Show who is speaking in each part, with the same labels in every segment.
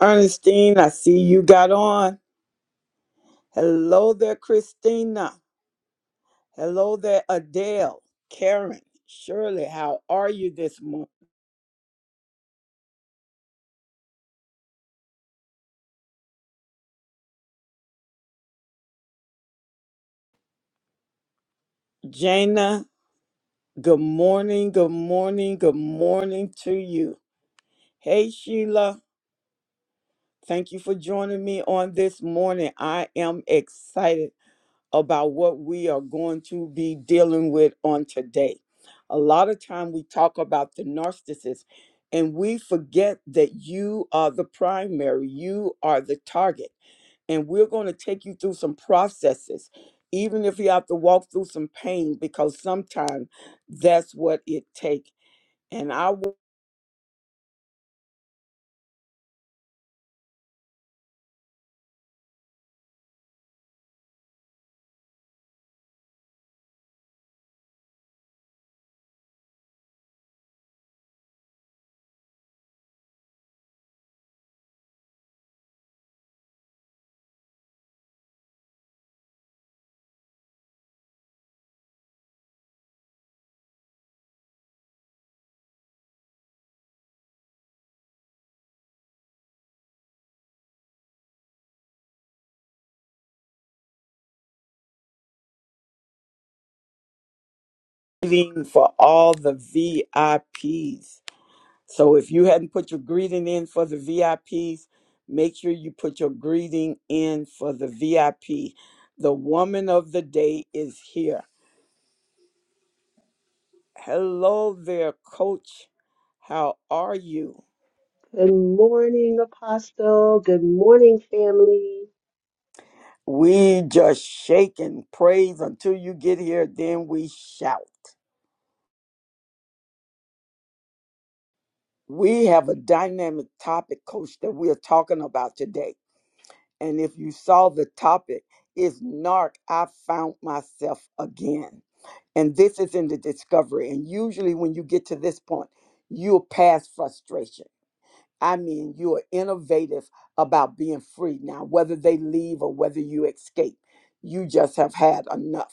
Speaker 1: Ernestine, I see you got on. Hello there, Christina. Hello there, Adele, Karen, Shirley. How are you this morning? Jana, good morning, good morning, good morning to you. Hey, Sheila, thank you for joining me on this morning. I am excited about what we are going to be dealing with on today. A lot of time we talk about the narcissist and we forget that you are the primary, you are the target. And we're going to take you through some processes, even if you have to walk through some pain, because sometimes that's what it takes. And I waiting for all the VIPs So if you hadn't put your greeting in for the VIPs, make sure you put your greeting in for the VIP. The woman of the day is here. Hello there, coach. How are you?
Speaker 2: Good morning, Apostle. Good morning, family.
Speaker 1: We just shake and praise until you get here, then we shout. We have a dynamic topic, coach, that we are talking about today. And if you saw the topic, it's NARC, I found myself again. And this is in the discovery. And usually, when you get to this point, you'll pass frustration. I mean, you're innovative about being free now, whether they leave or whether you escape. You just have had enough.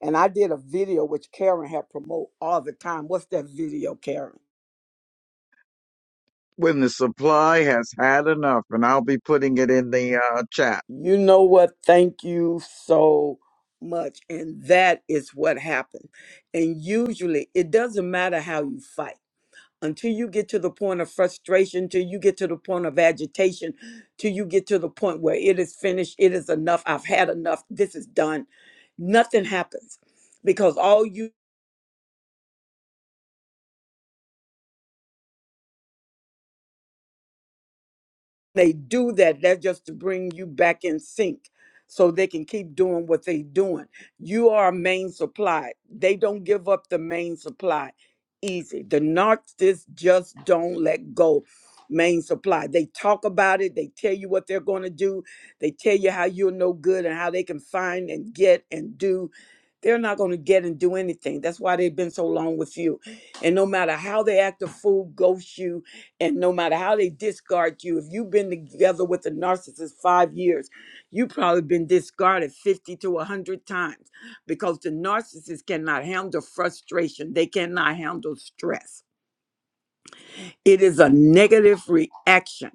Speaker 1: And I did a video which Karen had promote all the time. What's that video, Karen?
Speaker 3: when the supply has had enough, and I'll be putting it in the uh, chat.
Speaker 1: You know what? Thank you so much. And that is what happened. And usually, it doesn't matter how you fight until you get to the point of frustration, till you get to the point of agitation, till you get to the point where it is finished, it is enough, I've had enough, this is done. Nothing happens because all you they do that, that's just to bring you back in sync so they can keep doing what they're doing. You are a main supply. They don't give up the main supply easy. The narcissists just don't let go. Main supply. They talk about it. They tell you what they're going to do. They tell you how you're no good and how they can find and get and do. They're not going to get and do anything. That's why they've been so long with you. And no matter how they act a fool, ghost you, and no matter how they discard you if you've been together with a narcissist five years you've probably been discarded 50 to 100 times because the narcissist cannot handle frustration they cannot handle stress it is a negative reaction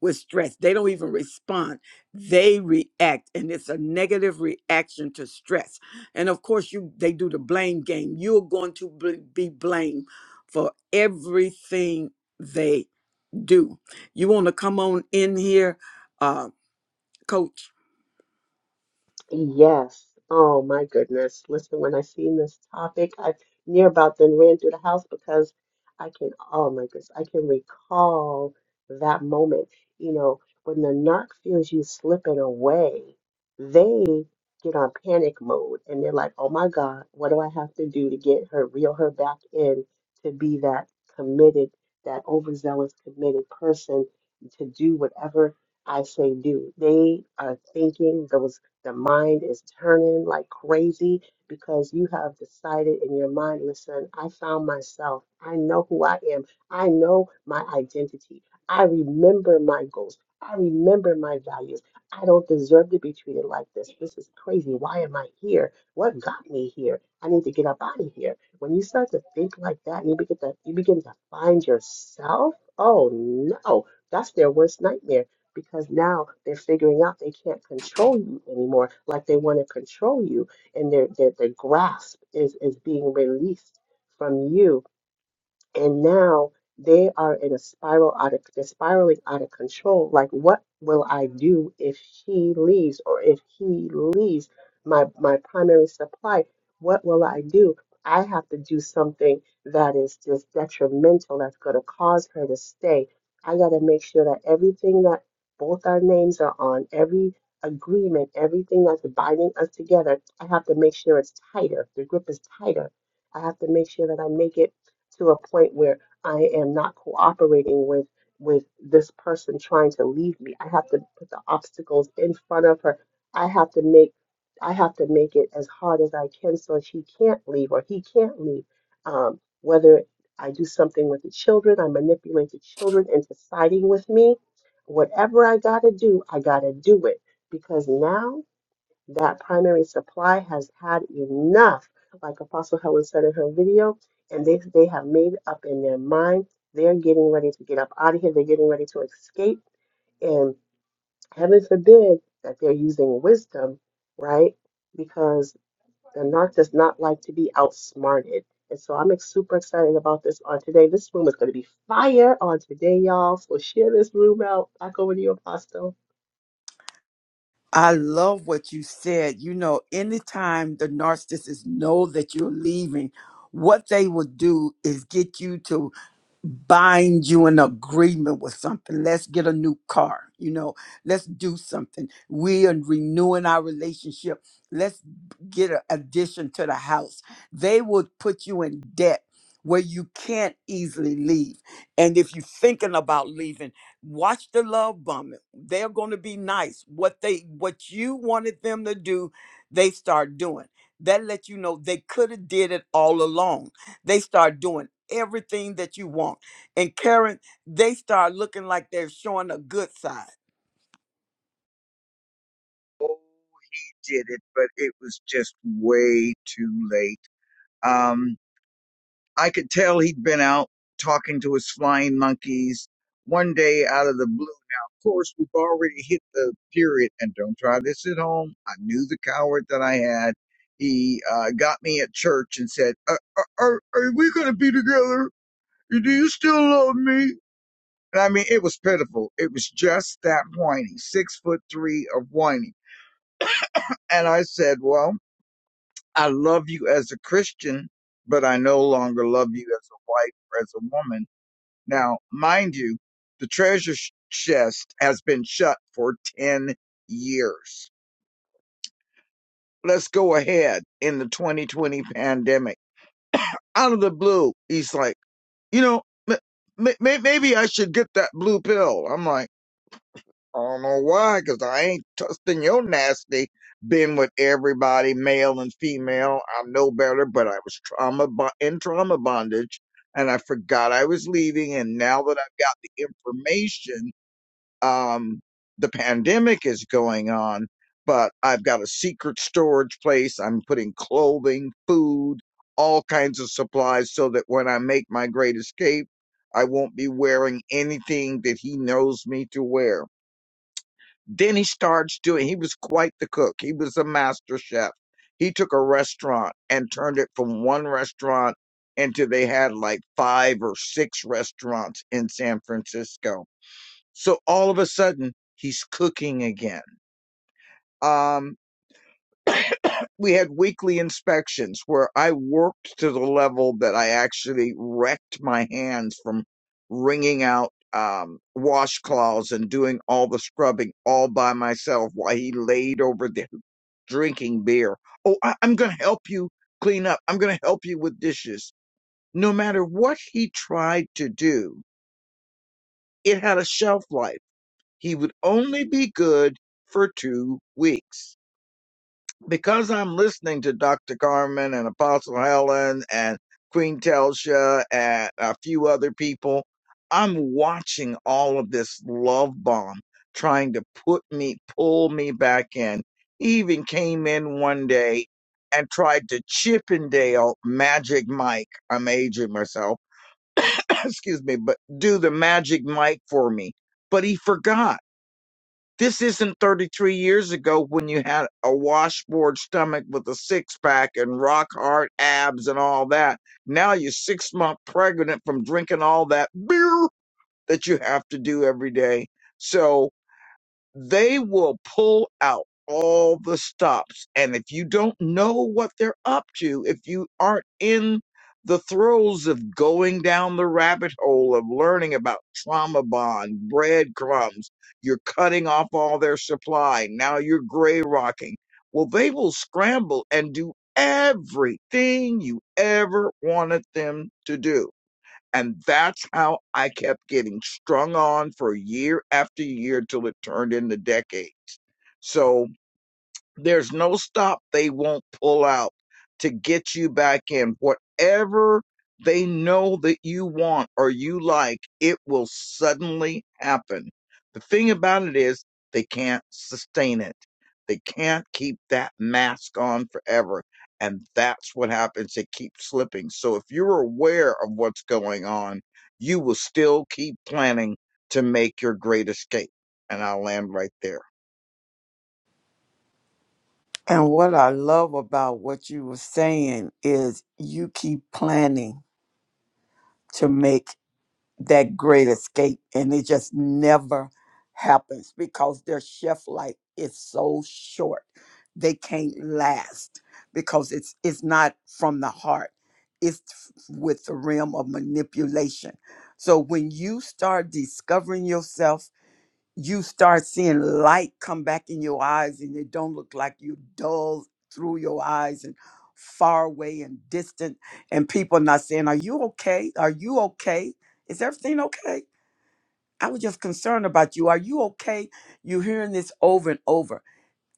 Speaker 1: with stress they don't even respond they react and it's a negative reaction to stress and of course you they do the blame game you're going to bl- be blamed for everything they do. You want to come on in here, uh, coach?
Speaker 2: Yes. Oh my goodness. Listen, when I seen this topic, I near about then ran through the house because I can, oh my goodness, I can recall that moment. You know, when the narc feels you slipping away, they get on panic mode and they're like, oh my God, what do I have to do to get her, reel her back in to be that committed, that overzealous committed person to do whatever I say do. They are thinking those the mind is turning like crazy because you have decided in your mind, listen, I found myself. I know who I am. I know my identity. I remember my goals. I remember my values. I don't deserve to be treated like this. This is crazy. Why am I here? What got me here? I need to get up out of here. When you start to think like that and you begin to you begin to find yourself, oh no, that's their worst nightmare because now they're figuring out they can't control you anymore like they want to control you and their their, their grasp is is being released from you and now they are in a spiral out of they're spiraling out of control like what will i do if she leaves or if he leaves my my primary supply what will i do i have to do something that is just detrimental that's going to cause her to stay i got to make sure that everything that both our names are on every agreement everything that's binding us together i have to make sure it's tighter the grip is tighter i have to make sure that i make it to a point where I am not cooperating with with this person trying to leave me. I have to put the obstacles in front of her. I have to make I have to make it as hard as I can so she can't leave or he can't leave. Um, whether I do something with the children, I manipulate the children into siding with me. Whatever I gotta do, I gotta do it because now that primary supply has had enough, like Apostle Helen said in her video, and they, they have made up in their mind. They're getting ready to get up out of here. They're getting ready to escape. And heaven forbid that they're using wisdom, right? Because the narc does not like to be outsmarted. And so I'm ex- super excited about this on today. This room is going to be fire on today, y'all. So share this room out. Back over to you, Apostle.
Speaker 1: I love what you said. You know, anytime the narcissists know that you're leaving, what they will do is get you to bind you in agreement with something. Let's get a new car, you know, let's do something. We are renewing our relationship. Let's get an addition to the house. They will put you in debt where you can't easily leave. And if you're thinking about leaving, watch the love bombing. They're going to be nice. What they what you wanted them to do, they start doing. That lets you know they could have did it all along they start doing everything that you want. And Karen, they start looking like they're showing a good side.
Speaker 3: Oh, he Did it, but it was just way too late. Um, I could tell he'd been out talking to his flying monkeys one day out of the blue. Now, of course, we've already hit the period, and don't try this at home. I knew the coward that I had. He uh, got me at church and said, "Are, are, are are we going to be together? Do you still love me?" And I mean, it was pitiful. It was just that whiny, six foot three of whiny. And I said, Well, I love you as a Christian, but I no longer love you as a wife or as a woman. Now, mind you, the treasure sh- chest has been shut for 10 years. Let's go ahead in the 2020 pandemic. Out of the blue, he's like, You know, m- m- maybe I should get that blue pill. I'm like, I don't know why, 'cause I ain't trusting your nasty. Been with everybody, male and female. I know better, but I was trauma bo- in trauma bondage, and I forgot I was leaving. And now that I've got the information, um, the pandemic is going on, but I've got a secret storage place. I'm putting clothing, food, all kinds of supplies, so that when I make my great escape, I won't be wearing anything that he knows me to wear. Then he starts doing, he was quite the cook. He was a master chef. He took a restaurant and turned it from one restaurant into they had like five or six restaurants in San Francisco. So all of a sudden, he's cooking again. Um, we had weekly inspections where I worked to the level that I actually wrecked my hands from wringing out um, washcloths and doing all the scrubbing all by myself while he laid over the drinking beer. Oh, I, I'm going to help you clean up. I'm going to help you with dishes. No matter what he tried to do, it had a shelf life. He would only be good for two weeks because I'm listening to Dr. Carmen and Apostle Helen and Queen Telsha and a few other people, I'm watching all of this love bomb trying to put me, pull me back in. He even came in one day and tried to Chippendale Magic Mike. I'm aging myself, excuse me, but do the Magic Mike for me. But he forgot this isn't 33 years ago when you had a washboard stomach with a six pack and rock hard abs and all that. Now you're six months pregnant from drinking all that beer that you have to do every day. So they will pull out all the stops. And if you don't know what they're up to, if you aren't in the throes of going down the rabbit hole of learning about trauma bond, breadcrumbs, you're cutting off all their supply. Now you're gray rocking. Well, they will scramble and do everything you ever wanted them to do and that's how I kept getting strung on for year after year till it turned into decades. So there's no stop they won't pull out to get you back in. Whatever they know that you want or you like, it will suddenly happen. The thing about it is, they can't sustain it. They can't keep that mask on forever. And that's what happens. It keeps slipping. So if you're aware of what's going on, you will still keep planning to make your great escape. And I'll land right there.
Speaker 1: And what I love about what you were saying is you keep planning to make that great escape and it just never happens because their chef life is so short they can't last because it's it's not from the heart it's f- with the realm of manipulation so when you start discovering yourself you start seeing light come back in your eyes and it don't look like you dull through your eyes and far away and distant and people not saying are you okay are you okay is everything okay i was just concerned about you are you okay you hearing this over and over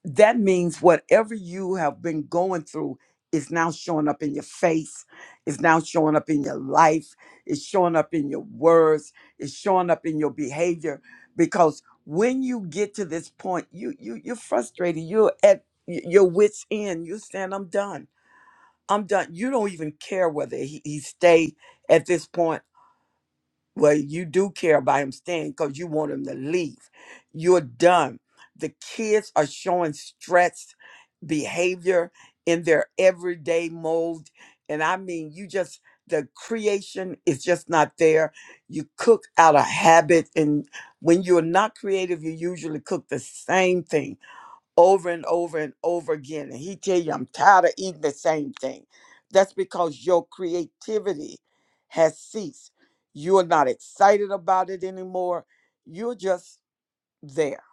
Speaker 1: that means whatever you have been going through is now showing up in your face is now showing up in your life it's showing up in your words it's showing up in your behavior because when you get to this point you you you're frustrated you're at y- your wits end you're saying i'm done i'm done you don't even care whether he, he stay at this point well, you do care about him staying because you want him to leave. You're done. The kids are showing stress behavior in their everyday mode. And I mean, you just, the creation is just not there. You cook out of habit. And when you're not creative, you usually cook the same thing over and over and over again and he tell you i'm tired of eating the same thing that's because your creativity has ceased you're not excited about it anymore you're just there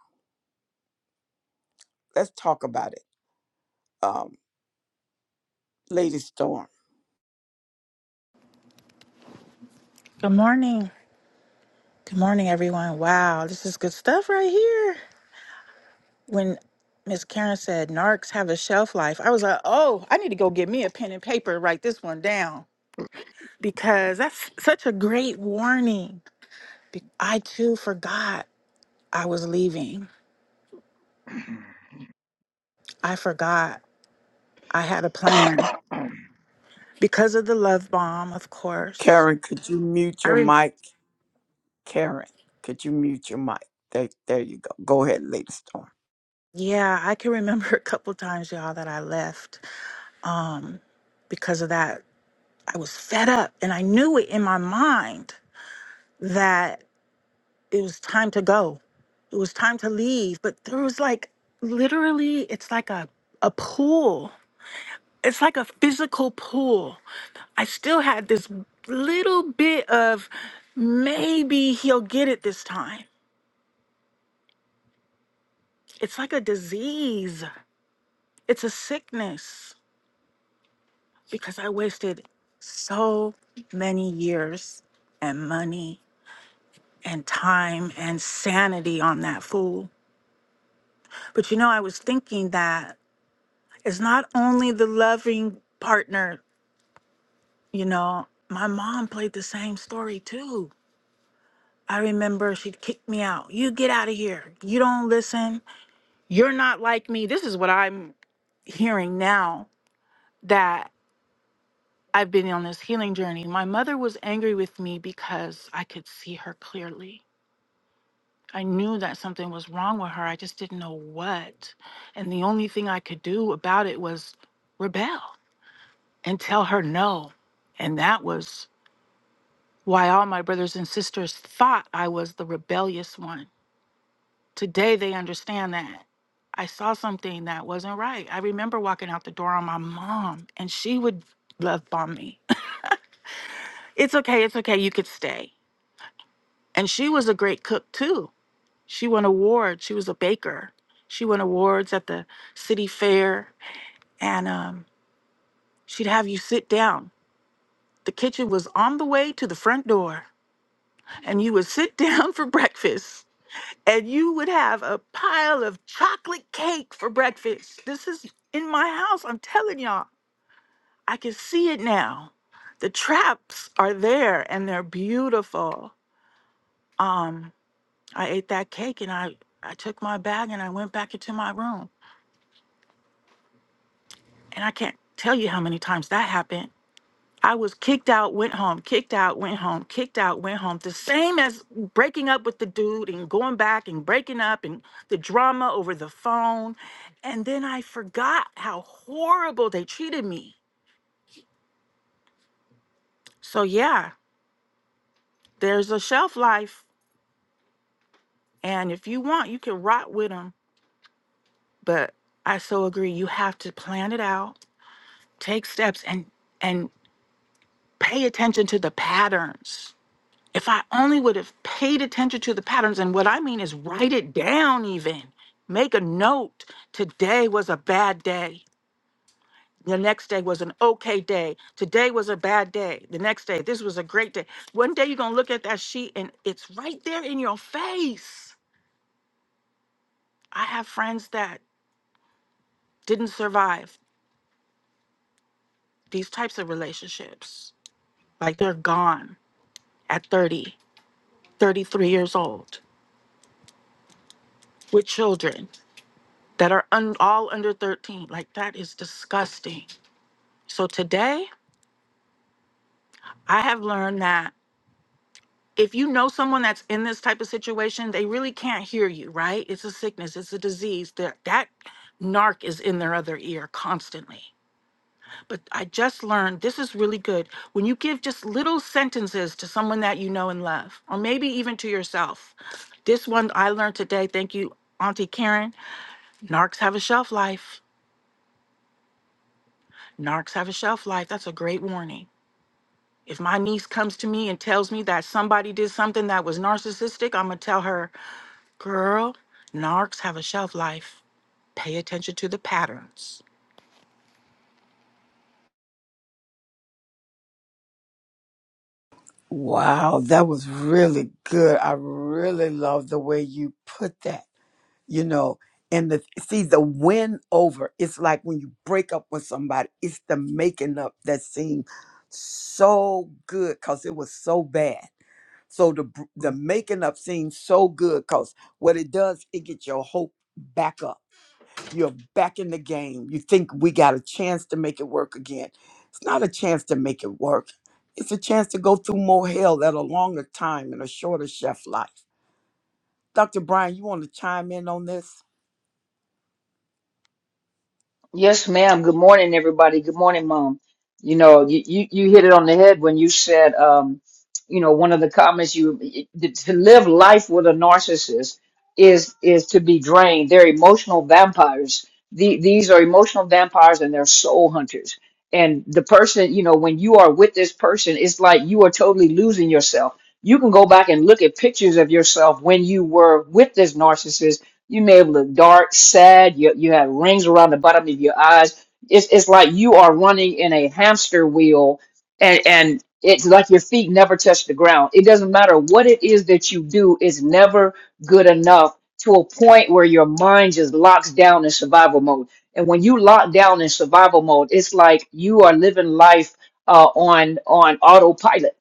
Speaker 1: let's talk about it Um, Lady Storm.
Speaker 4: Good morning. Good morning, everyone. Wow, this is good stuff right here. When Miss Karen said narcs have a shelf life, I was like, oh, I need to go get me a pen and paper and write this one down because that's such a great warning. Be- I too forgot I was leaving. I forgot I had a plan because of the love bomb, of course.
Speaker 1: Karen, could you mute
Speaker 4: I
Speaker 1: your
Speaker 4: re-
Speaker 1: mic? Karen, could you mute your mic? There, there you go. Go ahead, Lady Storm.
Speaker 4: yeah, I can remember a couple times, y'all, that I left um, because of that I was fed up and I knew it in my mind that it was time to go. It was time to leave. But there was like literally, it's like a, a pool. It's like a physical pool. I still had this little bit of maybe he'll get it this time. It's like a disease, it's a sickness because I wasted so many years and money and time and sanity on that fool But you know, I was thinking that it's not only the loving partner, you know, my mom played the same story too. I remember she'd kick me out. You get out of here. You don't listen. You're not like me. This is what I'm hearing now that I've been on this healing journey. My mother was angry with me because I could see her clearly. I knew that something was wrong with her. I just didn't know what. And the only thing I could do about it was rebel and tell her no. And that was why all my brothers and sisters thought I was the rebellious one. Today they understand that. I saw something that wasn't right. I remember walking out the door on my mom, and she would love bomb me. it's okay, it's okay, you could stay. And she was a great cook too. She won awards, she was a baker. She won awards at the city fair, and um, she'd have you sit down. The kitchen was on the way to the front door and you would sit down for breakfast and you would have a pile of chocolate cake for breakfast. This is in my house. I'm telling y'all, I can see it now. The traps are there and they're beautiful. Um, I ate that cake and I, I took my bag and I went back into my room. And I can't tell you how many times that happened I was kicked out, went home, kicked out, went home, kicked out, went home. The same as breaking up with the dude and going back and breaking up and the drama over the phone. And then I forgot how horrible they treated me. So, yeah, there's a shelf life. And if you want, you can rot with them. But I so agree. You have to plan it out, take steps, and, and pay attention to the patterns If I only would have paid attention to the patterns, and what I mean is write it down, even make a note. Today was a bad day. The next day was an okay day. Today was a bad day. The next day, this was a great day. One day you're going to look at that sheet and it's right there in your face. I have friends that didn't survive these types of relationships. Like they're gone at 30, 33 years old with children. that are un- all under 13. Like that is disgusting. So today, I have learned that if you know someone that's in this type of situation, they really can't hear you, right? It's a sickness, it's a disease. That that narc is in their other ear constantly. But I just learned this is really good when you give just little sentences to someone that you know and love, or maybe even to yourself. This one I learned today. Thank you, Auntie Karen. Narcs have a shelf life. Narcs have a shelf life. That's a great warning. If my niece comes to me and tells me that somebody did something that was narcissistic, I'm going to tell her, girl, narcs have a shelf life. Pay attention to the patterns.
Speaker 1: Wow, that was really good. I really love the way you put that. you know and the see the win over it's like when you break up with somebody it's the making up that seemed so good because it was so bad so the br- the making up seems so good because what it does it gets your hope back up you're back in the game you think we got a chance to make it work again it's not a chance to make it work it's a chance to go through more hell at a longer time in a shorter chef life dr brian you want to chime in on this
Speaker 5: Yes, ma'am. Good morning, everybody. Good morning, Mom. You know, you, you, you hit it on the head when you said, um, you know, one of the comments you to live life with a narcissist is is to be drained. They're emotional vampires. The, these are emotional vampires and they're soul hunters. And the person, you know, when you are with this person, it's like you are totally losing yourself. You can go back and look at pictures of yourself when you were with this narcissist you may look dark, sad. You, you have rings around the bottom of your eyes. It's, it's like you are running in a hamster wheel and, and it's like your feet never touch the ground. It doesn't matter what it is that you do, it's never good enough to a point where your mind just locks down in survival mode. And when you lock down in survival mode, it's like you are living life uh, on on autopilot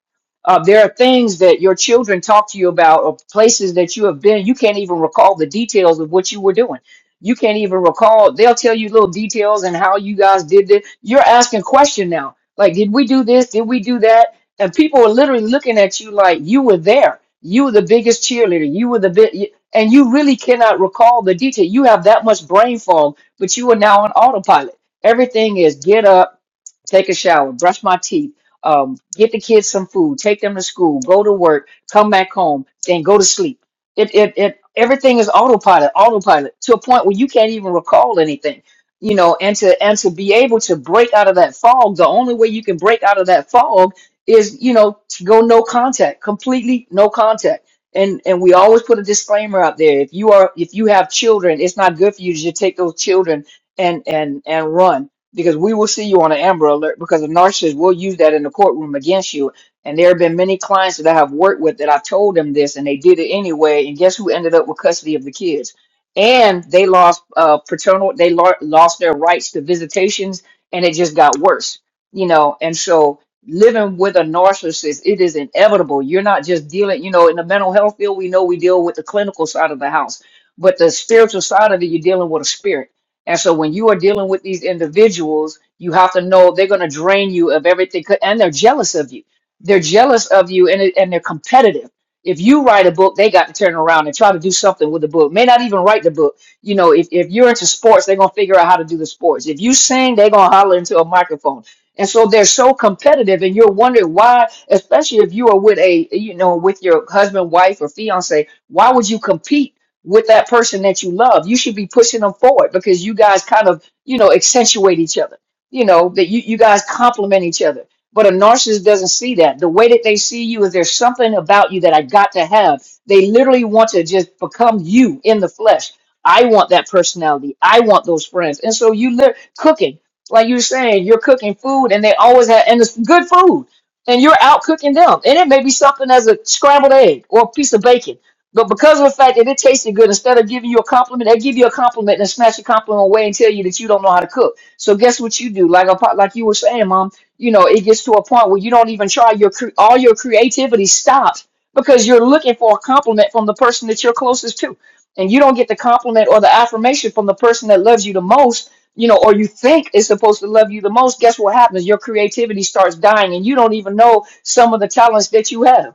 Speaker 5: uh, there are things that your children talk to you about or places that you have been. You can't even recall the details of what you were doing. You can't even recall. They'll tell you little details and how you guys did this. You're asking question now. Like, did we do this? Did we do that? And people are literally looking at you like you were there. You were the biggest cheerleader. You were the big, and you really cannot recall the detail. You have that much brain fog, but you are now on autopilot. Everything is get up, take a shower, brush my teeth um, get the kids some food, take them to school, go to work, come back home, then go to sleep. It, it, it, everything is autopilot, autopilot to a point where you can't even recall anything, you know, and to, and to be able to break out of that fog, the only way you can break out of that fog is, you know, to go no contact, completely no contact. And, and we always put a disclaimer out there. If you are, if you have children, it's not good for you to just take those children and, and, and run because we will see you on an Amber Alert because the narcissist will use that in the courtroom against you. And there have been many clients that I have worked with that I told them this and they did it anyway. And guess who ended up with custody of the kids? And they lost uh, paternal, they lo- lost their rights to visitations and it just got worse, you know. And so living with a narcissist, it is inevitable. You're not just dealing, you know, in the mental health field, we know we deal with the clinical side of the house, but the spiritual side of it, you're dealing with a spirit and so when you are dealing with these individuals, you have to know they're going to drain you of everything, 'cause- and they're jealous of you. They're jealous of you, and it- and they're competitive. If you write a book, they got to turn around and try to do something with the book. May not even write the book. You know, if, if you're into sports, they're gonna figure out how to do the sports. If you sing, they're gonna holler into a microphone. And so they're so competitive, and you're wondering why, especially if you are with a, you know, with your husband, wife, or fiance, why would you compete? with that person that you love. You should be pushing them forward because you guys kind of, you know, accentuate each other. You know, that you, you guys complement each other. But a narcissist doesn't see that. The way that they see you is there's something about you that I got to have. They literally want to just become you in the flesh. I want that personality. I want those friends. And so you live cooking, like you were saying, you're cooking food and they always have, and it's good food. And you're out cooking them. And it may be something as a scrambled egg or a piece of bacon but because of the fact that it tasted good, instead of giving you a compliment, they give you a compliment and snatch your compliment away and tell you that you don't know how to cook. So guess what you do? Like a, po- like you were saying, mom, you know, it gets to a point where you don't even try your cre- all your creativity stops because you're looking for a compliment from the person that you're closest to, and you don't get the compliment or the affirmation from the person that loves you the most. You know, or you think is supposed to love you the most. Guess what happens? Your creativity starts dying, and you don't even know some of the talents that you have.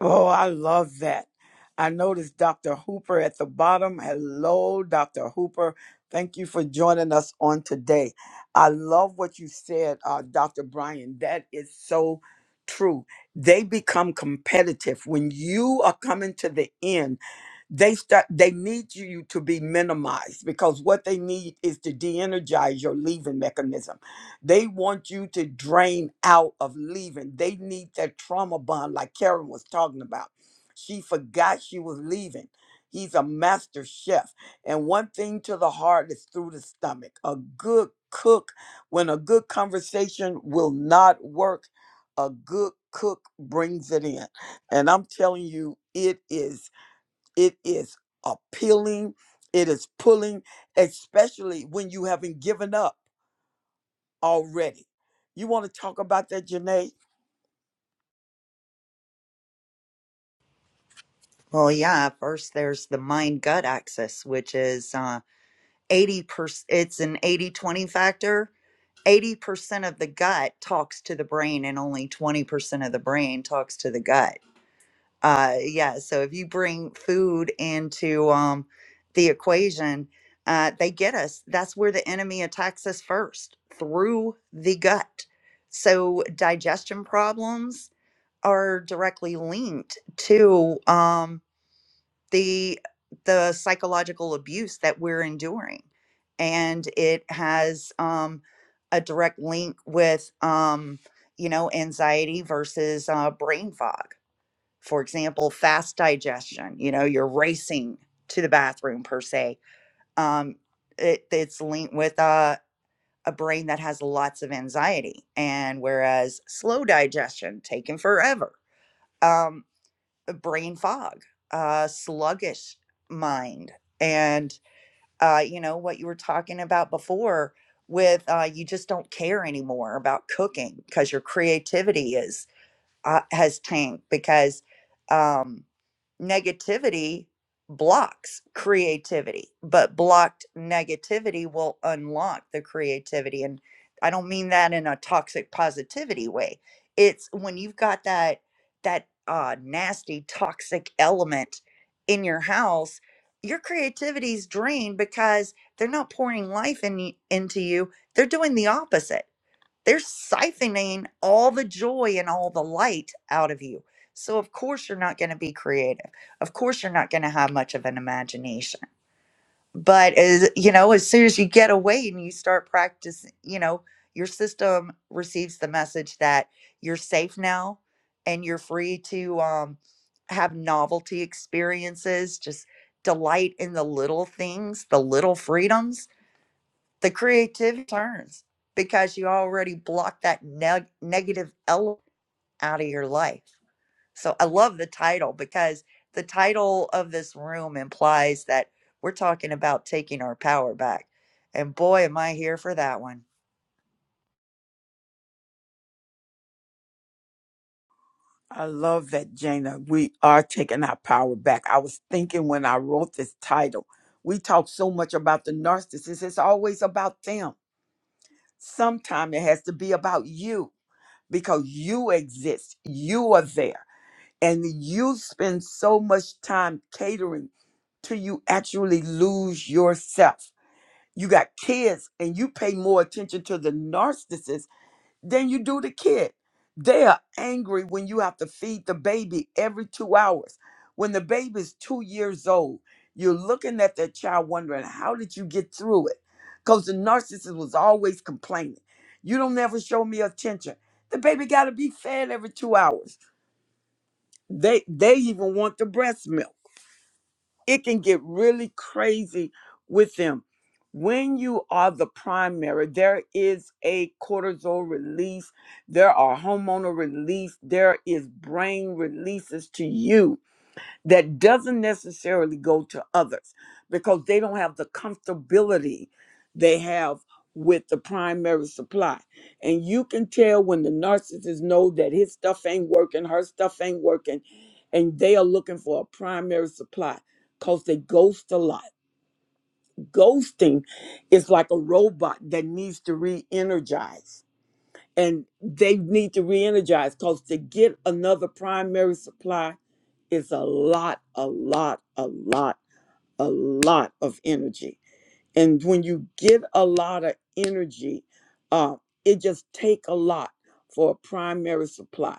Speaker 1: Oh, I love that. I noticed Dr. Hooper at the bottom. Hello, Dr. Hooper. Thank you for joining us on today. I love what you said, uh, Dr. Brian. That is so true. They become competitive. When you are coming to the end, they start they need you to be minimized because what they need is to de-energize your leaving mechanism they want you to drain out of leaving they need that trauma bond like karen was talking about she forgot she was leaving he's a master chef and one thing to the heart is through the stomach a good cook when a good conversation will not work a good cook brings it in and i'm telling you it is it is appealing, it is pulling, especially when you haven't given up already. You want to talk about that, Janae?
Speaker 6: Well, yeah, first there's the mind gut axis, which is uh, 80%, it's an eighty-twenty factor. 80% of the gut talks to the brain, and only 20% of the brain talks to the gut. Uh, yeah, so if you bring food into um, the equation, uh, they get us. That's where the enemy attacks us first through the gut. So digestion problems are directly linked to. Um, the the psychological abuse that we're enduring and it has um, a direct link with um, you know anxiety versus uh, brain fog for example fast digestion you know you're racing to the bathroom per se um, it, it's linked with uh, a brain that has lots of anxiety and whereas slow digestion taken forever Um, brain fog, a sluggish mind. And, uh, you know, what you were talking about before with uh, you just don't care anymore about cooking because your creativity is uh, has tanked because um, negativity blocks creativity, but blocked negativity will unlock the creativity. And I don't mean that in a toxic positivity way. It's when you've got that that uh, nasty toxic element in your house, your creativity's drained because they're not pouring life in, y- into you. They're doing the opposite they're siphoning all the joy and all the light out of you. So, of course, you're not going to be creative. Of course, you're not going to have much of an imagination. But as you know, as soon as you get away and you start practicing, you know, your system receives the message that you're safe now and you're free to um, have novelty experiences, just delight in the little things, the little freedoms the creativity turns because you already blocked that neg- negative element out of your life. So I love the title because the title of this room implies that we're talking about taking our power back. And boy, am I here for that one.
Speaker 1: I love that, Jana. We are taking our power back. I was thinking when I wrote this title, we talk so much about the narcissist, it's always about them. Sometimes it has to be about you because you exist, you are there, and you spend so much time catering till you actually lose yourself you got kids and you pay more attention to the narcissist than you do the kid. They are angry when you have to feed the baby every two hours. When the baby is two years old, you're looking at that child wondering, how did you get through it? Because the narcissist was always complaining. You don't never show me attention. The baby gotta be fed every two hours. They they even want the breast milk it can get really crazy with them. When you are the primary, there is a cortisol release, there are hormonal release, there is brain releases to you that doesn't necessarily go to others because they don't have the comfortability they have with the primary supply. And you can tell when the narcissist know that his stuff ain't working, her stuff ain't working, and they are looking for a primary supply because they ghost a lot. Ghosting is like a robot that needs to re-energize and they need to re-energize because to get another primary supply is a lot a lot a lot a lot of energy and when you get a lot of energy uh, it just take a lot for a primary supply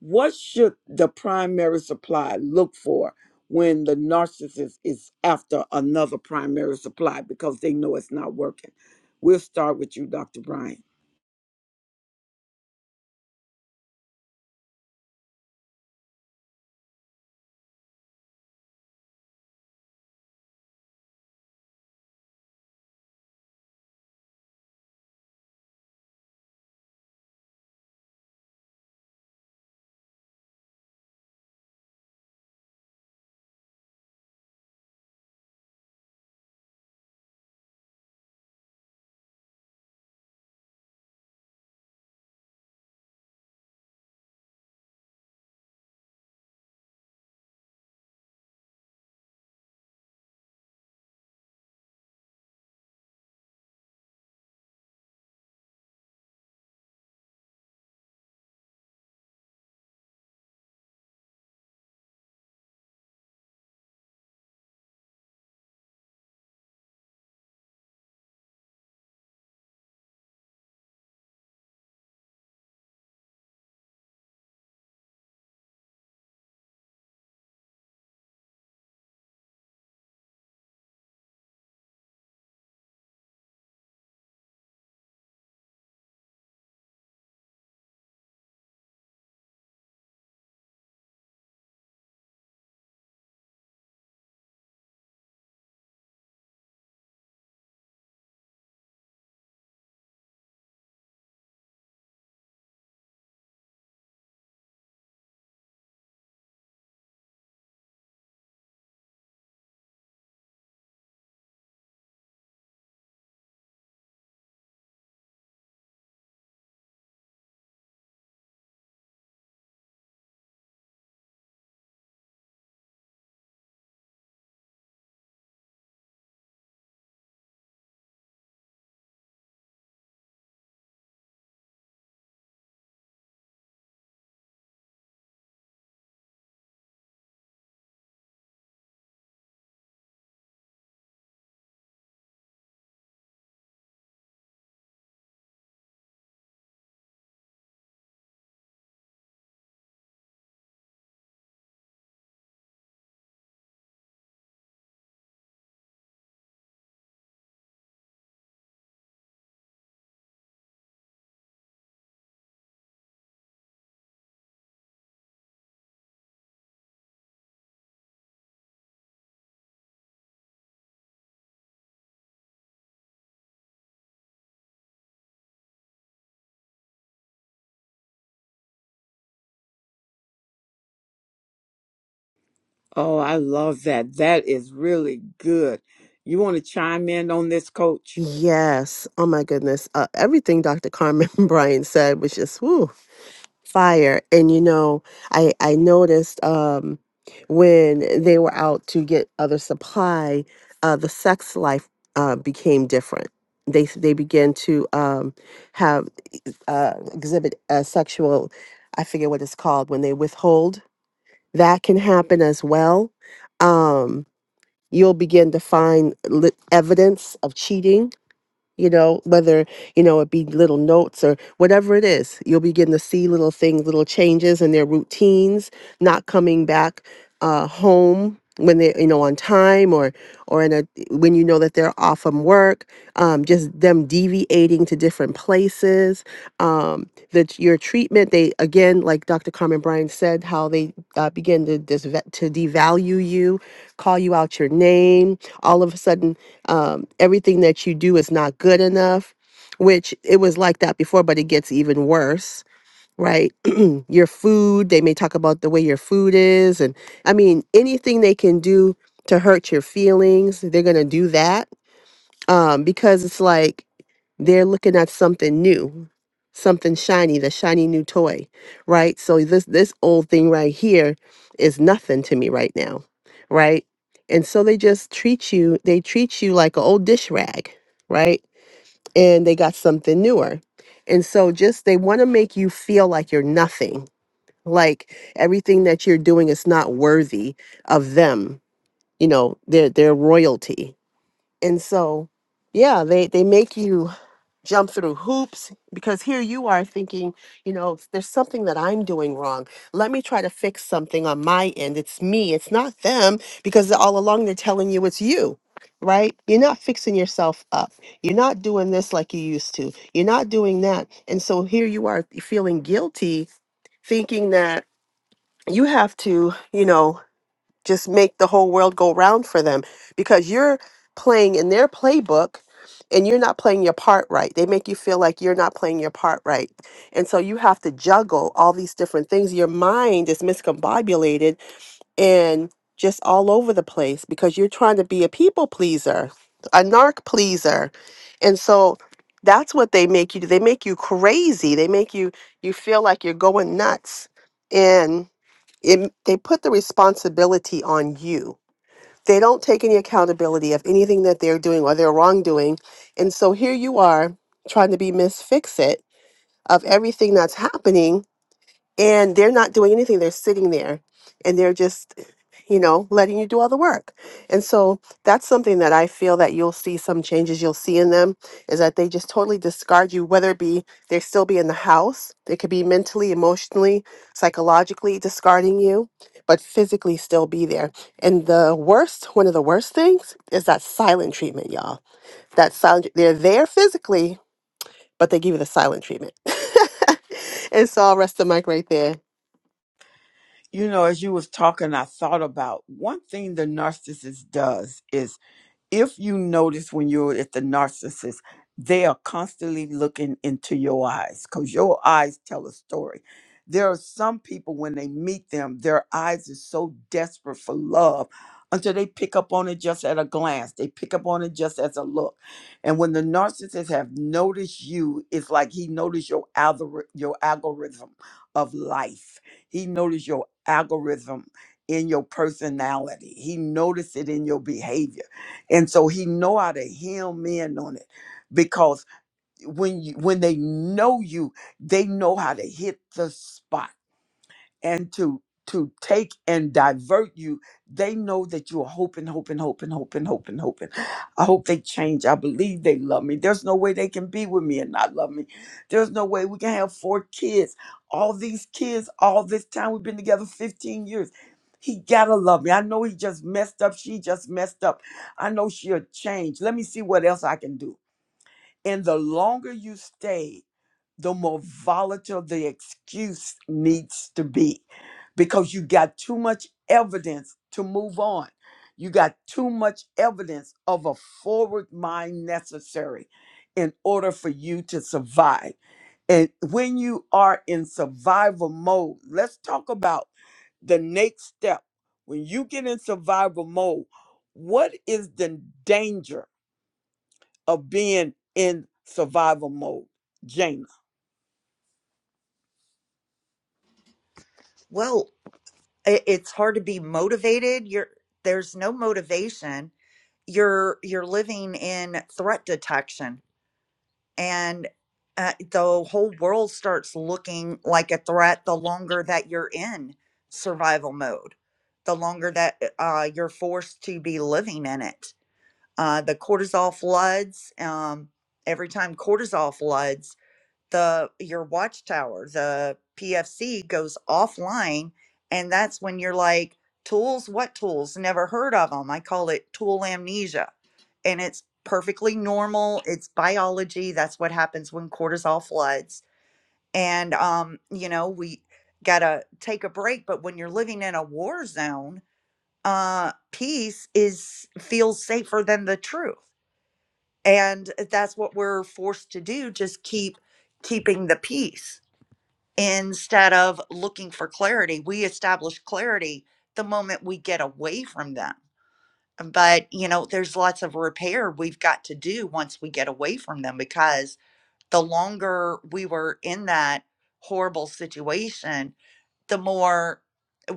Speaker 1: what should the primary supply look for when the narcissist is after another primary supply because they know it's not working we'll start with you dr brian Oh, I love that. That is really good. You want to chime in on this, coach?
Speaker 2: Yes. Oh my goodness. Uh, everything Dr. Carmen Bryan said was just woo, fire. And you know, I I noticed um when they were out to get other supply, uh the sex life uh became different. They s- they began to um have uh exhibit a sexual I forget what it's called when they withhold. That can happen as well. Um you'll begin to find li- evidence of cheating you know, whether, you know, it be little notes or whatever it is, you'll begin to see little things, little changes in their routines, not coming back uh, home when they, you know, on time or, or in a, when you know that they're off from work, um, just them deviating to different places, um, that your treatment, they, again, like Dr. Carmen Bryan said, how they uh, begin to, dis- to devalue you, call you out your name, all of a sudden um, everything that you do is not good enough, which it was like that before, but it gets even worse, right? your food, they may talk about the way your food is. And I mean, anything they can do to hurt your feelings, they're going to do that um, because it's like they're looking at something new, something shiny, the shiny new toy, right? So this this old thing right here is nothing to me right now, right? And so they just treat you, they treat you like an old dish rag, right? And they got something newer. And so just they want to make you feel like you're nothing, like everything that you're doing is not worthy of them, you know, their their royalty, and so, yeah, they they make you jump through hoops because here you are thinking, you know, there's something that I'm doing wrong. Let me try to fix something on my end. It's me, it's not them because all along they're telling you it's you. Right? You're not fixing yourself up. You're not doing this like you used to. You're not doing that. And so here you are feeling guilty, thinking that you have to, you know, just make the whole world go round for them because you're playing in their playbook and you're not playing your part right. They make you feel like you're not playing your part right. And so you have to juggle all these different things. Your mind is miscombobulated and just all over the place because you're trying to be a people pleaser, a narc pleaser. And so that's what they make you do. They make you crazy. They make you you feel like you're going nuts. And it, they put the responsibility on you. They don't take any accountability of anything that they're doing or their wrongdoing. And so here you are trying to be Miss Fix It of everything that's happening and they're not doing anything they're sitting there and they're just you know letting you do all the work and so that's something that i feel that you'll see some changes you'll see in them is that they just totally discard you whether it be they still be in the house they could be mentally emotionally psychologically discarding you but physically still be there and the worst one of the worst things is that silent treatment y'all that silent they're there physically but they give you the silent treatment. and so I'll rest the mic right there.
Speaker 1: You know, as you was talking, I thought about one thing the narcissist does is if you notice when you're at the narcissist, they are constantly looking into your eyes because your eyes tell a story. There are some people when they meet them, their eyes are so desperate for love until they pick up on it just at a glance. They pick up on it just as a look. And when the narcissist have noticed you, it's like he noticed your algori- your algorithm of life. He noticed your algorithm in your personality. He noticed it in your behavior and so he know how to hem in on it because when you when they know you they know how to hit the spot and to to take and divert you they know that you're hoping hoping hoping hoping hoping hoping i hope they change i believe they love me there's no way they can be with me and not love me there's no way we can have four kids all these kids all this time we've been together 15 years he gotta love me i know he just messed up she just messed up i know she'll change let me see what else i can do and the longer you stay the more volatile the excuse needs to be because you got too much evidence to move on. You got too much evidence of a forward mind necessary in order for you to survive. And when you are in survival mode, let's talk about the next step. When you get in survival mode, what is the danger of being in survival mode, James?
Speaker 6: Well, i- it's hard to be motivated. You're there's no motivation. You're you're living in threat detection and uh, the whole world starts looking like a threat the longer that you're in survival mode the longer that uh, uh, you're forced to be living in it uh, the cortisol floods um, every time cortisol floods the your watchtower the pfc goes offline and that's when you're like tools what tools never heard of them i call it tool amnesia and it's perfectly normal it's biology that's what happens when cortisol floods and um you know we gotta take a break but when you're living in a war zone uh peace is feels safer than the truth and that's what we're forced to do just keep keeping the peace instead of looking for clarity. We establish clarity the moment we get away from them. But, you know, there's lots of repair we've got to do once we get away from them because the longer we were in that horrible situation, the more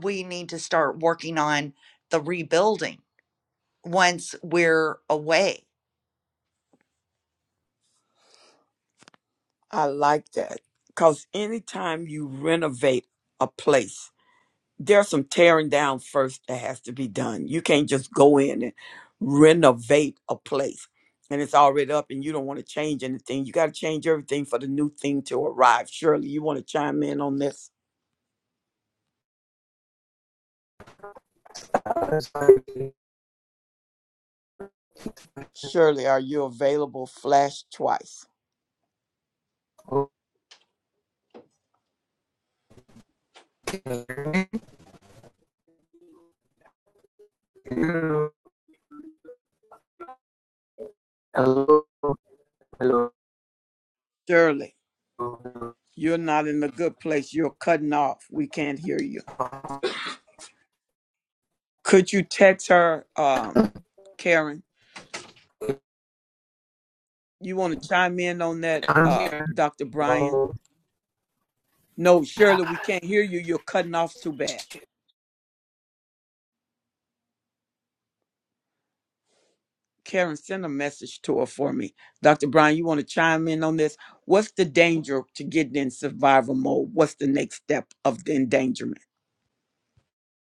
Speaker 6: we need to start working on the rebuilding once we're away.
Speaker 1: I like that because anytime you renovate a place, there's some tearing down first that has to be done. You can't just go in and renovate a place and it's already up and you don't want to change anything. You got to change everything for the new thing to arrive. Shirley, you want to chime in on this?
Speaker 7: like,
Speaker 1: Shirley, are you available? Flash twice.
Speaker 7: okay, hello, hello, hello.
Speaker 1: Shirley, you're not in a good place. You're cutting off. We can't hear you. Could you text her, um, Karen? You want to chime in on that,
Speaker 7: I'm
Speaker 1: uh,
Speaker 7: here.
Speaker 1: Dr. Brian?
Speaker 7: Hello.
Speaker 1: No, Shirley, we can't hear you. You're cutting off too bad. Karen, send a message to her for me. Dr. Brian, you want to chime in on this? What's the danger to getting in survival mode? What's the next step of the endangerment?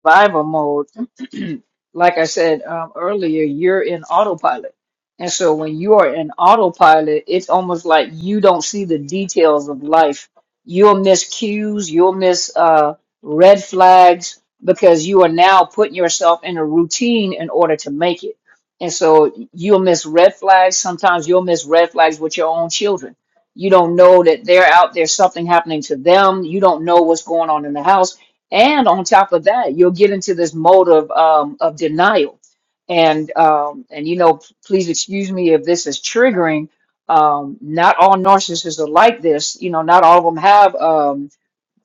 Speaker 5: survival mode, like I said um, earlier, you're in autopilot. And so when you are in autopilot, it's almost like you don't see the details of life. You'll miss cues, you'll miss uh, red flags because you are now putting yourself in a routine in order to make it. And so you'll miss red flags. Sometimes you'll miss red flags with your own children. You don't know that they're out there, something happening to them. You don't know what's going on in the house and on top of that, you'll get into this mode of um, of denial. And um, and you know, please excuse me if this is triggering. Um, not all narcissists are like this. You know, not all of them have. Um,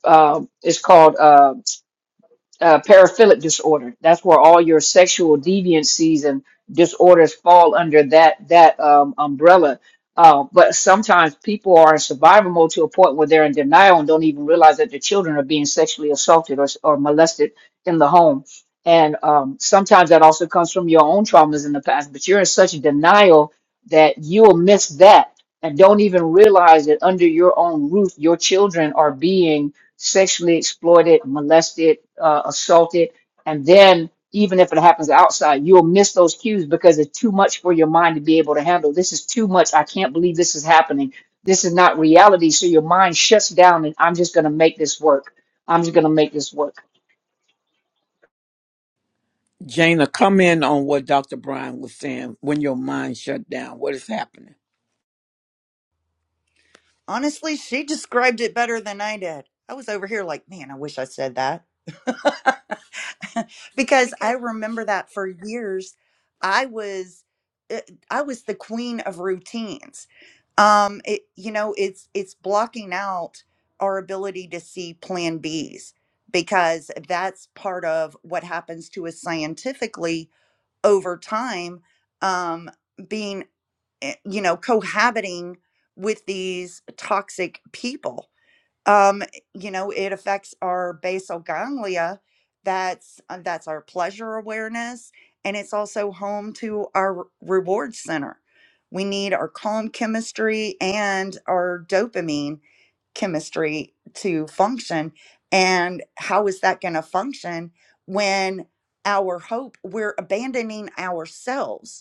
Speaker 5: uh, it's called. uh, uh, paraphilic disorder. That's where all your sexual deviancies and disorders fall under that that um, umbrella. Uh, but sometimes people are in survival mode to a point where they're in denial and don't even realize that their children are being sexually assaulted or, or molested in the home. And um, sometimes that also comes from your own traumas in the past, but you're in such denial that you'll miss that and don't even realize that under your own roof, your children are being sexually exploited, molested, uh, assaulted, and then even if it happens outside, you'll miss those cues because it's too much for your mind to be able to handle. This is too much. I can't believe this is happening. This is not reality. So your mind shuts down, and I'm just going to make this work. I'm just going to make this work.
Speaker 1: Jana, come in on what Dr. Brian was saying when your mind shut down. What is happening?
Speaker 6: Honestly, she described it better than I did. I was over here like, man, I wish I said that. because I
Speaker 8: because
Speaker 6: remember that for years I was uh, I was the queen of routines. Um it you know, it's it's blocking out our ability to see plan Bs because that's part of what happens to us scientifically over time um being eh, you know cohabiting with these toxic people um you know it affects our basal ganglia that's uh, that's our pleasure awareness and it's also home to our re- reward center we need our calm chemistry and our dopamine chemistry to function and how is that going to function when our hope we're abandoning ourselves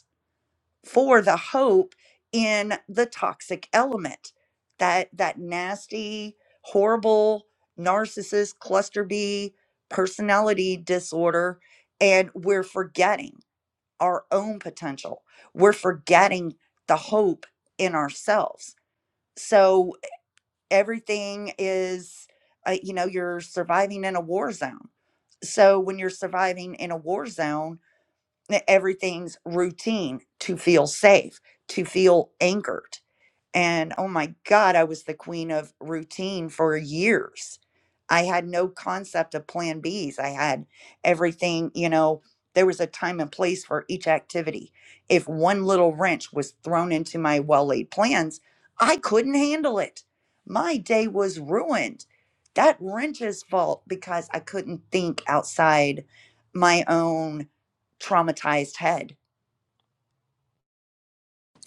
Speaker 6: for the hope in the toxic element that that nasty horrible narcissist cluster b personality disorder and we're forgetting our own potential we're forgetting the hope in ourselves so everything is uh, you know you're surviving in a war zone so when you're surviving in a war zone everything's routine to feel safe, to feel anchored. And oh my God, I was the queen of routine for years. I had no concept of plan Bs. I had everything, you know, there was a time and place for each activity. If one little wrench was thrown into my well laid plans, I couldn't handle it. My day was ruined. That wrench's fault because I couldn't think outside my own traumatized head.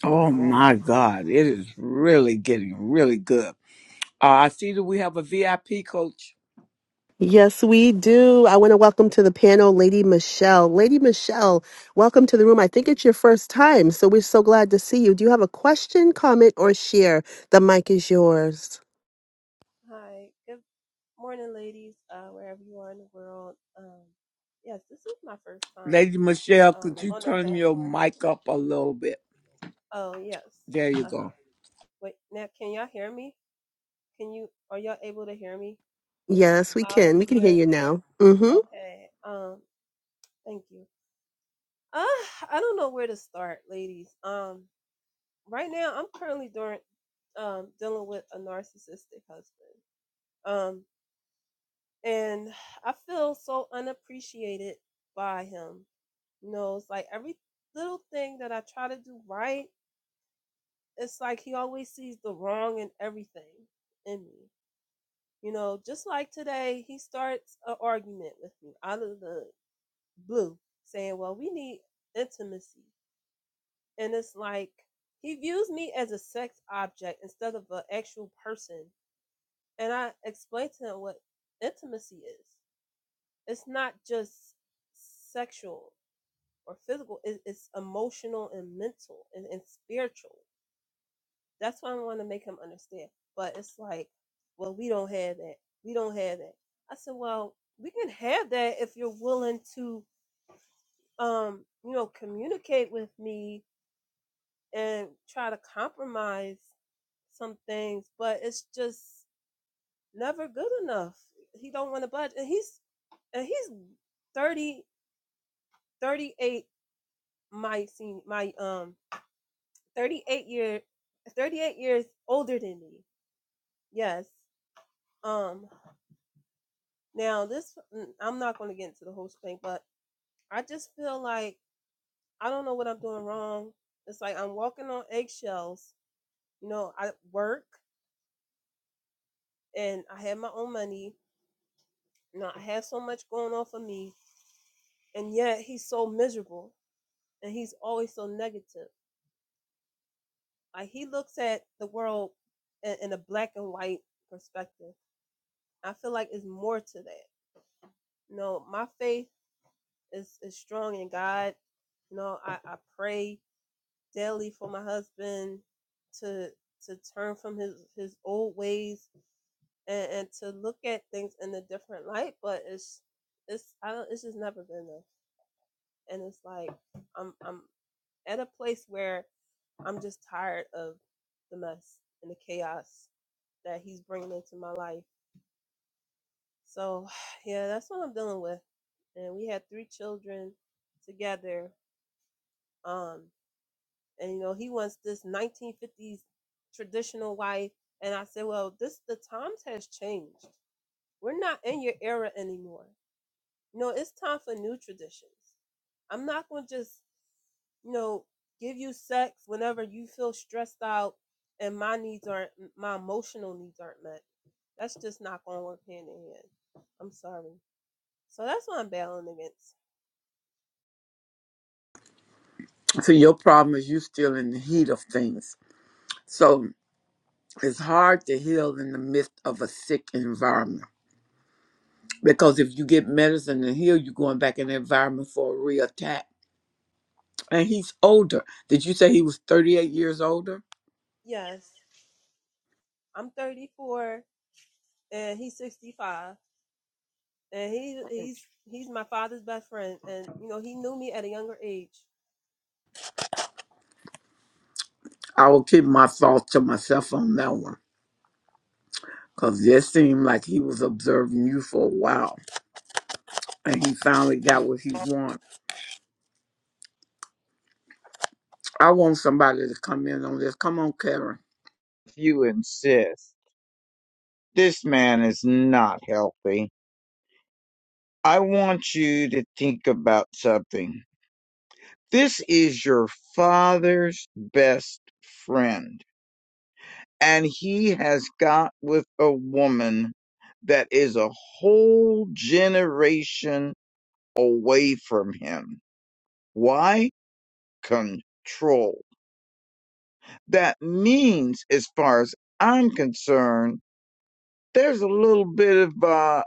Speaker 1: Oh my God, it is really getting really good. Uh, I see that we have a VIP coach.
Speaker 2: Yes, we do. I want to welcome to the panel Lady Michelle. Lady Michelle, welcome to the room. I think it's your first time, so we're so glad to see you. Do you have a question, comment, or share? The mic is yours.
Speaker 8: Hi, good morning, ladies, uh, wherever you are in the world. Um, yes, this is my first time
Speaker 1: Lady Michelle,
Speaker 8: um,
Speaker 1: could
Speaker 8: Make
Speaker 1: you
Speaker 8: on the it-
Speaker 1: turn your
Speaker 8: platform.
Speaker 1: mic up a little bit?
Speaker 8: Oh, yes.
Speaker 1: There you
Speaker 8: Uh huh.
Speaker 1: go.
Speaker 8: Wait, now can y'all hear me? Can you? Are y'all able to hear me
Speaker 2: Yes, we
Speaker 8: loud and
Speaker 2: can. We can hear
Speaker 8: clear?
Speaker 2: you now. Mm-hmm.
Speaker 8: Okay. Um, thank you. Uh, I don't know where to start, ladies. Um, right now I'm currently doing um dealing with a narcissistic husband. Um. and I feel so unappreciated by him. You know, it's like every little thing that I try to do right, it's like he always sees the wrong in everything in me. You know, just like today, he starts an argument with me out of the blue, saying, "Well, we need intimacy," and it's like he views me as a sex object instead of an actual person. And I explained to him what intimacy is. It's not just sexual or physical. It, it's emotional and mental and, and spiritual. That's why I want to make him understand. But it's like, well, we don't have that. We don't have that. I said, well, we can have that if you're willing to, um, you know, communicate with me and try to compromise some things. But it's just never good enough. He don't want to budge, and he's and he's thirty thirty eight. 38 my senior, my um 38 year 38 years older than me yes um now this mm, i'm not going to get into the whole thing but i just feel like i don't know what i'm doing wrong it's like i'm walking on eggshells you know i work and i have my own money you know i have so much going on for me and yet he's so miserable and he's always so negative like he looks at the world in, in a black and white perspective i feel like it's more to that you know my faith is is strong in God. You know, I, I pray daily for my husband to to turn from his his old ways and, and to look at things in a different light. But it's it's I don't it's just never been enough. And it's like I'm I'm at a place where I'm just tired of the mess and the chaos that he's bringing into my life. So yeah, that's what I'm dealing with. And we had three children together. Um, and you know he wants this 1950s traditional wife and i said well this the times has changed we're not in your era anymore you know it's time for new traditions i'm not going to just you know give you sex whenever you feel stressed out and my needs aren't my emotional needs aren't met that's just not going to work hand in hand i'm sorry so that's what i'm battling against
Speaker 1: So your problem is you still in the heat of things. So it's hard to heal in the midst of a sick environment. Because if you get medicine to heal, you're going back in the environment for a reattack. And he's older. Did you say he was 38 years older?
Speaker 8: yes i'm 34 and he's 65 and he he's he's my father's best friend, and you know he knew me at a younger age.
Speaker 1: I will keep my thoughts to myself on that one. Because it seemed like he was observing you for a while. And he finally got what he wanted. I want somebody to come in on this. Come on, Karen.
Speaker 3: If you insist. This man is not healthy. I want you to think about something. This is your father's best friend, and he has got with a woman that is a whole generation away from him. Why? Control. That means, as far as I'm concerned, there's a little bit of, uh,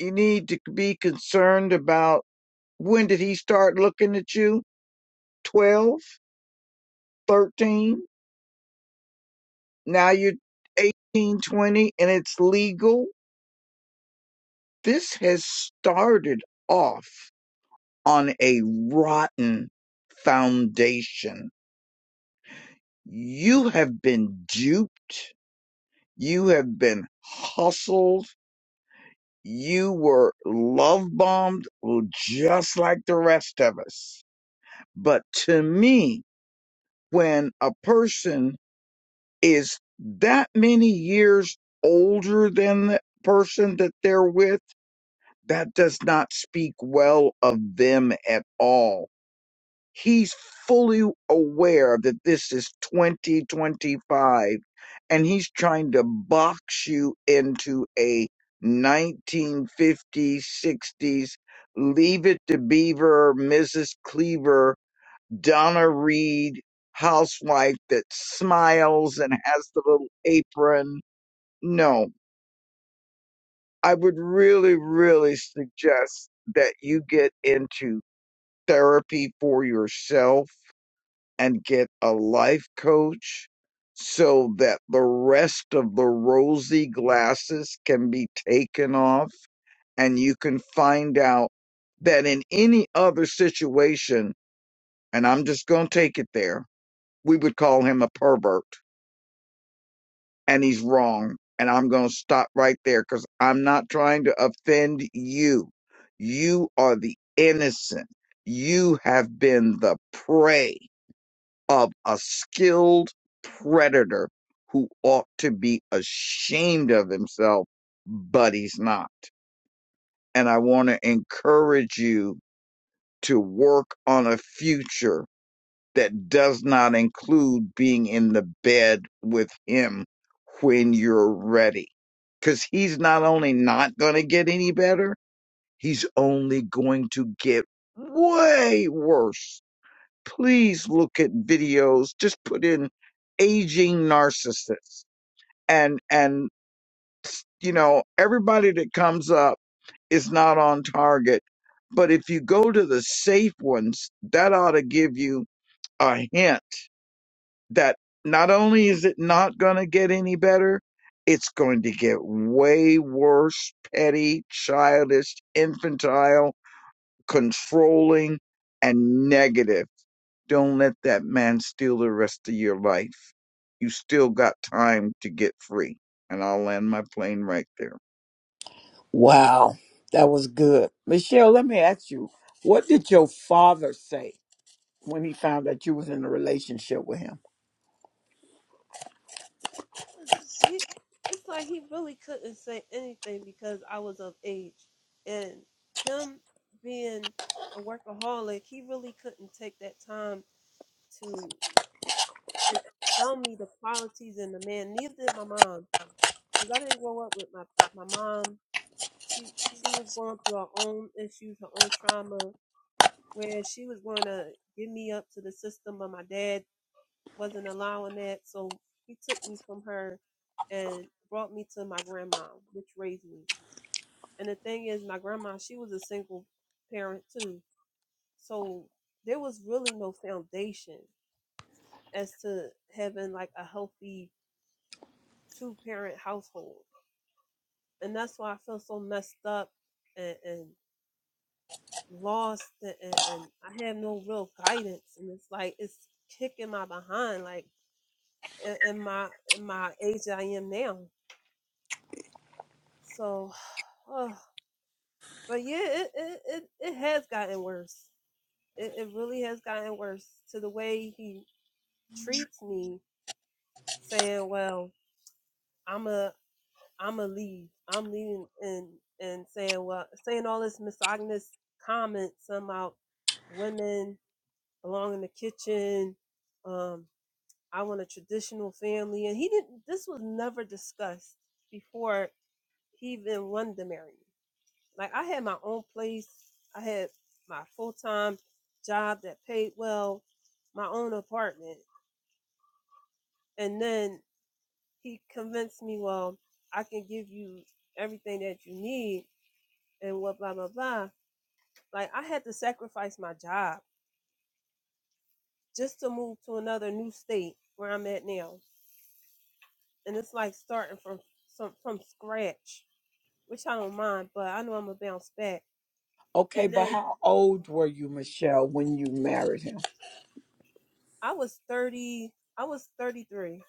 Speaker 3: you need to be concerned about When did he start looking at you? 12, 13. now you're eighteen, twenty, and it's legal? This has started off on a rotten foundation. You have been duped. You have been hustled. You were love bombed just like the rest of us. But to me, when a person is that many years older than the person that they're with, that does not speak well of them at all. He's fully aware that this is 2025 and he's trying to box you into a 1950s, 60s, leave it to Beaver, Mrs. Cleaver Donna Reed housewife that smiles and has the little apron. No, I would really, really suggest that you get into therapy for yourself and get a life coach so that the rest of the rosy glasses can be taken off and you can find out that in any other situation, and I'm just going to take it there, we would call him a pervert and he's wrong. And I'm going to stop right there because I'm not trying to offend you. You are the innocent. You have been the prey of a skilled predator who ought to be ashamed of himself, but he's not. And I want to encourage you to work on a future that does not include being in the bed with him when you're ready. Because he's not only not going to get any better, he's only going to get way worse. Please look at videos, just put in aging narcissists and and you know everybody that comes up is not on target but if you go to the safe ones that ought to give you a hint that not only is it not going to get any better, it's going to get way worse, petty, childish, infantile, controlling, and negative. Don't let that man steal the rest of your life. You still got time to get free. And I'll land my plane right there.
Speaker 1: Wow, that was good. Michelle, let me ask you, what did your father say when he found out you was in a relationship with him?
Speaker 8: It's, he, it's like he really couldn't say anything because I was of age, and him being a workaholic, he really couldn't take that time to eh, tell me the qualities in the man. Neither did my mom, because I didn't grow up with my my mom. She she was going through her own issues, her own trauma, where she was going to give me up to the system of my dad wasn't allowing that. So he took me from her and brought me to my grandma, which raised me. And the thing is, my grandma, she was a single parent too. So there was really no foundation as to having like a healthy two parent household. And that's why I feel so messed up and, and lost and, and and I have no real guidance. And it's like, it's kicking my behind, like in in my, in my age that I am now So, uh, but yeah, it, it it it has gotten worse. It it really has gotten worse to the way he treats me, saying, "Well, I'm a I'm a leave. I'm leaving," and and saying, "Well, saying all this misogynist comments about women belong in the kitchen. Um, I want a traditional family," and he didn't. This was never discussed before he even wanted to marry me. Like I had my own place. I had my full time job that paid well, my own apartment. And then he convinced me, well, I can give you everything that you need and what blah blah blah. Like I had to sacrifice my job just to move to another new state where I'm at now. And it's like starting from some from scratch, which I don't mind, but I know I'm gonna bounce back.
Speaker 1: Okay,
Speaker 8: And
Speaker 1: but
Speaker 8: then
Speaker 1: how old were you, Michelle, when you married him?
Speaker 8: I was thirty I was thirty three.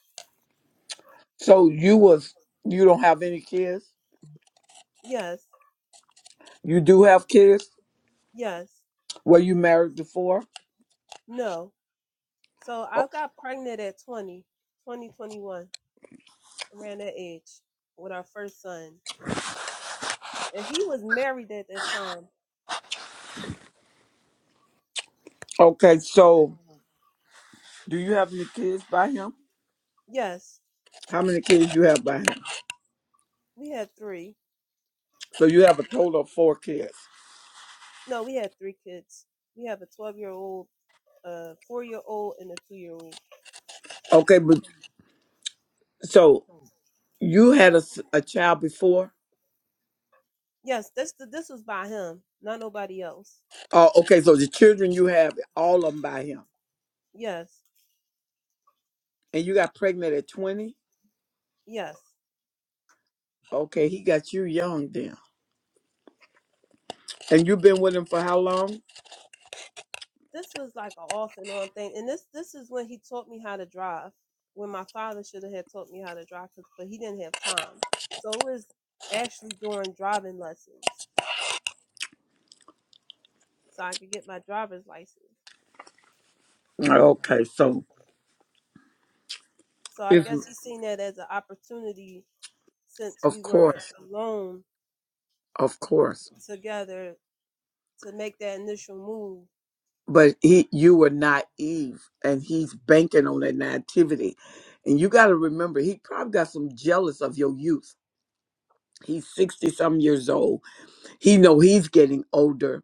Speaker 1: So you was you don't have any kids?
Speaker 8: Yes.
Speaker 1: You do have kids?
Speaker 8: Yes.
Speaker 1: Were you married before?
Speaker 8: No. So
Speaker 1: O-
Speaker 8: I got pregnant at 20, 20 21, around that age with our first son. And he was married at that time.
Speaker 1: Okay, so do you have any kids by him?
Speaker 8: Yes.
Speaker 1: How many kids you have by him?
Speaker 8: We had three.
Speaker 1: So you have a total of four kids.
Speaker 8: No, we had three kids. We have a 12 year old, a four year old, and a two year old.
Speaker 1: Okay, but so You had a, s- a child before?
Speaker 8: Yes. This, this was by him, not nobody else.
Speaker 1: Oh, okay. So the children you have, all of them by him.
Speaker 8: Yes.
Speaker 1: And you got pregnant at 20?
Speaker 8: Yes.
Speaker 1: Okay, he got you young then. And you've been with him for how long?
Speaker 8: this was like an off and on thing, and this this is when he taught me how to drive. When my father should have had taught me how to drive, 'cause- but he didn't have time. So it was actually during driving lessons, so I could get my driver's license.
Speaker 1: Okay, so
Speaker 8: So I
Speaker 1: it's,
Speaker 8: guess he seen that as an opportunity since
Speaker 1: of
Speaker 8: we were
Speaker 1: course,
Speaker 8: alone
Speaker 1: of course.
Speaker 8: together to make that initial move.
Speaker 1: But he, you were naive, and he's banking on that naivety. And you got to remember, he probably got some jealous of your youth. He's 60 some years old. He know he's getting older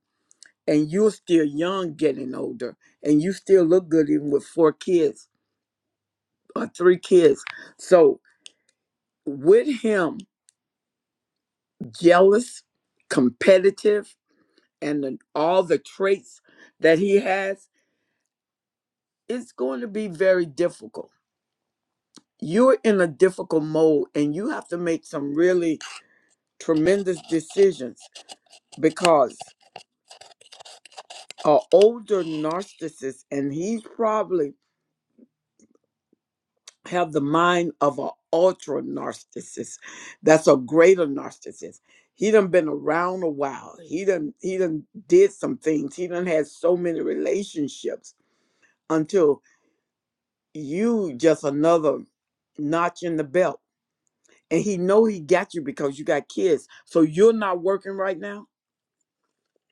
Speaker 1: and you're still young getting older and you still look good even with four kids or three kids so with him jealous competitive and then all the traits that he has it's going to be very difficult you're in a difficult mode and you have to make some really tremendous decisions because an older narcissist and he's probably have the mind of an ultra narcissist. That's a greater narcissist. He done been around a while. He done he done did some things. He done had so many relationships until you just another notch in the belt. And he know he got you because you got kids. So you're not working right now.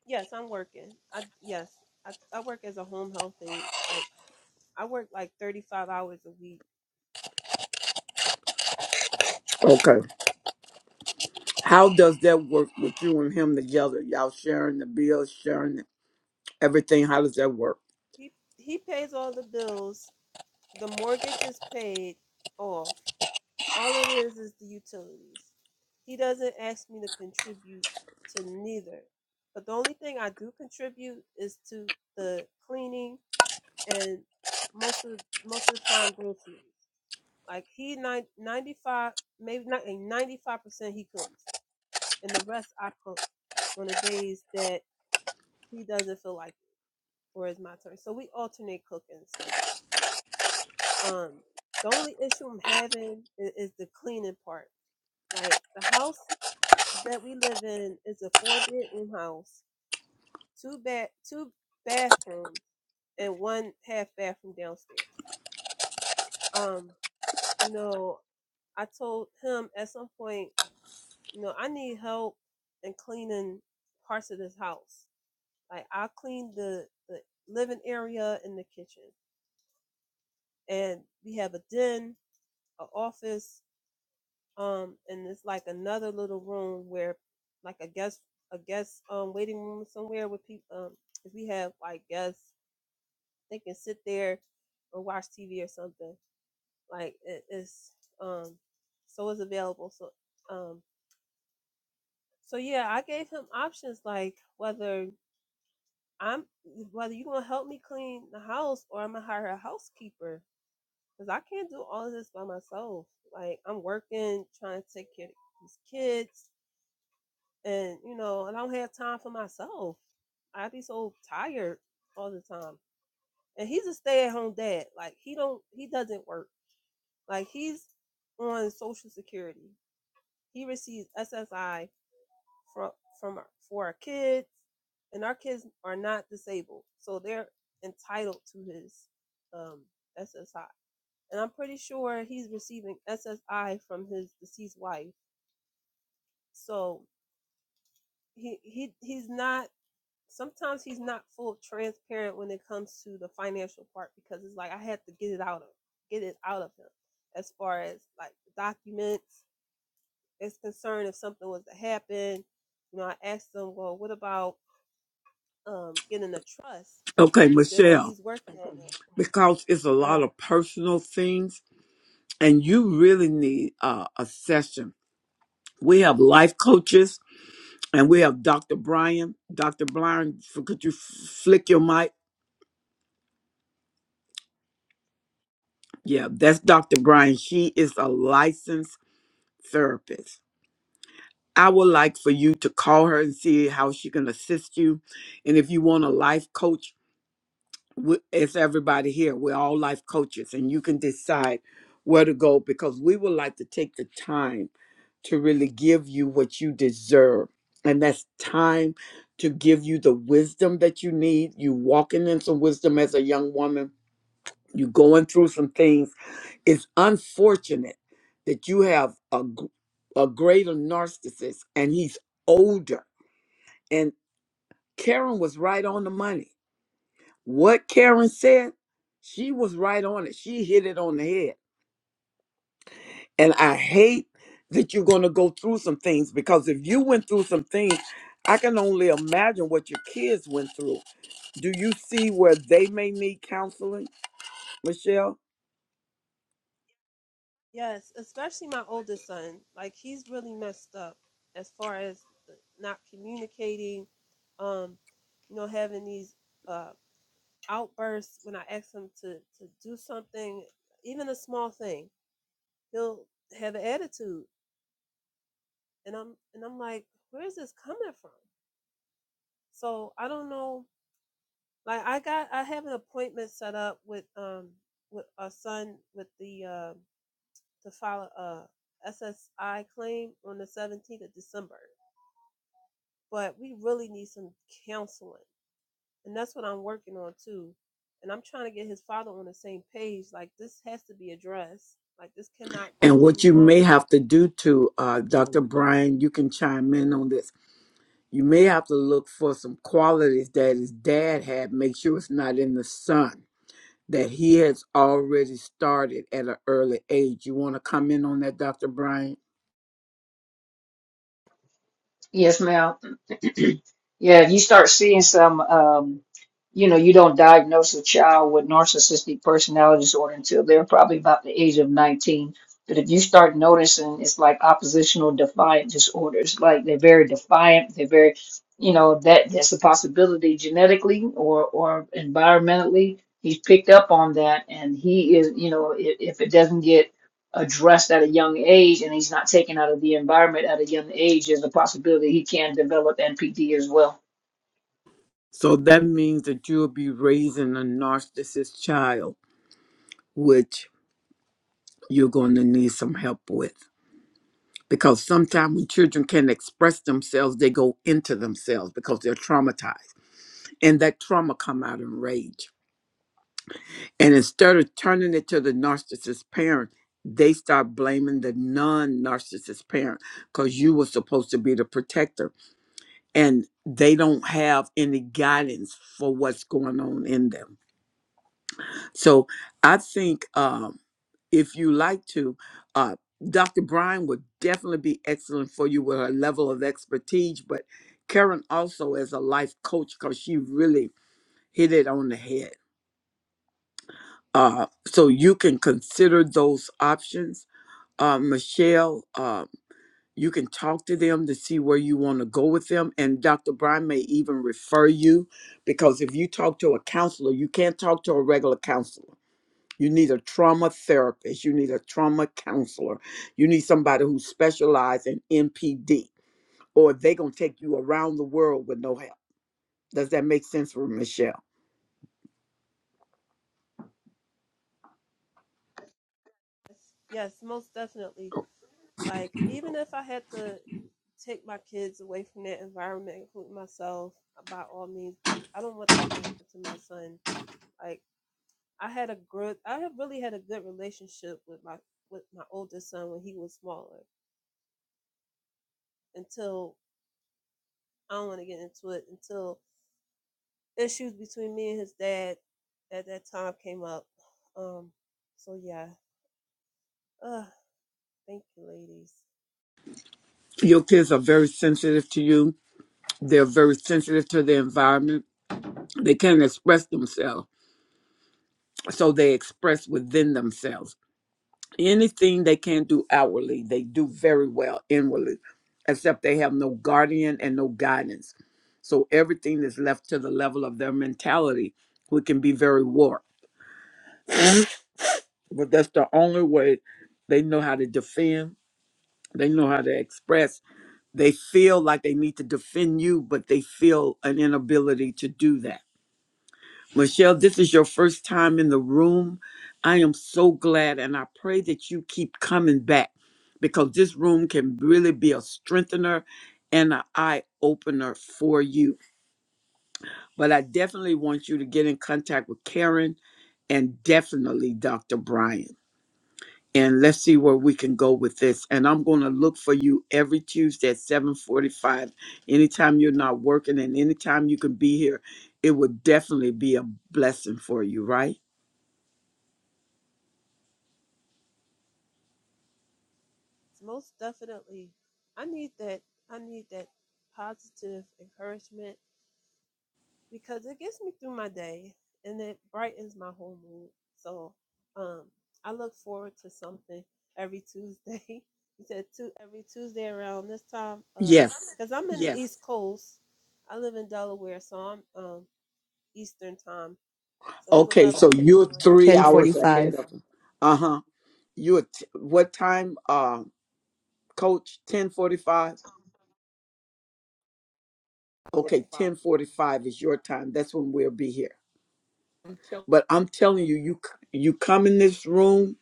Speaker 8: Yes, I'm working. I yes, I, I work as a home health aide. Like I work like 35 hours a week.
Speaker 1: Okay. How does that work with you and him together? Y'all sharing the bills, sharing everything. How does that work?
Speaker 8: He he pays all the bills The mortgage is paid off. All it is is the utilities. He doesn't ask me to contribute to neither. But the only thing I do contribute is to the cleaning and most of most of the time groceries. Like he nine- 95 maybe not eh, 95 percent he cooks and the rest I cook on the days that he doesn't feel like it or it's my turn. So we alternate cooking schedules. Um, the only issue I'm having is, is the cleaning part. Like the house that we live in is a four bedroom house, two bed, two bathrooms, and one half bathroom downstairs. Um, you know, I told him at some point, you know, I need help in cleaning parts of this house. Like I clean the the living area and the kitchen, and we have a den, a office, um and it's like another little room where like a guest a guest um waiting room somewhere with people um if we have like guests they can sit there or watch tv or something like it is um so it's available so um so yeah i gave him options like whether i'm whether you gonna help me clean the house or i'm gonna hire a housekeeper because i can't do all of this by myself like i'm working trying to take care of these kids and you know, I don't have time for myself. I be so tired all the time. And he's a stay at home dad. Like he don't he doesn't work. Like he's on social security. He receives SSI from from our, for our kids and our kids are not disabled. So they're entitled to his um SSI. And I'm pretty sure he's receiving SSI from his deceased wife. So he he he's not sometimes he's not full transparent when it comes to the financial part because it's like I had to get it out of get it out of him as far as like documents is concerned if something was to happen. You know, I asked him, well, what about um, getting a trust?
Speaker 1: Okay,
Speaker 8: He said, well,
Speaker 1: Michelle.
Speaker 8: he's working on it.
Speaker 1: because it's a lot
Speaker 8: Uh,
Speaker 1: of personal things and you really need uh, a session. We have life coaches and we have Dr. Brian. Dr. Brian, f- could you f- flick your mic? Yeah, that's Dr. Brian. She is a licensed therapist. I would like for you to call her and see how she can assist you. And if you want a life coach, we- it's everybody here. We're all life coaches, and you can decide where to go because we would like to take the time to really give you what you deserve. And that's time to give you the wisdom that you need. You walking in some wisdom as a young woman, you going through some things. It's unfortunate that you have a, gr- a greater narcissist and he's older. And Karen was right on the money what Karen said, she was right on it. She hit it on the head. And I hate that you're going to go through some things because if you went through some things, I can only imagine what your kids went through. Do you see where they may need counseling, Michelle?
Speaker 8: yes, especially my oldest son. Like he's really messed up as far as the, not communicating. Um, you know, having these. uh. outbursts when I ask him to to do something, even a small thing. He'll have an attitude, and I'm and I'm like, where is this coming from? So I don't know. Like I got I have an appointment set up with um with our son with the uh, to file a SSI claim on the 17th of December, but we really need some counseling and that's what I'm working on too. And I'm trying to get his father on the same page. Like this has to be addressed. Like this cannot go
Speaker 1: And what
Speaker 8: any
Speaker 1: you may
Speaker 8: longer.
Speaker 1: have to do to uh, Dr. Brian, you can chime in on this. You may have to look for some qualities that his dad had. Make sure it's not in the son. that he has already started at an early age. You want to comment on that, Dr. Bryant?
Speaker 5: Yes, ma'am. Yeah, you start seeing some, um, you know, you don't diagnose a child with narcissistic personality disorder until they're probably about the age of 19. But if you start noticing, it's like oppositional defiant disorders. Like they're very defiant. They're very, you know, that that's a possibility genetically or or environmentally. He's picked up on that, and he is, you know, if, if it doesn't get addressed at a young age and he's not taken out of the environment at a young age, there's a possibility he can develop NPD as well.
Speaker 1: So that means that you'll be raising a narcissist child, which you're going to need some help with. Because sometimes when children can not express themselves, they go into themselves because they're traumatized. And that trauma come out in rage. And instead of turning it to the narcissist parent, they start blaming the non-narcissist parent because you were supposed to be the protector and they don't have any guidance for what's going on in them. So I think um, if you like to, uh, Dr. Bryan would definitely be excellent for you with her level of expertise, but Karen also as a life coach because she really hit it on the head. Uh, so you can consider those options. Uh, Michelle, uh, You can talk to them to see where you want to go with them. And Dr. Brian may even refer you because if you talk to a counselor, you can't talk to a regular counselor. You need a trauma therapist. You need a trauma counselor. You need somebody who specializes in NPD, or they're going to take you around the world with no help. Does that make sense for Michelle?
Speaker 8: Yes, most definitely. Like even if I had to take my kids away from that environment, including myself, uh, by all means, because I don't want that to happen to my son. Like I had a good, I have really had a good relationship with my with my oldest son when he was smaller. Until I don't want to get into it. Until issues between me and his dad at that time came up. Um, so yeah. Uh, thank you, ladies.
Speaker 1: Your kids are very sensitive to you. They're very sensitive to the environment. They can't express themselves, so they express within themselves anything they can do outwardly, they do very well inwardly, except they have no guardian and no guidance. So everything is left to the level of their mentality, which can be very warped. But that's the only way they know how to defend, they know how to express. They feel like they need to defend you, but they feel an inability to do that Michelle, this is your first time in the room. I am so glad, and I pray that you keep coming back because this room can really be a strengthener and an eye opener for you. But I definitely want you to get in contact with Karen and definitely Dr. Brian. And let's see where we can go with this. And I'm going to look for you every Tuesday at 7:45. Anytime you're not working and anytime you can be here, it would definitely be a blessing for you, right?
Speaker 8: Most definitely, I need that. I need that positive encouragement because it gets me through my day and it brightens my whole mood. So, um, I look forward to something every Tuesday. you said two every Tuesday around this time. Uh,
Speaker 1: Yes.
Speaker 8: cause I'm in yes. the East Coast. I live in Delaware, so I'm um Eastern time. So it's
Speaker 1: Okay,
Speaker 8: eleven
Speaker 1: so you're
Speaker 8: one
Speaker 1: three hours
Speaker 2: 1045.
Speaker 1: ahead of them. Uh huh. You're t- what time, uh, Coach? Ten forty-five. Okay, ten forty-five is your time. That's when we'll be here. But I'm telling you, you c- you come in this room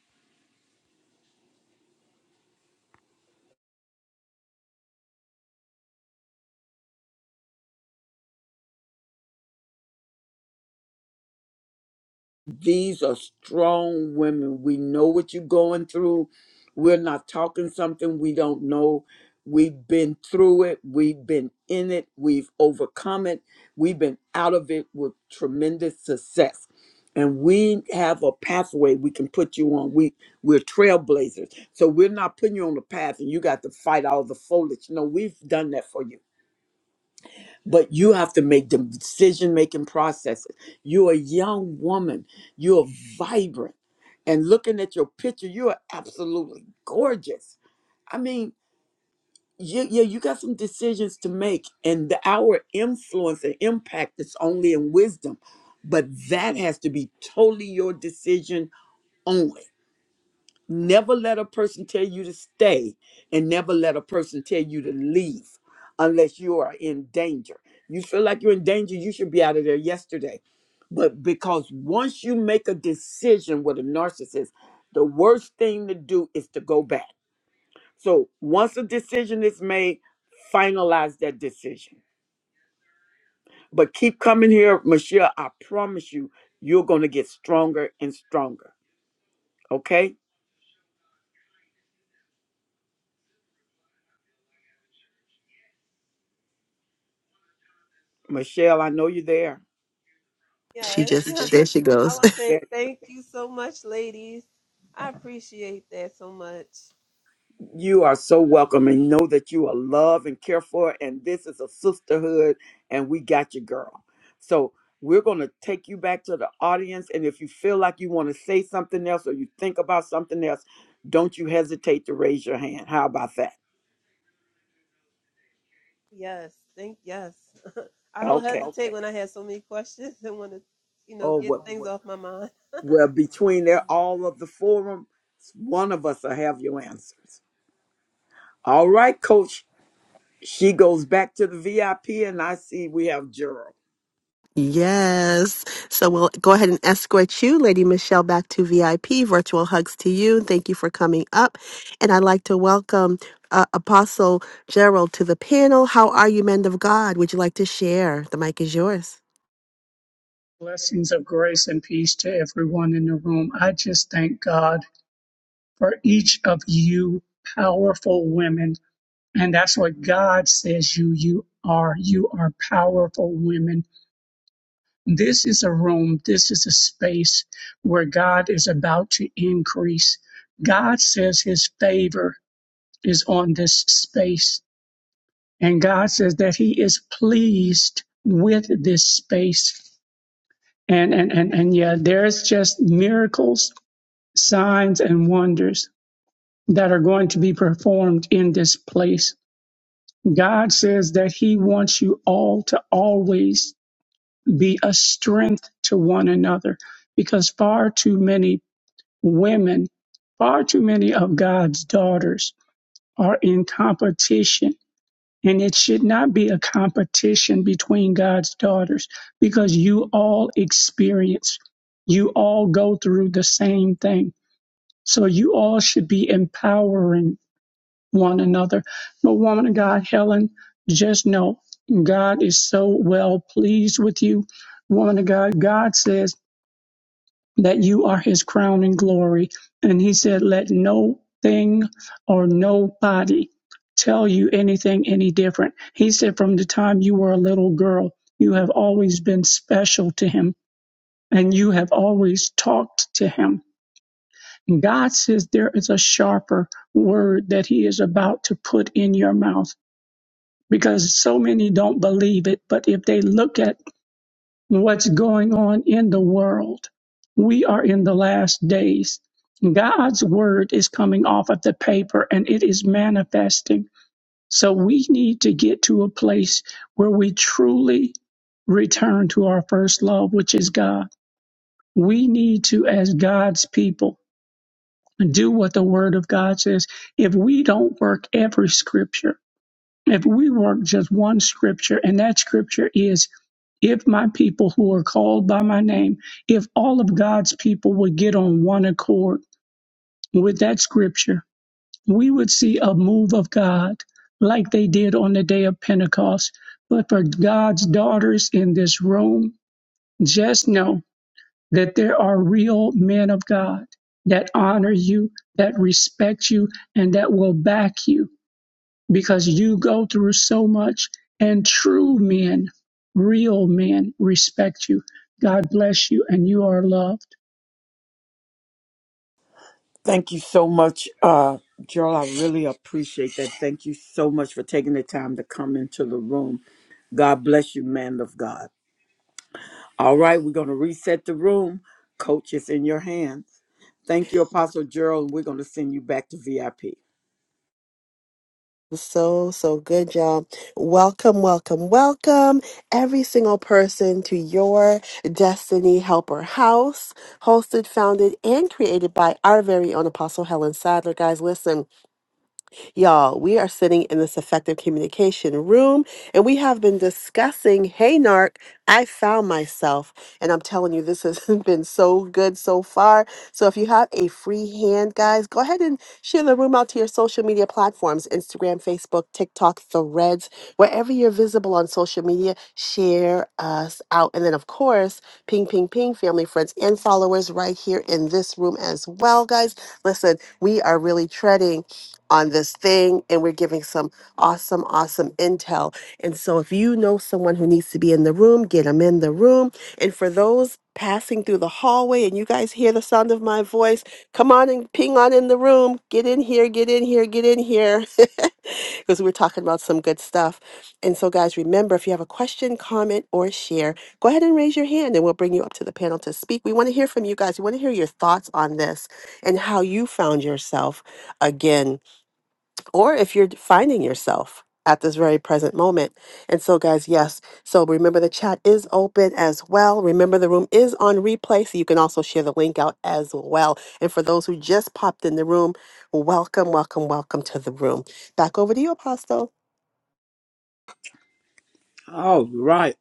Speaker 1: These are strong women. We know what you're going through. We're not talking something we don't know. We've been through it. We've been in it. We've overcome it. We've been out of it with tremendous success. And we have a pathway we can put you on. We we're trailblazers. So we're not putting you on the path and you got to fight all the foliage. No, we've done that for you but you have to make the decision making processes. You're a young woman, you're vibrant. And looking at your picture, you are absolutely gorgeous. I mean, you, yeah, you got some decisions to make, and the, our influence and impact is only in wisdom, but that has to be totally your decision only Never let a person tell you to stay and never let a person tell you to leave unless you are in danger. You feel like you're in danger, you should be out of there yesterday. But because once you make a decision with a narcissist, the worst thing to do is to go back. So once a decision is made, finalize that decision. But keep coming here, Michelle. I promise you, you're going to get stronger and stronger. Okay? Michelle, I know you're there.
Speaker 2: She
Speaker 8: Yes.
Speaker 2: just, there she
Speaker 8: I
Speaker 2: goes.
Speaker 8: would say thank you so much, ladies. I appreciate that so much.
Speaker 1: You are so welcome and know that you are loved and cared for. And this is a sisterhood, and we got you, girl. So we're going to take you back to the audience. And if you feel like you want to say something else or you think about something else, don't you hesitate to raise your hand. How about that?
Speaker 8: Yes, thank yes. I don't
Speaker 1: Okay.
Speaker 8: hesitate when I have so many questions and want to, you know,
Speaker 1: Oh,
Speaker 8: get
Speaker 1: well,
Speaker 8: things off my mind.
Speaker 1: well between there, all of the forum, one of us will have your answers. All right, coach. She goes back to the VIP, and I see we have Gerald.
Speaker 2: Yes. So we'll go ahead and escort you, Lady Michelle, back to VIP. Virtual hugs to you. Thank you for coming up. And I'd like to welcome uh, Apostle Gerald to the panel. How are you, men of God? Would you like to share? The mic is yours.
Speaker 9: Blessings of grace and peace to everyone in the room. I just thank God for each of you powerful women. And that's what God says you you are. You are powerful women. This is a room, this is a space where God is about to increase. God says his favor is on this space. And God says that he is pleased with this space. And and and, and yeah, there's just miracles signs and wonders that are going to be performed in this place. God says that He wants you all to always be a strength to one another because far too many women, far too many of God's daughters are in competition. And it should not be a competition between God's daughters because you all experience, you all go through the same thing. So you all should be empowering one another. But woman of God, Helen, just know God is so well pleased with you. Woman of God, God says that you are his crown and glory. And he said, let no thing or nobody tell you anything any different. He said, from the time you were a little girl, you have always been special to him and you have always talked to him. God says there is a sharper word that he is about to put in your mouth because so many don't believe it. But if they look at what's going on in the world, we are in the last days. God's word is coming off of the paper and it is manifesting. So we need to get to a place where we truly return to our first love, which is God. We need to, as God's people, do what the word of God says. If we don't work every scripture, if we work just one scripture, and that scripture is, if my people who are called by my name, if all of God's people would get on one accord with that scripture, we would see a move of God like they did on the day of Pentecost. But for God's daughters in this room, just know that there are real men of God that honor you, that respect you, and that will back you because you go through so much and true men, real men respect you. God bless you and you are loved.
Speaker 1: Thank you so much, uh, Joel. I really appreciate that. Thank you so much for taking the time to come into the room. God bless you, man of God. All right, we're going to reset the room. Coach, it's in your hands. Thank you, Apostle Gerald, and we're going to send you back to VIP.
Speaker 2: So, so good, y'all. Welcome, welcome, welcome, every single person to your Destiny Helper House, hosted, founded, and created by our very own Apostle Helen Sadler. Guys, listen. Y'all, we are sitting in this effective communication room and we have been discussing, hey, NARC, I found myself. And I'm telling you, this has been so good so far. So if you have a free hand, guys, go ahead and share the room out to your social media platforms Instagram, Facebook, TikTok, Threads, wherever you're visible on social media, share us out. And then, of course, ping, ping, ping, family, friends, and followers right here in this room as well, guys. Listen, we are really treading on this thing and we're giving some awesome awesome intel and so if you know someone who needs to be in the room get them in the room and for those passing through the hallway and you guys hear the sound of my voice come on and ping on in the room get in here get in here get in here because we're talking about some good stuff and so guys remember if you have a question comment or share go ahead and raise your hand and we'll bring you up to the panel to speak we want to hear from you guys we want to hear your thoughts on this and how you found yourself again or if you're finding yourself at this very present moment. And so, guys, yes. So remember the chat is open as well. Remember the room is on replay, so you can also share the link out as well. And for those who just popped in the room, welcome, welcome, welcome to the room. Back over to you, Apostle.
Speaker 1: All right.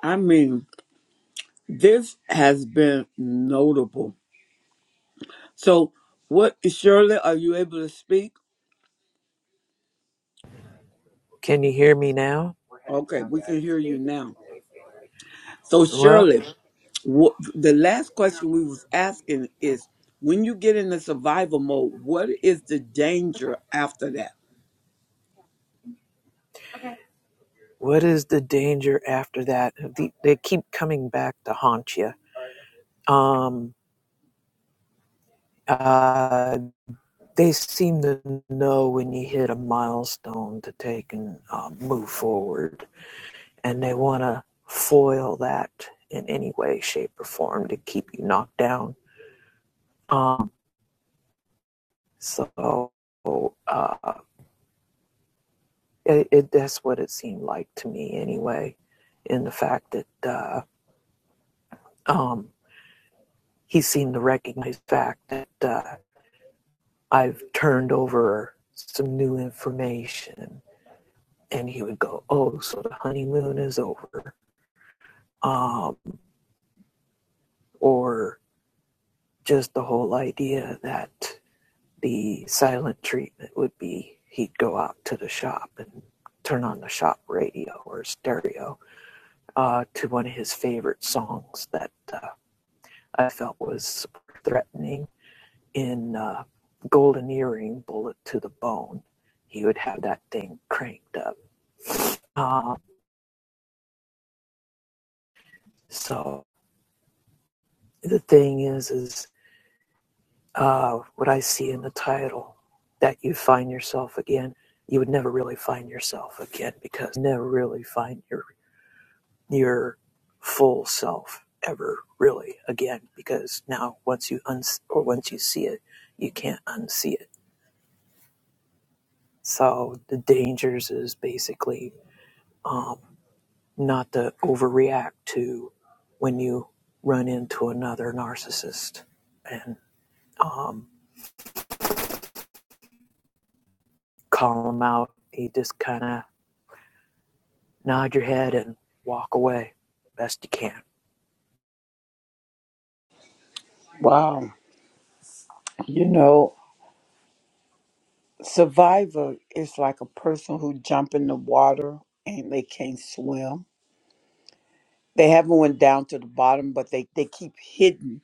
Speaker 1: I mean, this has been notable. So, what, Shirley, are you able to speak?
Speaker 7: Can you hear me now?
Speaker 1: Okay, we can hear you now. So,
Speaker 7: Well,
Speaker 1: Shirley, what the last question we was asking is when you get in the survival mode what is the danger after that
Speaker 7: what is the danger after that? The- They keep coming back to haunt you. Um, uh, they seem to know when you hit a milestone to take and uh, move forward, and they want to foil that in any way, shape, or form to keep you knocked down. Um. So uh, it, it that's what it seemed like to me anyway, in the fact that uh, um, he seemed to recognize the fact that uh, I've turned over some new information, and he would go, "Oh, so the honeymoon is over," um, or just the whole idea that the silent treatment would be he'd go out to the shop and turn on the shop radio or stereo uh, to one of his favorite songs that uh, I felt was threatening in uh, Golden Earring Bullet to the Bone. He would have that thing cranked up. Uh, so the thing is, is uh, what I see in the title that you find yourself again. You would never really find yourself again because you never really find your your full self ever really again because now once you un or once you see it you can't unsee it so the dangers is basically um, not to overreact to when you run into another narcissist and um, call them out you just kind of nod your head and walk away best you can
Speaker 1: Wow. You know, survivor is like a person who jump in the water and they can't swim. They haven't went down to the bottom, but they, they keep hidden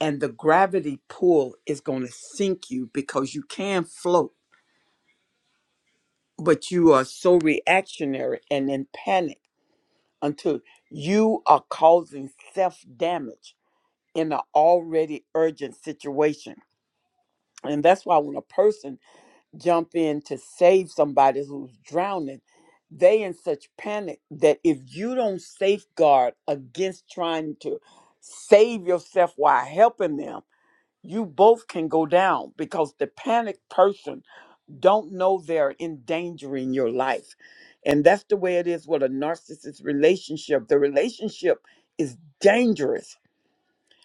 Speaker 1: and the gravity pull is gonna sink you because you can float, but you are so reactionary and in panic until you are causing self damage in an already urgent situation. And that's why when a person jump in to save somebody who's drowning, they in such panic that if you don't safeguard against trying to save yourself while helping them, you both can go down because the panicked person don't know they're endangering your life. And that's the way it is with a narcissist relationship. The relationship is dangerous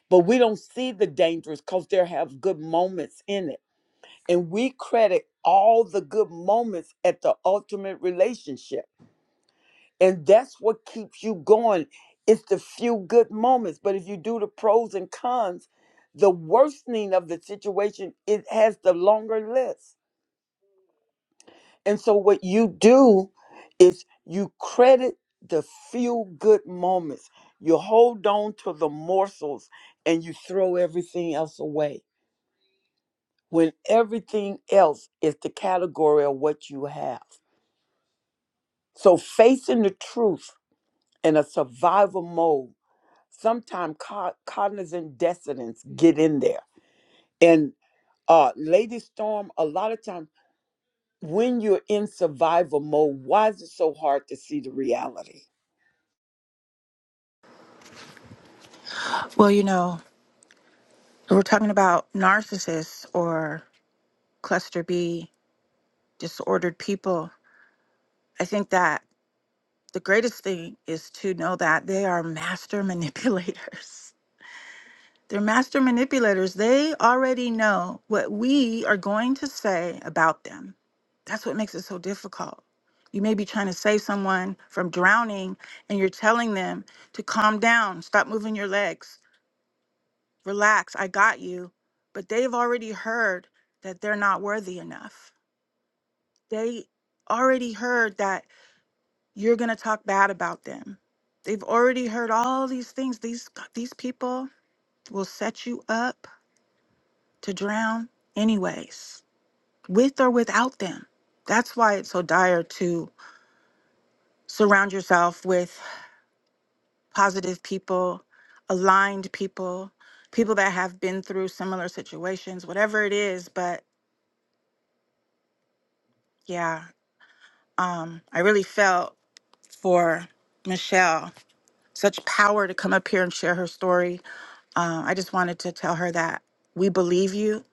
Speaker 1: but we don't see the dangers because there have good moments in it and we credit all the good moments at the ultimate relationship and that's what keeps you going it's the few good moments but if you do the pros and cons the worsening of the situation it has the longer list and so what you do is you credit the few good moments you hold on to the morsels and you throw everything else away when everything else is the category of what you have. So facing the truth in a survival mode, sometimes co- cognizant dissonance get in there. And uh, Lady Storm, a lot of times when you're in survival mode, why is it so hard to see the reality?
Speaker 4: Well, you know, we're talking about narcissists or cluster B, disordered people. I think that the greatest thing is to know that they are master manipulators. They're master manipulators. They already know what we are going to say about them. That's what makes it so difficult. You may be trying to save someone from drowning and you're telling them to calm down, stop moving your legs, relax, I got you. But they've already heard that they're not worthy enough. They already heard that you're going to talk bad about them. They've already heard all these things. These these people will set you up to drown anyways, with or without them. That's why it's so dire to surround yourself with positive people, aligned people, people that have been through similar situations, whatever it is. But yeah, um, I really felt for Michelle such power to come up here and share her story. Uh, I just wanted to tell her that we believe you.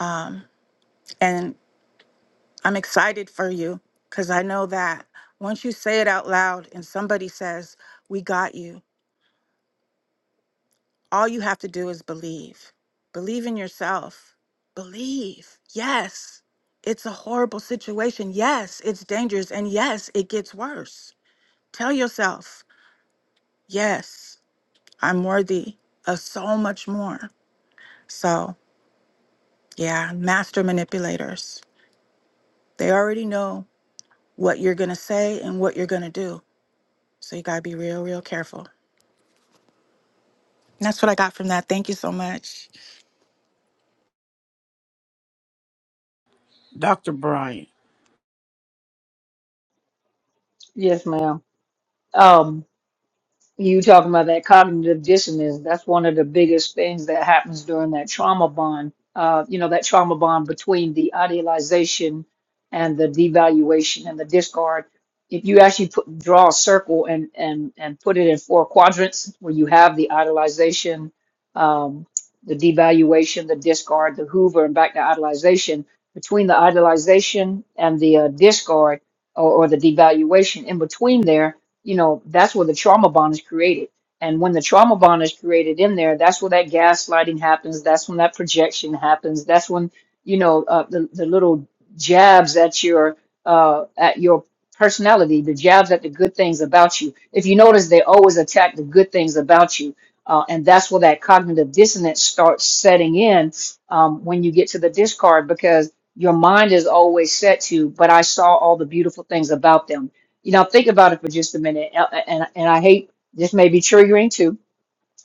Speaker 4: Um, and I'm excited for you because I know that once you say it out loud and somebody says, We got you, all you have to do is believe. Believe in yourself. Believe. Yes, it's a horrible situation. Yes, it's dangerous. And yes, it gets worse. Tell yourself, Yes, I'm worthy of so much more. So, yeah, master manipulators. They already know what you're going to say and what you're going to do. So, you got to be real, real careful. That's what I got from that. Thank you so much.
Speaker 1: Dr. Brian.
Speaker 5: Yes, ma'am. Um, You talking about that cognitive dissonance? That's one of the biggest things that happens during that trauma bond. Uh, you know, that trauma bond between the idealization and the devaluation and the discard. If you actually put draw a circle and and and put it in four quadrants, where you have the idealization, um, the devaluation, the discard, the Hoover, and back to idealization. Between the idealization and the uh, discard or, or the devaluation, in between there you know, that's where the trauma bond is created. And when the trauma bond is created in there, that's where that gaslighting happens. That's when that projection happens. That's when, you know, uh, the, the little jabs at your uh, at your personality, the jabs at the good things about you. If you notice, they always attack the good things about you. Uh, and that's where that cognitive dissonance starts setting in um, when you get to the discard because your mind is always set to, but I saw all the beautiful things about them you know, think about it for just a minute, and and, and I hate this may be triggering too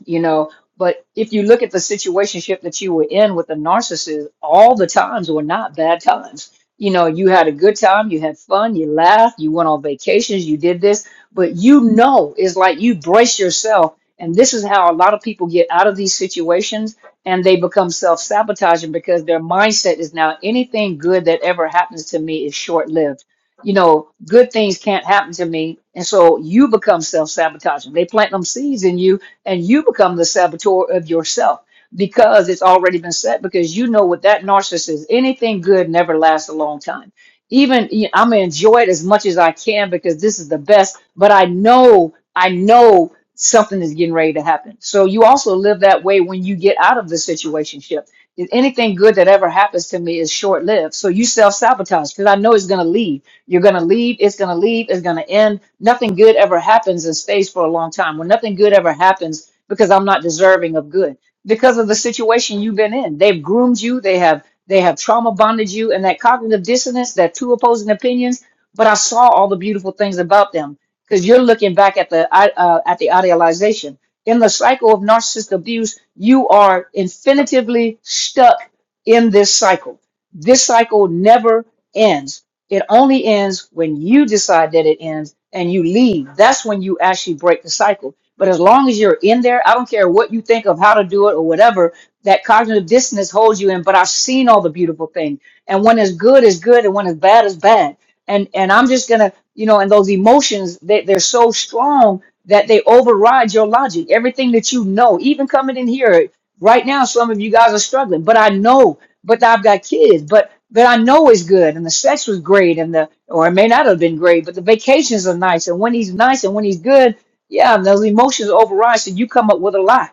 Speaker 5: you know but if you look at the situationship that you were in with the narcissist all the times were not bad times you know you had a good time you had fun you laughed you went on vacations you did this but you know it's like you brace yourself and this is how a lot of people get out of these situations and they become self-sabotaging because their mindset is now anything good that ever happens to me is short-lived you know good things can't happen to me and so you become self-sabotaging they plant them seeds in you and you become the saboteur of yourself because it's already been set because you know what that narcissist is anything good never lasts a long time even you know, i'm gonna enjoy it as much as i can because this is the best but i know i know something is getting ready to happen so you also live that way when you get out of the situationship If anything good that ever happens to me is short-lived so you self-sabotage because i know it's going to leave you're going to leave, it's going to leave, it's going to end. Nothing good ever happens in space for a long time. Well, nothing good ever happens because I'm not deserving of good because of the situation you've been in. They've groomed you, they have they have trauma bonded you and that cognitive dissonance, that two opposing opinions, but I saw all the beautiful things about them because you're looking back at the i- uh, at the idealization. In the cycle of narcissist abuse, you are infinitively stuck in this cycle. This cycle never ends. It only ends when you decide that it ends and you leave. That's when you actually break the cycle. But as long as you're in there, I don't care what you think of how to do it or whatever, that cognitive dissonance holds you in. But I've seen all the beautiful things. And when it's good is good and when it's bad is bad. And and I'm just gonna, you know, and those emotions, they, they're so strong that they override your logic. Everything that you know, even coming in here right now, some of you guys are struggling. But I know, but I've got kids. But that I know is good and the sex was great and the or it may not have been great, but the vacations are nice and when he's nice and when he's good, yeah, and those emotions override. So you come up with a lie.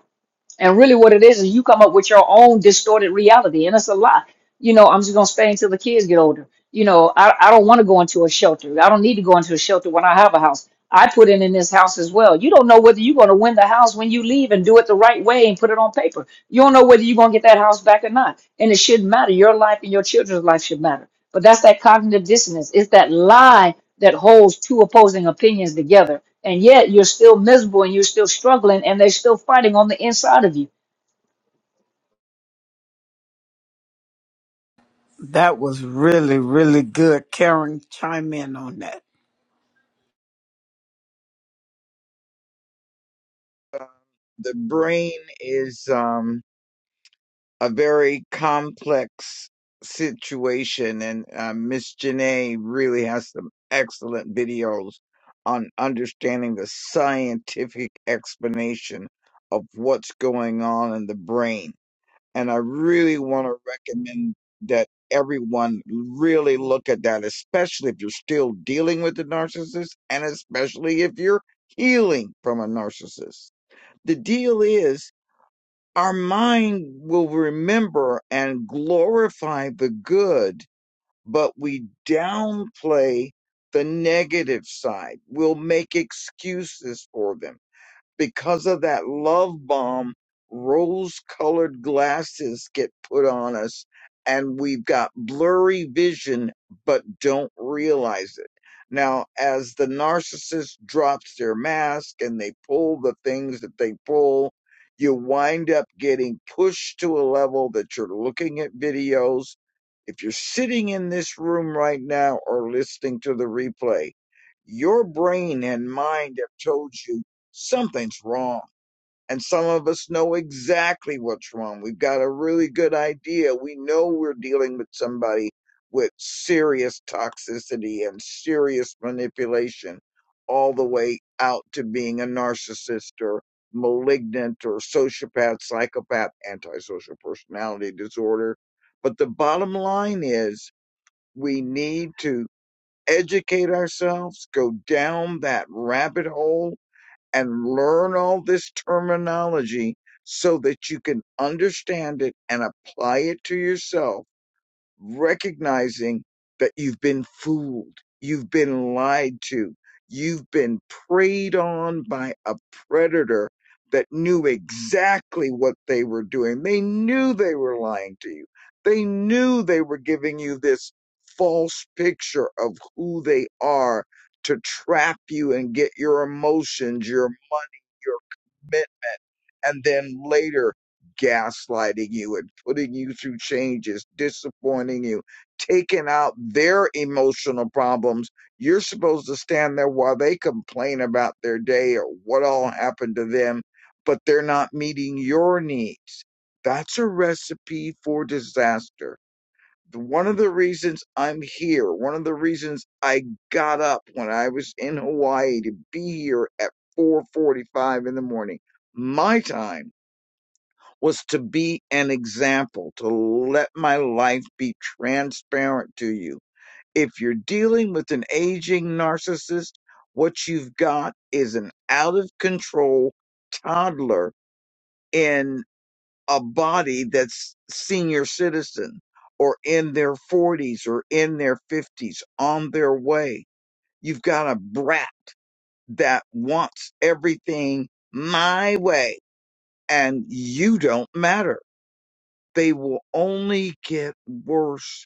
Speaker 5: And really what it is is you come up with your own distorted reality and it's a lie you know, I'm just gonna stay until the kids get older. You know, I, I don't want to go into a shelter. I don't need to go into a shelter when I have a house. I put in in this house as well. You don't know whether you're gonna win the house when you leave and do it the right way and put it on paper. You don't know whether you're gonna get that house back or not. And it shouldn't matter. Your life and your children's life should matter. But that's that cognitive dissonance. It's that lie that holds two opposing opinions together. And yet you're still miserable and you're still struggling and they're still fighting on the inside of you
Speaker 1: That was really, really good. Karen, chime in on that.
Speaker 3: The brain is, um a very complex situation, and uh, Miss Janae really has some excellent videos on understanding the scientific explanation of what's going on in the brain. And I really want to recommend that everyone really look at that, especially if you're still dealing with a narcissist, and especially if you're healing from a narcissist. The deal is our mind will remember and glorify the good, but we downplay the negative side. We'll make excuses for them because of that love bomb, rose colored glasses get put on us and we've got blurry vision, but don't realize it. Now, as the narcissist drops their mask and they pull the things that they pull, you wind up getting pushed to a level that you're looking at videos. If you're sitting in this room right now or listening to the replay, your brain and mind have told you something's wrong. And some of us know exactly what's wrong. We've got a really good idea. We know we're dealing with somebody with serious toxicity and serious manipulation, all the way out to being a narcissist or malignant or sociopath, psychopath, antisocial personality disorder. But the bottom line is we need to educate ourselves, go down that rabbit hole and learn all this terminology so that you can understand it and apply it to yourself recognizing that you've been fooled, you've been lied to, you've been preyed on by a predator that knew exactly what they were doing. They knew they were lying to you, they knew they were giving you this false picture of who they are to trap you and get your emotions, your money and then later gaslighting you and putting you through changes, disappointing you, taking out their emotional problems. You're supposed to stand there while they complain about their day or what all happened to them, but they're not meeting your needs. That's a recipe for disaster. One of the reasons I'm here, one of the reasons I got up when I was in Hawaii to be here at 4:45 in the morning, my time was to be an example, to let my life be transparent to you. If you're dealing with an aging narcissist, what you've got is an out of control toddler in a body that's senior citizen or in their 40s or in their 50s on their way. You've got a brat that wants everything my way and you don't matter they will only get worse.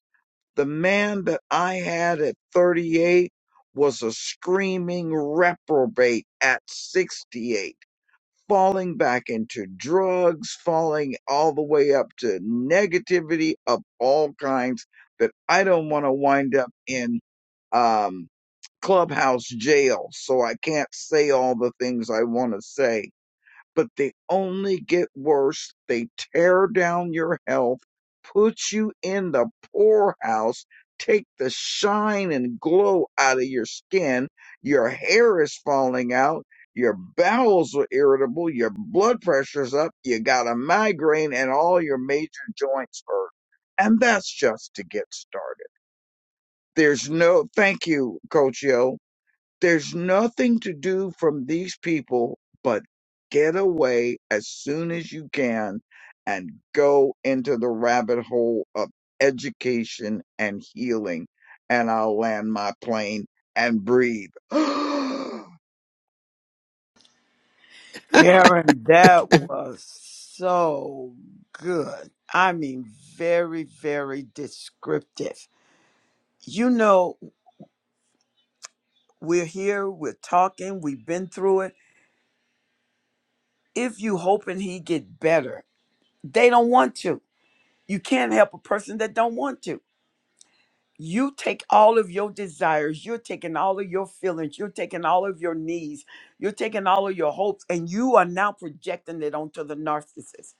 Speaker 3: The man that I had at 38 was a screaming reprobate at 68, falling back into drugs, falling all the way up to negativity of all kinds that I don't want to wind up in um, clubhouse jail. So I can't say all the things I want to say but they only get worse. They tear down your health, put you in the poorhouse, take the shine and glow out of your skin. Your hair is falling out. Your bowels are irritable. Your blood pressure's up. You got a migraine and all your major joints hurt. And that's just to get started. There's no, thank you, Coach Yo there's nothing to do from these people but get away as soon as you can and go into the rabbit hole of education and healing. And I'll land my plane and breathe.
Speaker 1: Karen, that was so good. I mean, very, very descriptive. You know, we're here, we're talking, we've been through it. If you hoping he get better, they don't want to. You can't help a person that don't want to. you take all of your desires, you're taking all of your feelings, you're taking all of your needs, you're taking all of your hopes, and you are now projecting it onto the narcissist.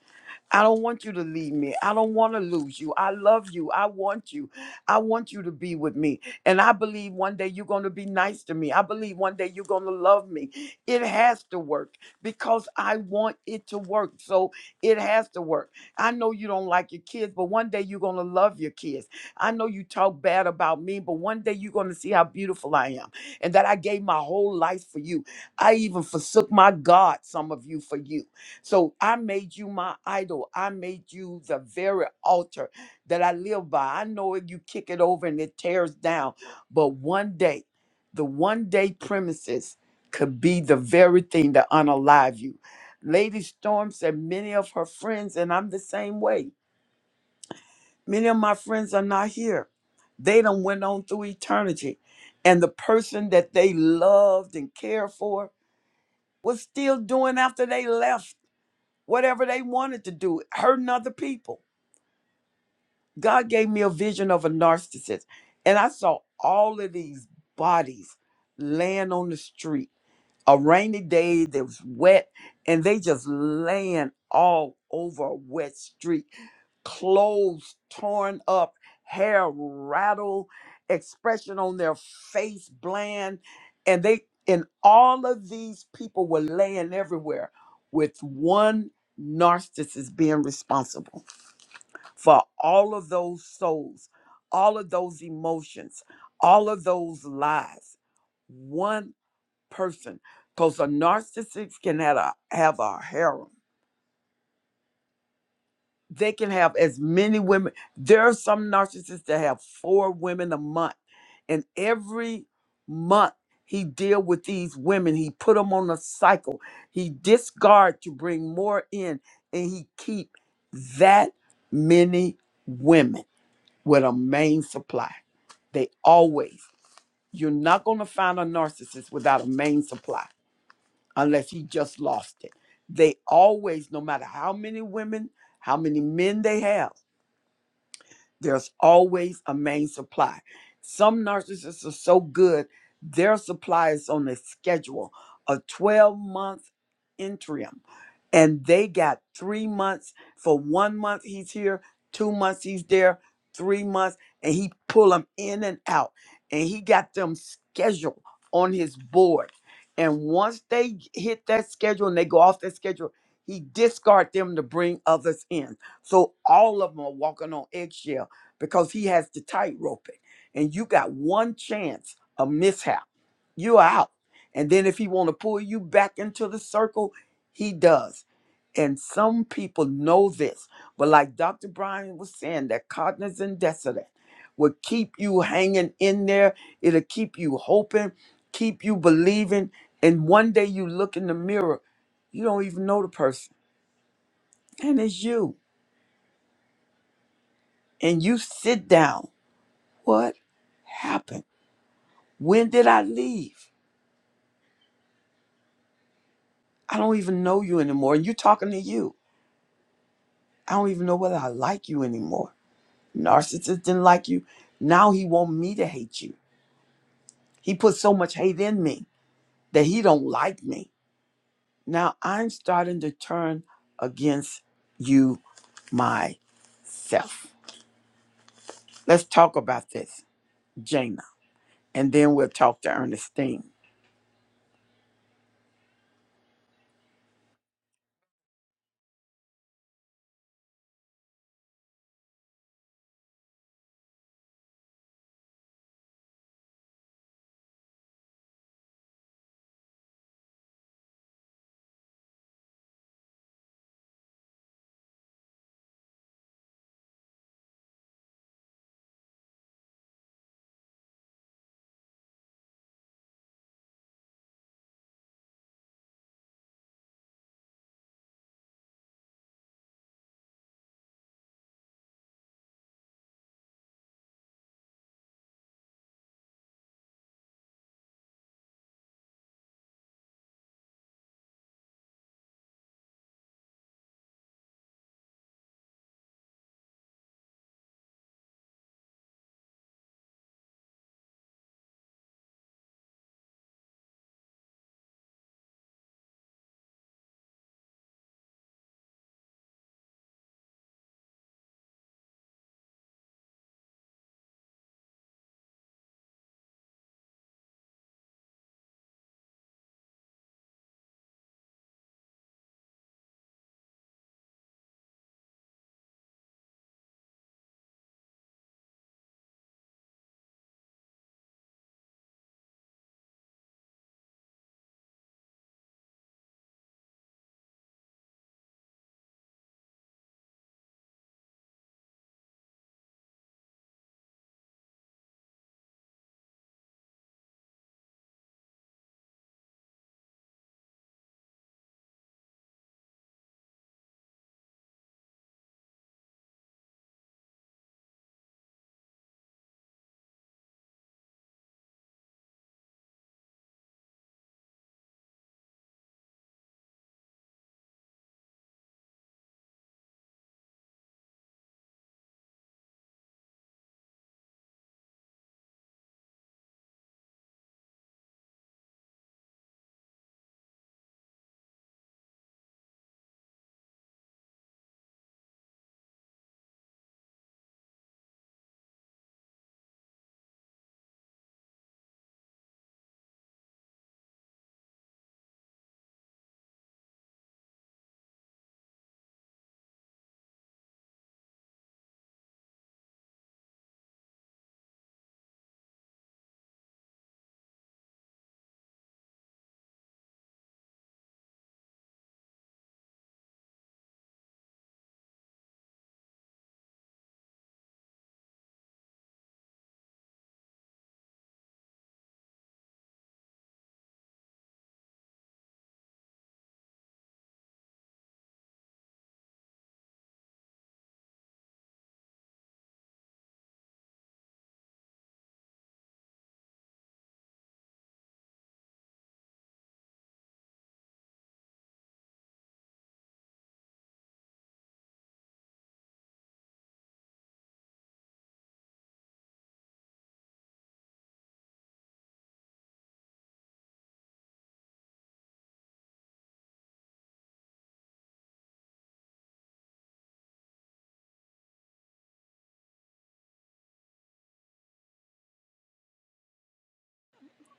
Speaker 1: I don't want you to leave me. I don't want to lose you. I love you. I want you. I want you to be with me. And I believe one day you're going to be nice to me. I believe one day you're going to love me. It has to work because I want it to work. So it has to work. I know you don't like your kids, but one day you're going to love your kids. I know you talk bad about me, but one day you're going to see how beautiful I am and that I gave my whole life for you. I even forsook my God, some of you, for you. So I made you my idol. I made you the very altar that I live by. I know if you kick it over and it tears down, but one day, the one day premises could be the very thing to unalive you. Lady Storm said many of her friends, and I'm the same way. Many of my friends are not here. They done went on through eternity. And the person that they loved and cared for was still doing after they left whatever they wanted to do, hurting other people. God gave me a vision of a narcissist, and I saw all of these bodies laying on the street. A rainy day, it was wet, and they just laying all over a wet street clothes torn up, hair rattled, expression on their face bland, and they and all of these people were laying everywhere with one narcissist being responsible for all of those souls, all of those emotions, all of those lies. One person. Because a narcissist can have a have a harem. they can have as many women. There are some narcissists that have four women a month, and every month he deal with these women. He put them on a cycle. He discard to bring more in, and he keep that many women with a main supply. They always. You're not going to find a narcissist without a main supply unless he just lost it. They always, no matter how many women, how many men they have there's always a main supply. Some narcissists are so good, their supply is on the schedule, a 12 month interim. And they got three months. For one month, he's here, two months, he's there, three months, and he pull them in and out. And he got them scheduled on his board. And once they hit that schedule and they go off that schedule, he discard them to bring others in. So all of them are walking on eggshells because he has the tightrope it. And you got one chance of mishap. You're out. And then if he want to pull you back into the circle, he does. And some people know this. But like Dr. Brian was saying, that cognizant decedent will keep you hanging in there. It'll keep you hoping, keep you believing. And one day you look in the mirror, you don't even know the person. And it's you. And you sit down. What happened? When did I leave? I don't even know you anymore. And you're talking to you. I don't even know whether I like you anymore. Narcissist didn't like you. Now he want me to hate you. He put so much hate in me that he don't like me. Now I'm starting to turn against you myself. Let's talk about this, Jana. And then we'll talk to Ernestine.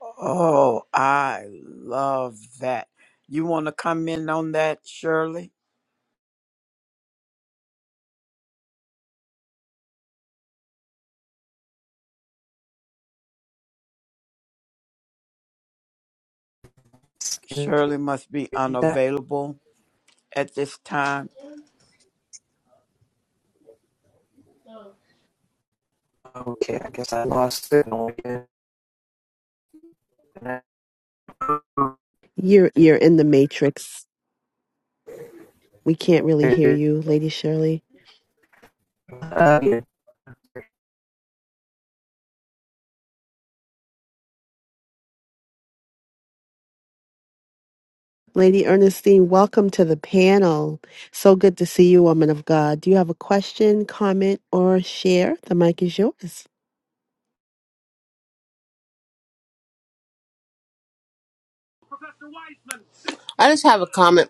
Speaker 1: Oh, I love that. You want to come in on that, Shirley?
Speaker 7: Excuse me, can you
Speaker 1: Shirley must be
Speaker 7: repeat that?
Speaker 1: unavailable at this time.
Speaker 7: okay i guess i lost
Speaker 2: You're you're in the matrix. We can't really
Speaker 7: it
Speaker 2: hear you, Lady Shirley.
Speaker 7: Uh, yeah.
Speaker 2: Lady Ernestine, welcome to the panel. So good to see you, woman of God. Do you have a question, comment, or share? The mic is yours.
Speaker 10: I just have a comment.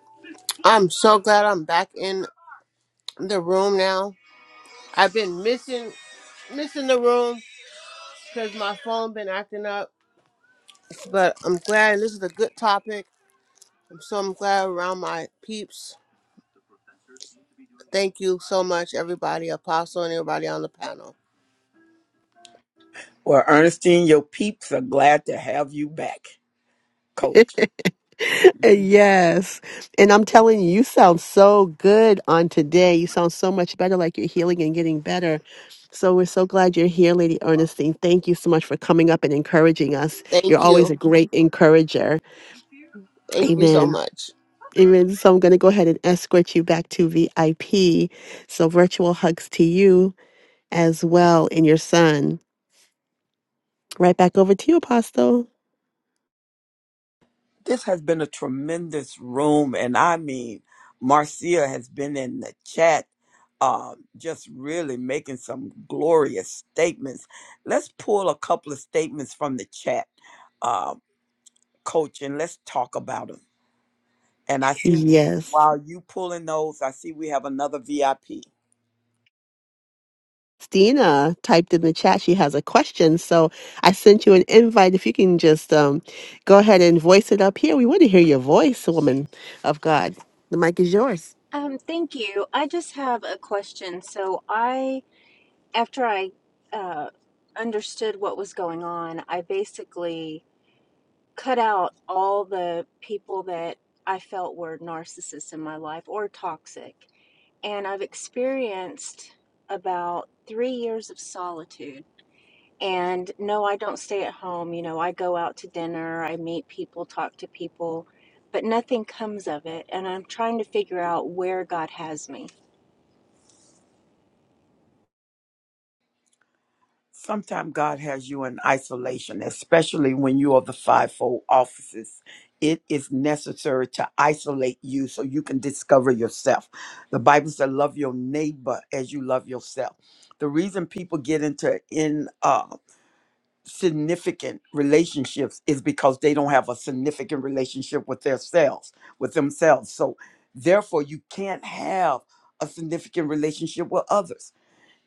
Speaker 10: I'm so glad I'm back in the room now. I've been missing missing the room because my phone been acting up, but I'm glad this is a good topic. I'm so I'm glad around my peeps. Thank you so much, everybody, Apostle, and everybody on the panel.
Speaker 1: Well, Ernestine, your peeps are glad to have you back, coach.
Speaker 2: yes. And I'm telling you, you sound so good on today. You sound so much better, like you're healing and getting better. So we're so glad you're here, Lady Ernestine. Thank you so much for coming up and encouraging us. You're
Speaker 10: Thank
Speaker 2: always a
Speaker 10: you.
Speaker 2: great encourager.
Speaker 10: Thank you so
Speaker 2: Amen.
Speaker 10: much.
Speaker 2: Even So I'm going to go ahead and escort you back to VIP. So virtual hugs to you as well and your son. Right back over to you, Apostle.
Speaker 1: This has been a tremendous room. And I mean, Marcia has been in the chat, um, just really making some glorious statements. Let's pull a couple of statements from the chat, uh, coach, and let's talk about them. And I see
Speaker 2: Yes.
Speaker 1: while you pulling those, I see we have another VIP.
Speaker 2: Stina typed in the chat she has a question. So I sent you an invite. If you can just um, go ahead and voice it up here, we want to hear your voice, woman of God. The mic is yours.
Speaker 11: Um, thank you. I just have a question. So I, after I uh, understood what was going on, I basically cut out all the people that I felt were narcissists in my life or toxic. And I've experienced about three years of solitude. And no, I don't stay at home. You know, I go out to dinner, I meet people, talk to people, but nothing comes of it. And I'm trying to figure out where God has me
Speaker 1: Sometimes God has you in isolation, especially when you are the fivefold offices. It is necessary to isolate you so you can discover yourself. The Bible says, "Love your neighbor as you love yourself." The reason people get into in uh, significant relationships is because they don't have a significant relationship with themselves, with themselves. So, therefore, you can't have a significant relationship with others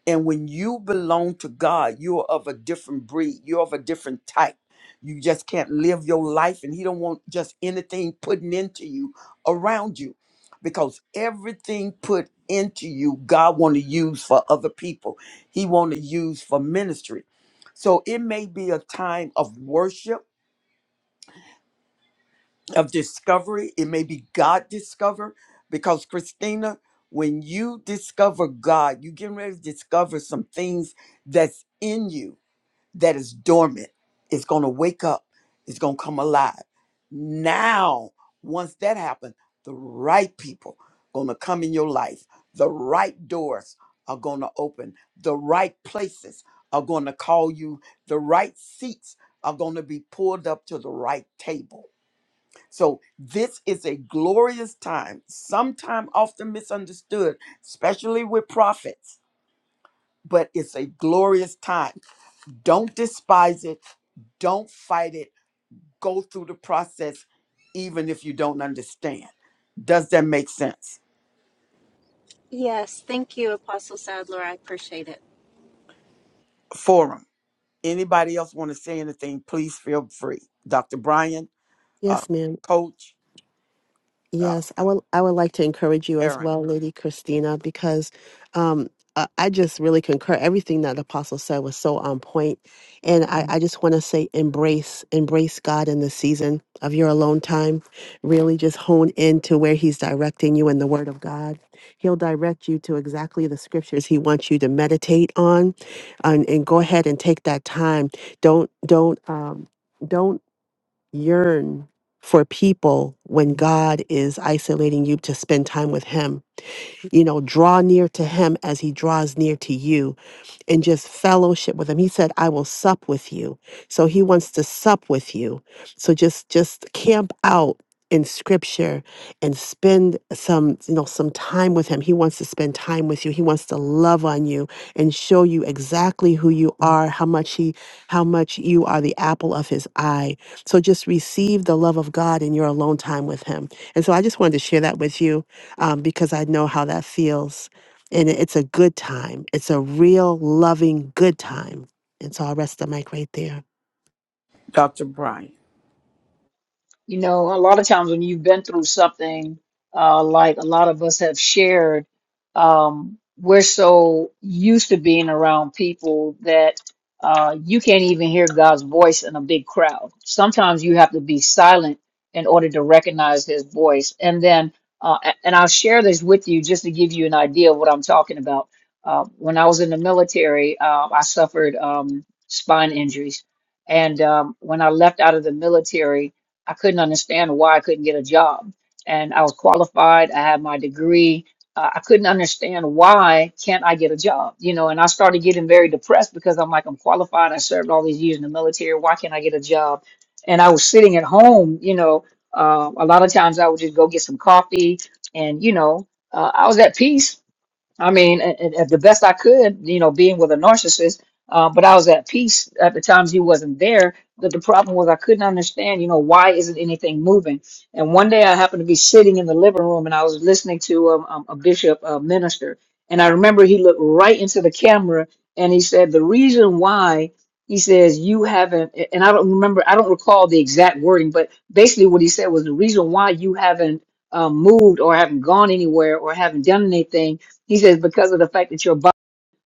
Speaker 1: and when you belong to God, you're of a different breed. You're of a different type. You just can't live your life, and He don't want just anything putting into you around you, because everything put into you, God want to use for other people. He want to use for ministry. So it may be a time of worship of discovery. It may be God discover because Christina, when you discover God, you getting ready to discover some things that's in you that is dormant. It's gonna wake up. It's gonna come alive. Now, once that happens, the right people gonna come in your life. The right doors are gonna open. The right places are gonna call you. The right seats are gonna be pulled up to the right table so this is a glorious time, sometime often misunderstood, especially with prophets, but it's a glorious time. Don't despise it, don't fight it. Go through the process even if you don't understand. Does that make sense?
Speaker 11: Yes, thank you, Apostle Sadler. I appreciate it.
Speaker 1: Forum. Anybody else want to say anything, please feel free. Dr. Brian, uh,
Speaker 2: Yes, ma'am.
Speaker 1: Coach, uh,
Speaker 2: Yes, I would I would like to encourage you as
Speaker 1: Aaron.
Speaker 2: well, Lady Christina, because um, I, I just really concur. Everything that the apostle said was so on point, and I, I just want to say, embrace embrace God in the season of your alone time. Really, just hone in to where He's directing you in the Word of God. He'll direct you to exactly the scriptures He wants you to meditate on, and, and go ahead and take that time. Don't don't um, don't yearn for people when God is isolating you to spend time with Him. You know, draw near to Him as He draws near to you and just fellowship with him. He said, I will sup with you. So he wants to sup with you. So just just camp out in scripture and spend some you know some time with him he wants to spend time with you he wants to love on you and show you exactly who you are how much he how much you are the apple of his eye so just receive the love of god in your alone time with him and so i just wanted to share that with you um, because i know how that feels and it's a good time. It's a real, loving, good time. And so I'll rest the mic right there.
Speaker 1: Dr. Brian.
Speaker 5: You know, a lot of times when you've been through something, uh, like a lot of us have shared, um, we're so used to being around people that uh, you can't even hear God's voice in a big crowd. Sometimes you have to be silent in order to recognize His voice. And then, uh, a- and I'll share this with you just to give you an idea of what I'm talking about. Uh, when I was in the military, uh, I suffered um, spine injuries. And um, when I left out of the military, I couldn't understand why I couldn't get a job. And I was qualified, I had my degree. Uh, I couldn't understand why can't I get a job, you know, and I started getting very depressed because I'm like, I'm qualified. I served all these years in the military. Why can't I get a job? And I was sitting at home, you know, uh, a lot of times I would just go get some coffee and, you know, uh, I was at peace I mean, and, and and the best I could, you know, being with a narcissist, uh, but I was at peace at the times he wasn't there. But the problem was I couldn't understand, you know, why isn't anything moving? And one day I happened to be sitting in the living room and I was listening to um, um, a bishop uh, minister. And I remember he looked right into the camera and he said, The reason why he says you haven't, and I don't remember, I don't recall the exact wording, but basically what he said was the reason why you haven't um, moved or haven't gone anywhere or haven't done anything he says, because of the fact that your body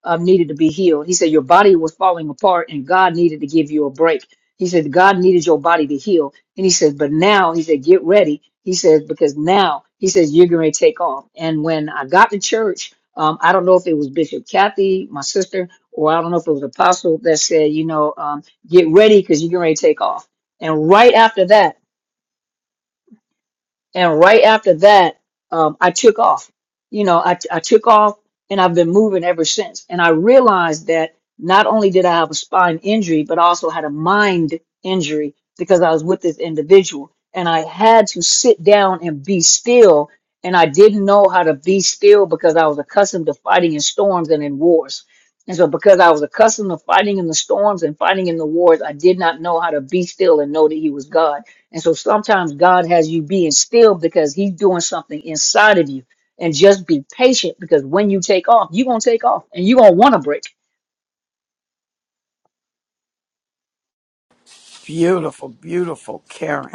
Speaker 5: um, needed to be healed. He said, your body was falling apart and God needed to give you a break. He said, God needed your body to heal. And he said, but now, he said, get ready. He says, because now, he says, you're going to take off. And when I got to church, um, I don't know if it was Bishop Kathy, my sister, or I don't know if it was Apostle that said, you know, um, get ready because you're going to take off. And right after that, and right after that, um, I took off. You know, I, I took off and I've been moving ever since. And I realized that not only did I have a spine injury, but I also had a mind injury because I was with this individual and I had to sit down and be still. And I didn't know how to be still because I was accustomed to fighting in storms and in wars. And so, because I was accustomed to fighting in the storms and fighting in the wars, I did not know how to be still and know that He was God. And so sometimes God has you being still because He's doing something inside of you. And just be patient because when you take off, you're going to take off and you're going to want to break.
Speaker 1: Beautiful, beautiful Karen.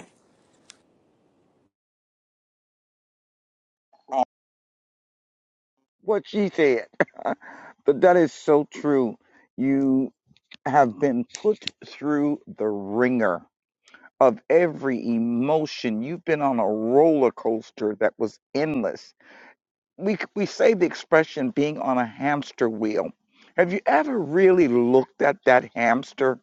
Speaker 3: what she said. but that is so true. You have been put through the ringer of every emotion. You've been on a roller coaster that was endless we we say the expression being on a hamster wheel. Have you ever really looked at that hamster?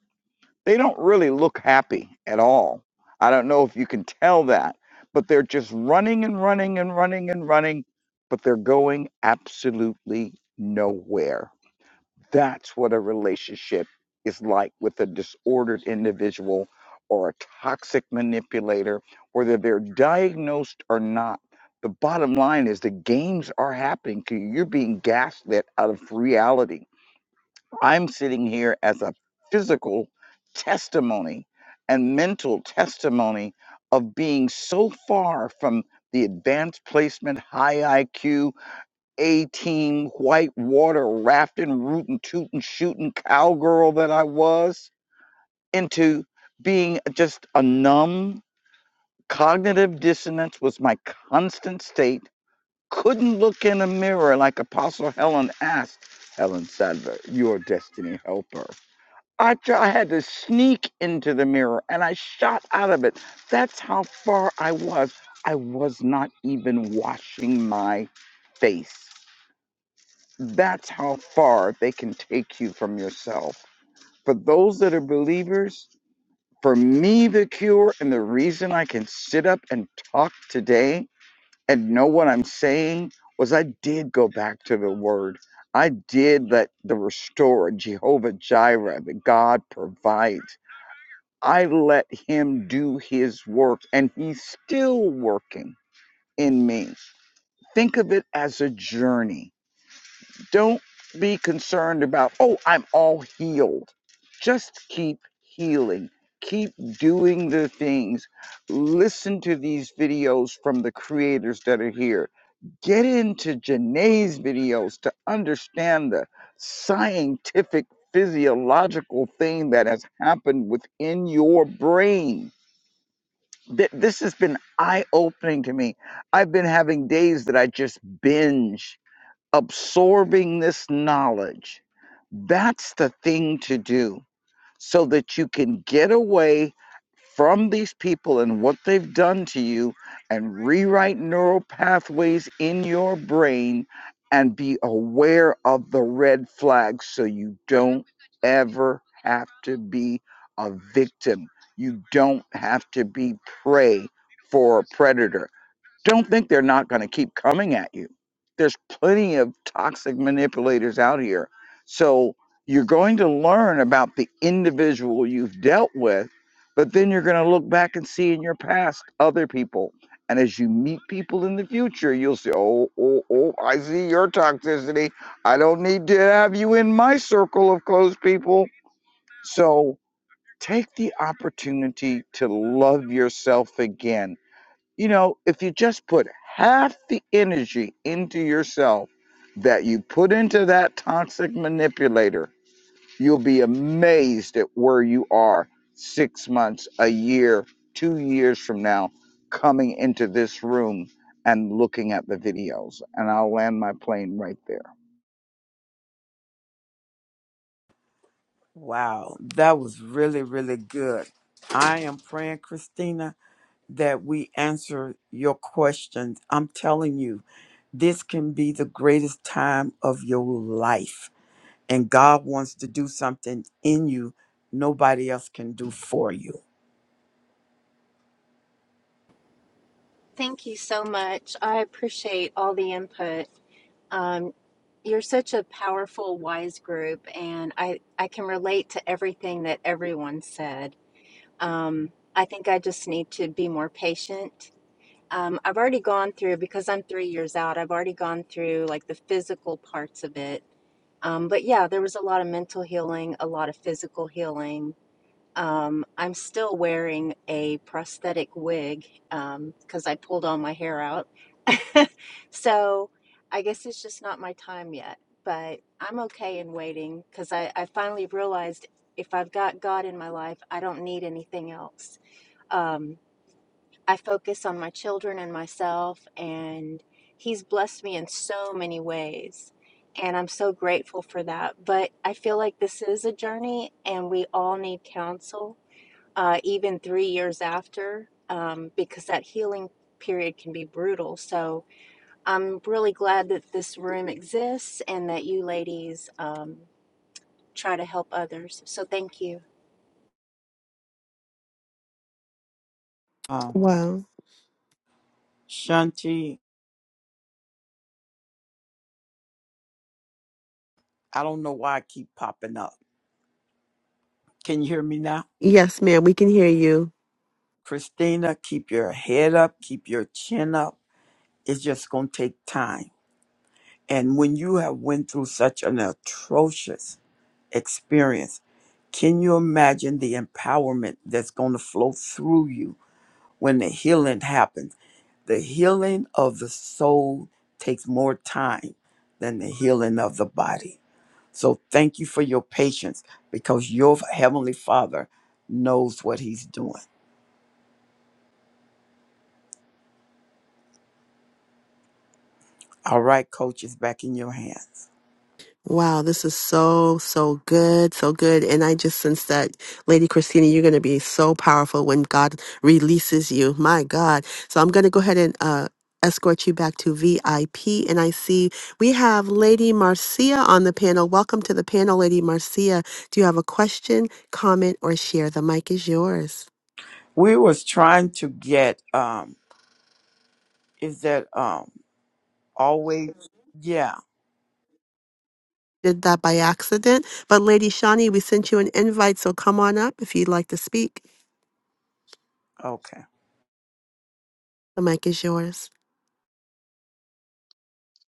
Speaker 3: They don't really look happy at all. I don't know if you can tell that, but they're just running and running and running and running, but they're going absolutely nowhere that's what a relationship is like with a disordered individual or a toxic manipulator, whether they're diagnosed or not. The bottom line is the games are happening to you. You're being gaslit out of reality. I'm sitting here as a physical testimony and mental testimony of being so far from the advanced placement, high IQ. A team white water rafting, rootin', tootin', shooting cowgirl that I was into being just a numb cognitive dissonance was my constant state. Couldn't look in a mirror like Apostle Helen asked Helen Sadler, your destiny helper. I, I had to sneak into the mirror and I shot out of it. That's how far I was. I was not even washing my face. That's how far they can take you from yourself. For those that are believers, for me, the cure and the reason I can sit up and talk today and know what I'm saying was I did go back to the word. I did let the restorer, Jehovah Jireh, the God provide. I let him do his work and he's still working in me. Think of it as a journey Don't be concerned about, oh, I'm all healed. Just keep healing. Keep doing the things. Listen to these videos from the creators that are here. Get into Janae's videos to understand the scientific, physiological thing that has happened within your brain. Th- This has been eye opening to me. I've been having days that I just binge absorbing this knowledge. That's the thing to do so that you can get away from these people and what they've done to you and rewrite neural pathways in your brain and be aware of the red flags so you don't ever have to be a victim. You don't have to be prey for a predator don't think they're not going to keep coming at you. There's plenty of toxic manipulators out here. So you're going to learn about the individual you've dealt with, but then you're going to look back and see in your past other people. And as you meet people in the future, you'll say, oh, oh, oh, I see your toxicity. I don't need to have you in my circle of close people. So take the opportunity to love yourself again you know, if you just put half the energy into yourself that you put into that toxic manipulator, you'll be amazed at where you are six months, a year, two years from now, coming into this room and looking at the videos. And I'll land my plane right there.
Speaker 1: Wow, that was really, really good. I am praying, Christina, that we answer your questions. I'm telling you, this can be the greatest time of your life. And God wants to do something in you nobody else can do for you.
Speaker 11: Thank you so much. I appreciate all the input. Um, you're such a powerful, wise group, and I, I can relate to everything that everyone said. Um, I think I just need to be more patient. Um, I've already gone through, because I'm three years out, I've already gone through like the physical parts of it. Um, but yeah, there was a lot of mental healing, a lot of physical healing Um, I'm still wearing a prosthetic wig um, because I pulled all my hair out. so I guess it's just not my time yet, but I'm okay in waiting because I, I finally realized if I've got God in my life, I don't need anything else. Um, I focus on my children and myself, and He's blessed me in so many ways. And I'm so grateful for that. But I feel like this is a journey, and we all need counsel uh, even three years after, um, because that healing period can be brutal. So I'm really glad that this room exists and that you ladies um, try to help others. So thank you.
Speaker 1: Um,
Speaker 2: Wow.
Speaker 1: Shanti, I don't know why I keep popping up. Can you hear me now?
Speaker 2: Yes, ma'am, we can hear you.
Speaker 1: Christina, keep your head up, keep your chin up. It's just going to take time And when you have went through such an atrocious experience, can you imagine the empowerment that's going to flow through you when the healing happens? The healing of the soul takes more time than the healing of the body. So thank you for your patience because your heavenly Father knows what he's doing. All right, coach is back in your hands.
Speaker 2: Wow, this is so, so good, so good. And I just sense that, Lady Christina, you're going to be so powerful when God releases you. My God. So I'm going to go ahead and uh, escort you back to VIP. And I see we have Lady Marcia on the panel. Welcome to the panel, Lady Marcia. Do you have a question, comment, or share? The mic is yours.
Speaker 1: We was trying to get um is that um always yeah
Speaker 2: Did that by accident. But Lady Shawnee, we sent you an invite, so come on up if you'd like to speak.
Speaker 1: Okay.
Speaker 2: The mic is yours.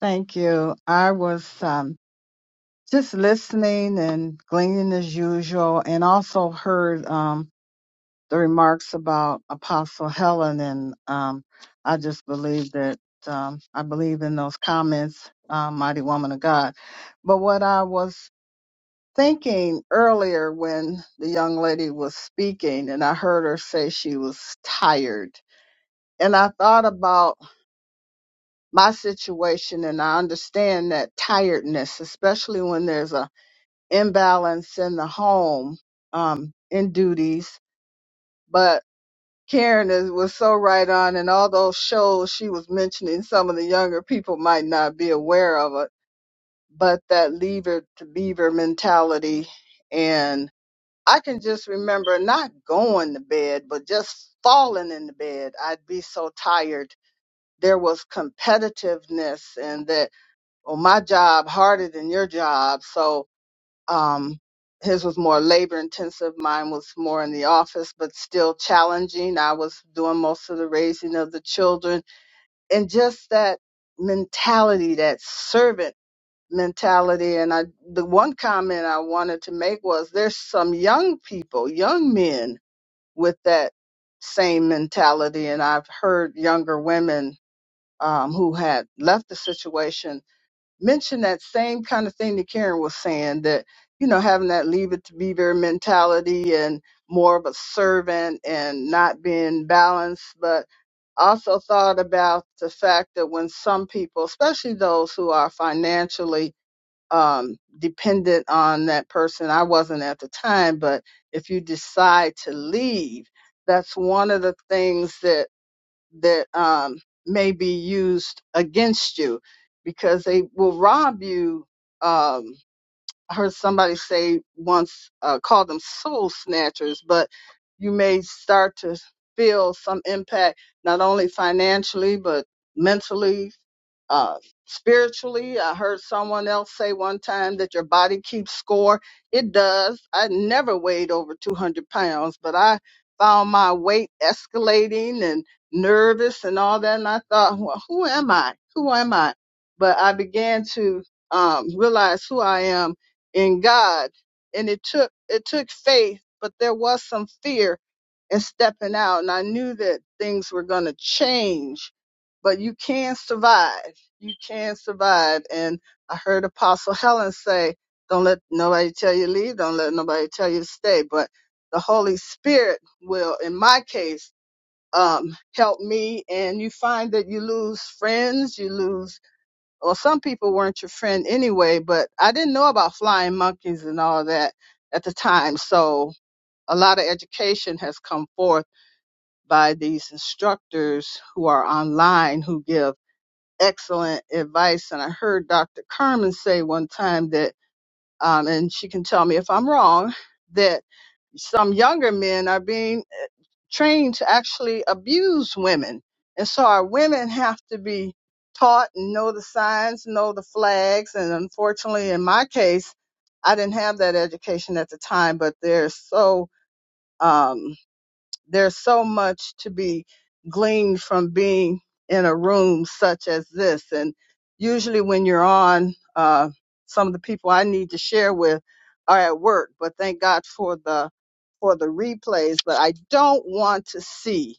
Speaker 12: Thank you. I was um, just listening and gleaning as usual, and also heard um, the remarks about Apostle Helen, and um, I just believe that um, I believe in those comments, uh, mighty woman of God. But what I was thinking earlier when the young lady was speaking, and I heard her say she was tired, and I thought about my situation and I understand that tiredness, especially when there's a imbalance in the home um, in duties. But Karen is, was so right on, and all those shows she was mentioning, some of the younger people might not be aware of it, but that lever to beaver mentality. And I can just remember not going to bed, but just falling in the bed. I'd be so tired. There was competitiveness, and that well, my job harder than your job. So um, his was more labor intensive. Mine was more in the office, but still challenging. I was doing most of the raising of the children and just that mentality, that servant mentality. And I, the one comment I wanted to make was there's some young people, young men with that same mentality. And I've heard younger women um, who had left the situation mentioned that same kind of thing that Karen was saying that, you know, having that leave it to beaver mentality and more of a servant and not being balanced. But also thought about the fact that when some people, especially those who are financially um, dependent on that person, I wasn't at the time, but if you decide to leave, that's one of the things that that um, may be used against you because they will rob you. Um, I heard somebody say once, uh, call them soul snatchers, but you may start to feel some impact, not only financially, but mentally, uh, spiritually. I heard someone else say one time that your body keeps score. It does. I never weighed over 200 pounds, but I found my weight escalating and nervous and all that. And I thought, well, who am I? Who am I? But I began to um, realize who I am in God. And it took it took faith, but there was some fear in stepping out. And I knew that things were gonna change. But you can survive. You can survive. And I heard Apostle Helen say, Don't let nobody tell you to leave, don't let nobody tell you to stay. But the Holy Spirit will, in my case, um, help me. And you find that you lose friends, you lose well, some people weren't your friend anyway, but I didn't know about flying monkeys and all that at the time. So a lot of education has come forth by these instructors who are online who give excellent advice. And I heard Dr. Carmen say one time that, um, and she can tell me if I'm wrong, that some younger men are being trained to actually abuse women. And so our women have to be taught and know the signs, know the flags. And unfortunately, in my case, I didn't have that education at the time, but they're so, um, there's so much to be gleaned from being in a room such as this. And usually, when you're on, uh, some of the people I need to share with are at work. But thank God for the for the replays. But I don't want to see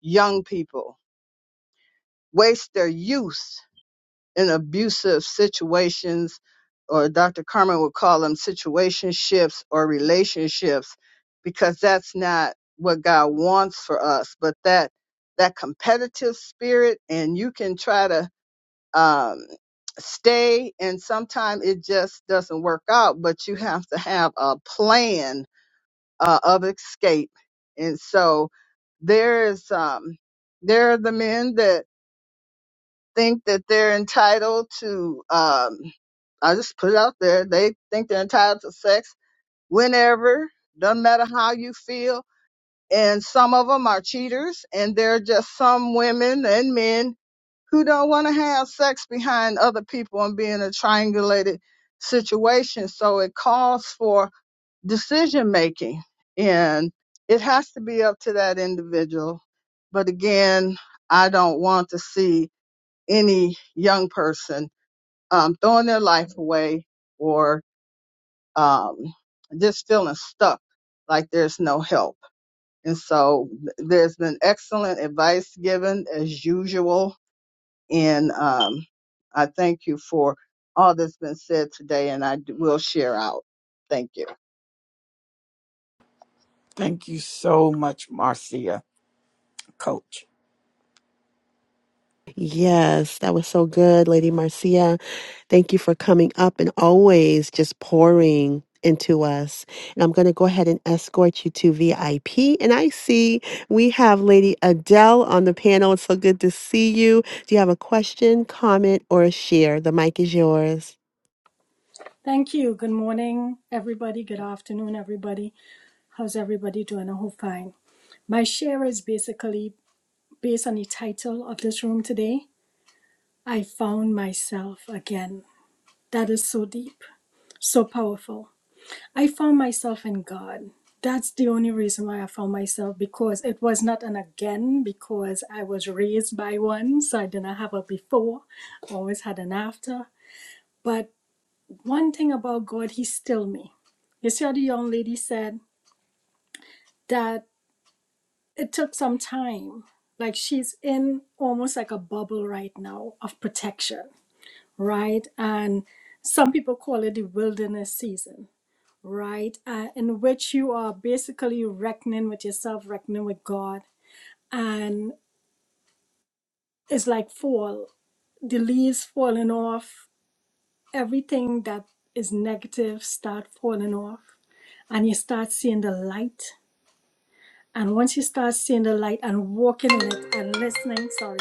Speaker 12: young people waste their youth in abusive situations, or Dr. Carmen would call them situationships or relationships, because that's not what God wants for us. But that that competitive spirit, and you can try to um, stay, and sometimes it just doesn't work out. But you have to have a plan uh, of escape, and so there's um, there are the men that think that they're entitled to um I just put it out there, they think they're entitled to sex whenever, doesn't matter how you feel. And some of them are cheaters and there are just some women and men who don't want to have sex behind other people and be in a triangulated situation. So it calls for decision making and it has to be up to that individual. But again, I don't want to see any young person um, throwing their life away or um, just feeling stuck like there's no help. And so th- there's been excellent advice given as usual and um, I thank you for all that's been said today, and I d- will share out. Thank you.
Speaker 1: Thank you so much, Marcia, coach.
Speaker 2: Yes, that was so good, Lady Marcia. Thank you for coming up and always just pouring into us. And I'm going to go ahead and escort you to VIP. And I see we have Lady Adele on the panel. It's so good to see you. Do you have a question, comment, or a share? The mic is yours.
Speaker 13: Thank you. Good morning, everybody. Good afternoon, everybody. How's everybody doing? I hope fine. My share is basically based on the title of this room today I Found Myself Again. That is so deep, so powerful. I found myself in God. That's the only reason why I found myself because it was not an again, because I was raised by one, so I didn't have a before, always had an after. But one thing about God, He still me. You see how the young lady said? that it took some time. Like she's in almost like a bubble right now of protection, right? And some people call it the wilderness season, right? Uh, in which you are basically reckoning with yourself, reckoning with God. And it's like fall, the leaves falling off, everything that is negative start falling off, and you start seeing the light And once you start seeing the light and walking in it and listening, sorry,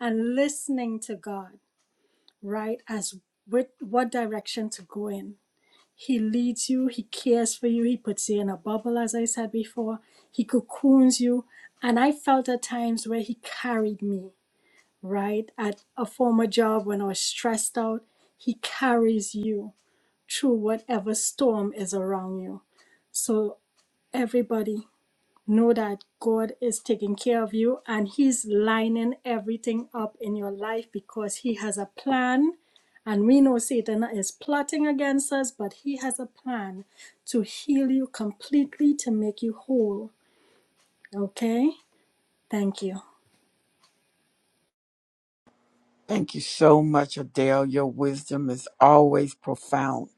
Speaker 13: and listening to God, right, as with what direction to go in. He leads you, he cares for you, he puts you in a bubble, as I said before, he cocoons you. And I felt at times where he carried me, right? At a former job when I was stressed out, he carries you through whatever storm is around you. So everybody Know that God is taking care of you and He's lining everything up in your life because He has a plan. And we know Satan is plotting against us, but He has a plan to heal you completely, to make you whole. Okay? Thank you.
Speaker 1: Thank you so much, Adele. Your wisdom is always profound.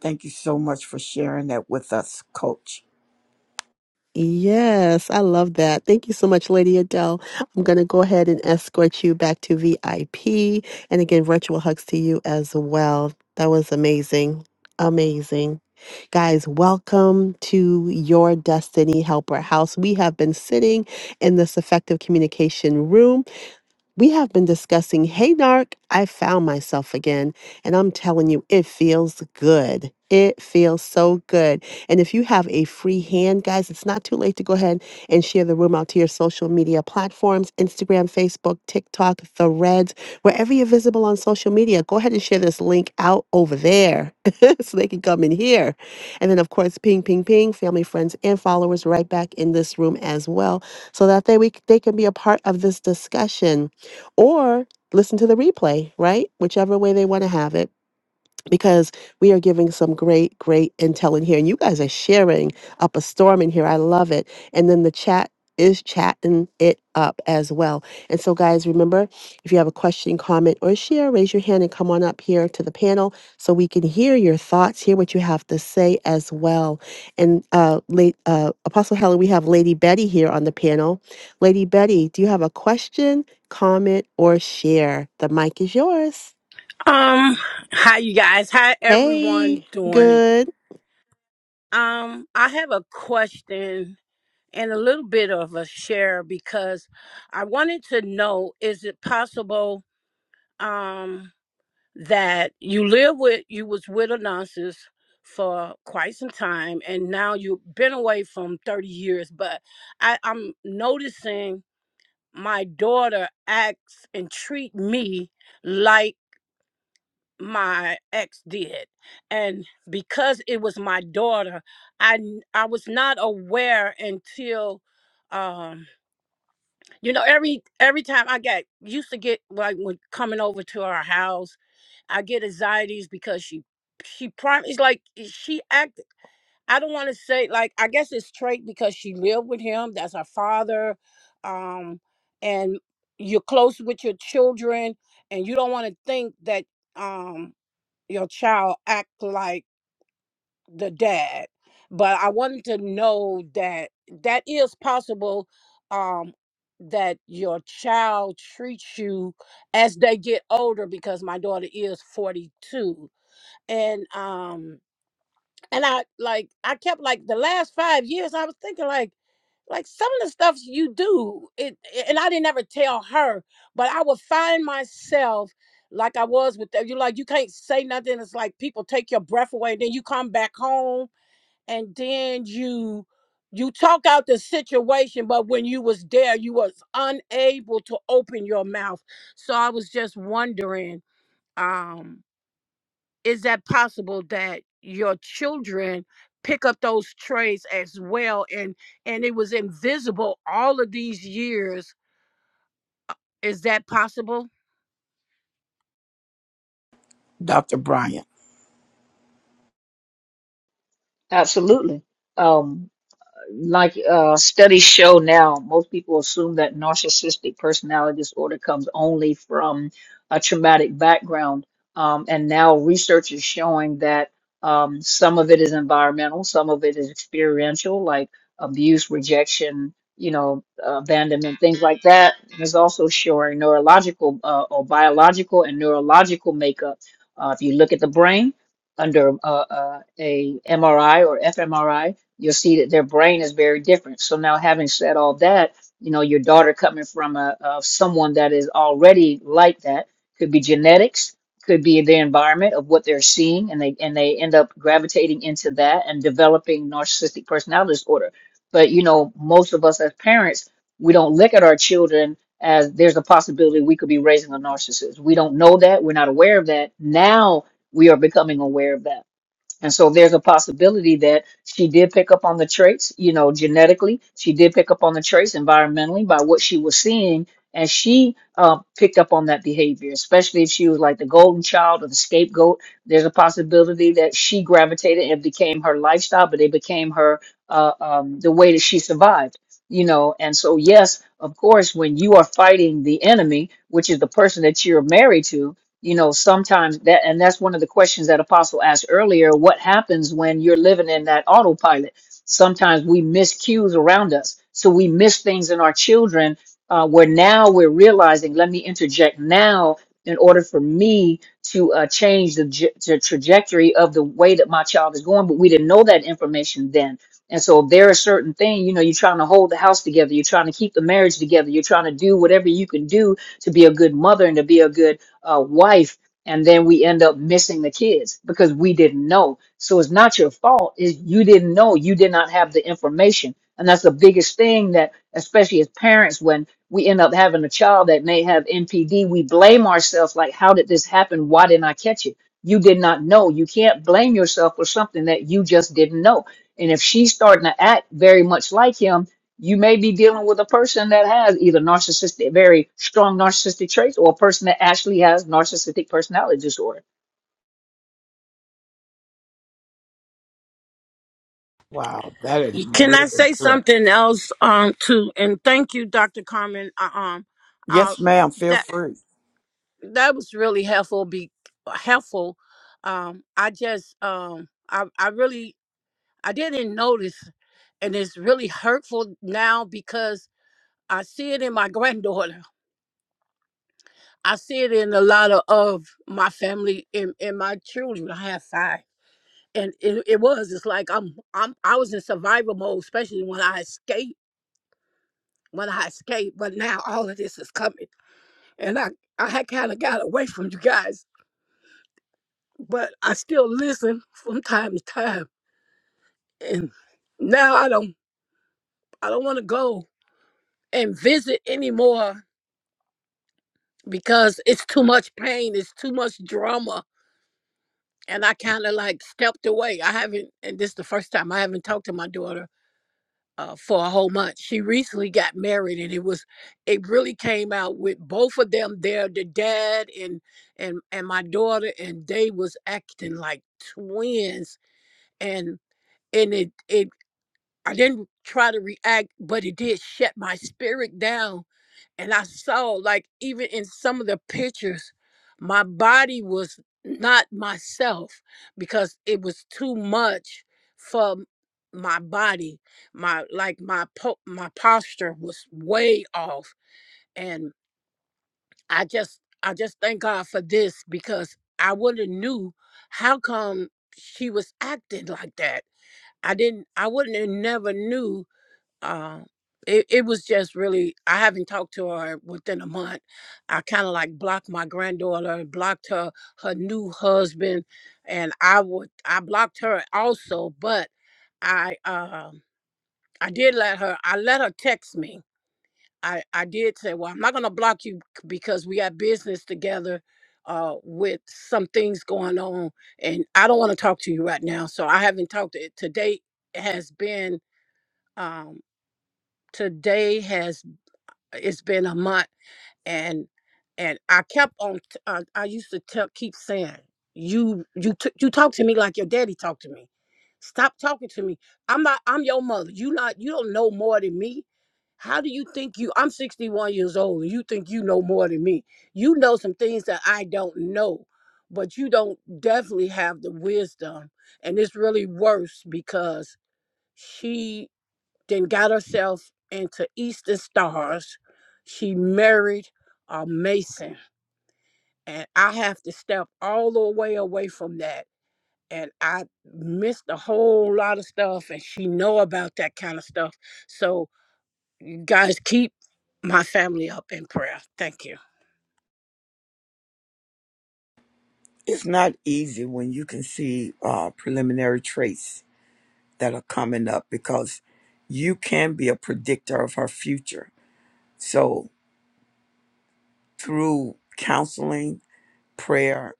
Speaker 1: Thank you so much for sharing that with us, coach.
Speaker 2: Yes, I love that. Thank you so much, Lady Adele. I'm going to go ahead and escort you back to VIP. And again, virtual hugs to you as well. That was amazing. Amazing. Guys, welcome to your Destiny Helper House. We have been sitting in this effective communication room. We have been discussing Hey Narc, I Found Myself Again. And I'm telling you, it feels good. It feels so good. And if you have a free hand, guys, it's not too late to go ahead and share the room out to your social media platforms Instagram, Facebook, TikTok, Threads, wherever you're visible on social media. Go ahead and share this link out over there so they can come in here. And then, of course, ping, ping, ping, family, friends, and followers right back in this room as well so that they, we, they can be a part of this discussion or listen to the replay, right? Whichever way they want to have it because we are giving some great, great intel in here. And you guys are sharing up a storm in here. I love it. And then the chat is chatting it up as well. And so, guys, remember if you have a question, comment, or share, raise your hand and come on up here to the panel so we can hear your thoughts, hear what you have to say as well. And uh, late, uh, Apostle Helen, we have Lady Betty here on the panel. Lady Betty, do you have a question, comment, or share? The mic is yours.
Speaker 14: Um, hi you guys. How everyone
Speaker 2: Hey,
Speaker 14: doing?
Speaker 2: good.
Speaker 14: Um, I have a question and a little bit of a share because I wanted to know is it possible um that you live with you was with a nonsense for quite some time and now you've been away from 30 years, but I, I'm noticing my daughter acts and treat me like. my ex did and because it was my daughter i n- i was not aware until um you know every every time i get used to get like when coming over to our house i get anxieties because she she prim it's like eh, she act i don't want to say like i guess it's trait because she lived with him that's her father um and you're close with your children and you don't want to think that um your child act like the dad but i wanted to know that that is possible um that your child treats you as they get older because my daughter is 42 and um and I like I kept like the last five years I was thinking like like some of the stuff you do it and I didn't ever tell her, but I would find myself like I was with the, you like you can't say nothing. It's like people take your breath away, then you come back home and then you you talk out the situation, but when you was there, you was unable to open your mouth. So I was just wondering, Um, is that possible that your children pick up those traits as well and and it was invisible all of these years is that possible
Speaker 1: Dr. Bryant.
Speaker 5: Absolutely. Um, like uh, studies show now, most people assume that narcissistic personality disorder comes only from a traumatic background. Um, and now research is showing that um, some of it is environmental, some of it is experiential, like abuse, rejection, you know, abandonment, things like that. And it's also showing neurological uh, or biological and neurological makeup. Uh, if you look at the brain under uh, uh, a MRI or fMRI, you'll see that their brain is very different. So now, having said all that, you know, your daughter coming from a, a someone that is already like that could be genetics, could be the environment of what they're seeing, and they and they end up gravitating into that and developing narcissistic personality disorder. But you know, most of us as parents, we don't look at our children as there's a possibility we could be raising a narcissist. We don't know that. We're not aware of that. Now we are becoming aware of that and so there's a possibility that she did pick up on the traits, you know, genetically. She did pick up on the traits environmentally by what she was seeing. And she uh, picked up on that behavior, especially if she was like the golden child or the scapegoat. There's a possibility that she gravitated and became her lifestyle, but it became her uh, um, the way that she survived, you know. And so, yes, of course, when you are fighting the enemy, which is the person that you're married to, you know sometimes that and that's one of the questions that apostle asked earlier what happens when you're living in that autopilot sometimes we miss cues around us so we miss things in our children uh, where now we're realizing let me interject now in order for me to uh, change the, j- the trajectory of the way that my child is going but we didn't know that information then and so there are certain things you know you're trying to hold the house together you're trying to keep the marriage together you're trying to do whatever you can do to be a good mother and to be a good uh, wife, and then we end up missing the kids because we didn't know. So it's not your fault. It's, you didn't know. You did not have the information. And that's the biggest thing that, especially as parents, when we end up having a child that may have NPD, we blame ourselves like, how did this happen? Why didn't I catch it? You did not know. You can't blame yourself for something that you just didn't know. And if she's starting to act very much like him, you may be dealing with a person that has either narcissistic, very strong narcissistic traits, or a person that actually has narcissistic personality disorder
Speaker 1: Wow, that is
Speaker 14: can i
Speaker 1: really
Speaker 14: say
Speaker 1: good.
Speaker 14: something else um too and thank you dr carmen uh, um uh
Speaker 1: Yes, ma'am. Feel
Speaker 14: that
Speaker 1: free.
Speaker 14: that was really helpful be helpful um i just um i i really i didn't notice and it's really hurtful now because i see it in my granddaughter I see it in a lot of, of my family and, and my children. I have five. And it, it was, it's like I'm I'm I was in survival mode, especially when I escaped when I escaped, but now all of this is coming. And I, I had kinda got away from you guys. But I still listen from time to time. And now I don't I don't wanna go and visit anymore because it's too much pain, it's too much drama and I kind of like stepped away. I haven't, and this is the first time I haven't talked to my daughter uh, for a whole month. She recently got married, and it was, it really came out with both of them there, the dad and and and my daughter, and they was acting like twins, and and it it I didn't try to react, but it did shut my spirit down. And I saw, like, even in some of the pictures, my body was not myself because it was too much for m- my body. My like my po- my posture was way off, and I just I just thank God for this because I would have knew how come she was acting like that. I didn't. I wouldn't have never knew um it, it was just really i haven't talked to her within a month i kind of like blocked my granddaughter blocked her her new husband and i would i blocked her also but i um i did let her i let her text me i i did say well i'm not going to block you c- because we got business together uh with some things going on and i don't want to talk to you right now so i haven't talked to today has been um today has it's been a month and and I kept on t- uh, I used to tell keep saying you you t- you talk to me like your daddy talked to me. Stop talking to me. I'm not I'm your mother. You not you don't know more than me. How do you think you I'm 61 years old and you think you know more than me? You know some things that I don't know, but you don't definitely have the wisdom and it's really worse because she then got herself into Eastern Stars. She married a Mason. And I have to step all the way away from that. And I missed a whole lot of stuff and she know about that kind of stuff. So you guys keep my family up in prayer. Thank you.
Speaker 1: It's not easy when you can see uh, preliminary traits that are coming up because you can be a predictor of her future. So, through counseling, prayer,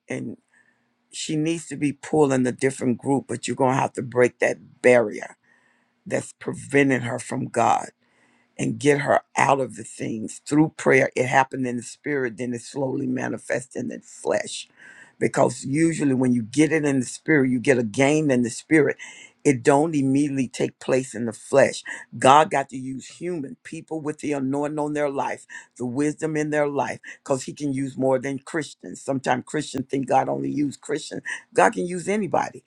Speaker 1: she needs to be pulling a different group, but you're gonna have to break that barrier that's preventing her from God and get her out of the things through prayer. It happened in the spirit, then it slowly manifests in the flesh. Because usually when you get it in the spirit, you get a gain in the spirit. It don't immediately take place in the flesh. God got to use human people with the anointing on their life, the wisdom in their life, because He can use more than Christians. Sometimes Christians think God only use Christians. God can use anybody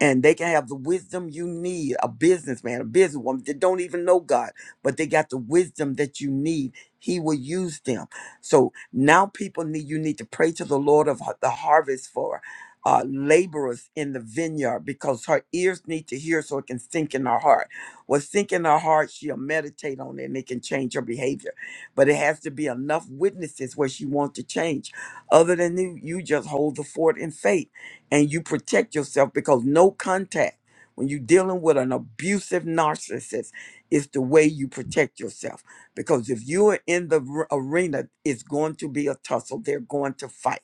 Speaker 1: and they can have the wisdom you need a businessman a businesswoman that don't even know god but they got the wisdom that you need he will use them so now people need you need to pray to the lord of the harvest for uh, laborers in the vineyard because her ears need to hear so it can sink in her heart what sink in her heart she'll meditate on it and it can change her behavior but it has to be enough witnesses where she wants to change other than you you just hold the fort in faith and you protect yourself because no contact when you're dealing with an abusive narcissist is the way you protect yourself because if you are in the r- arena it's going to be a tussle they're going to fight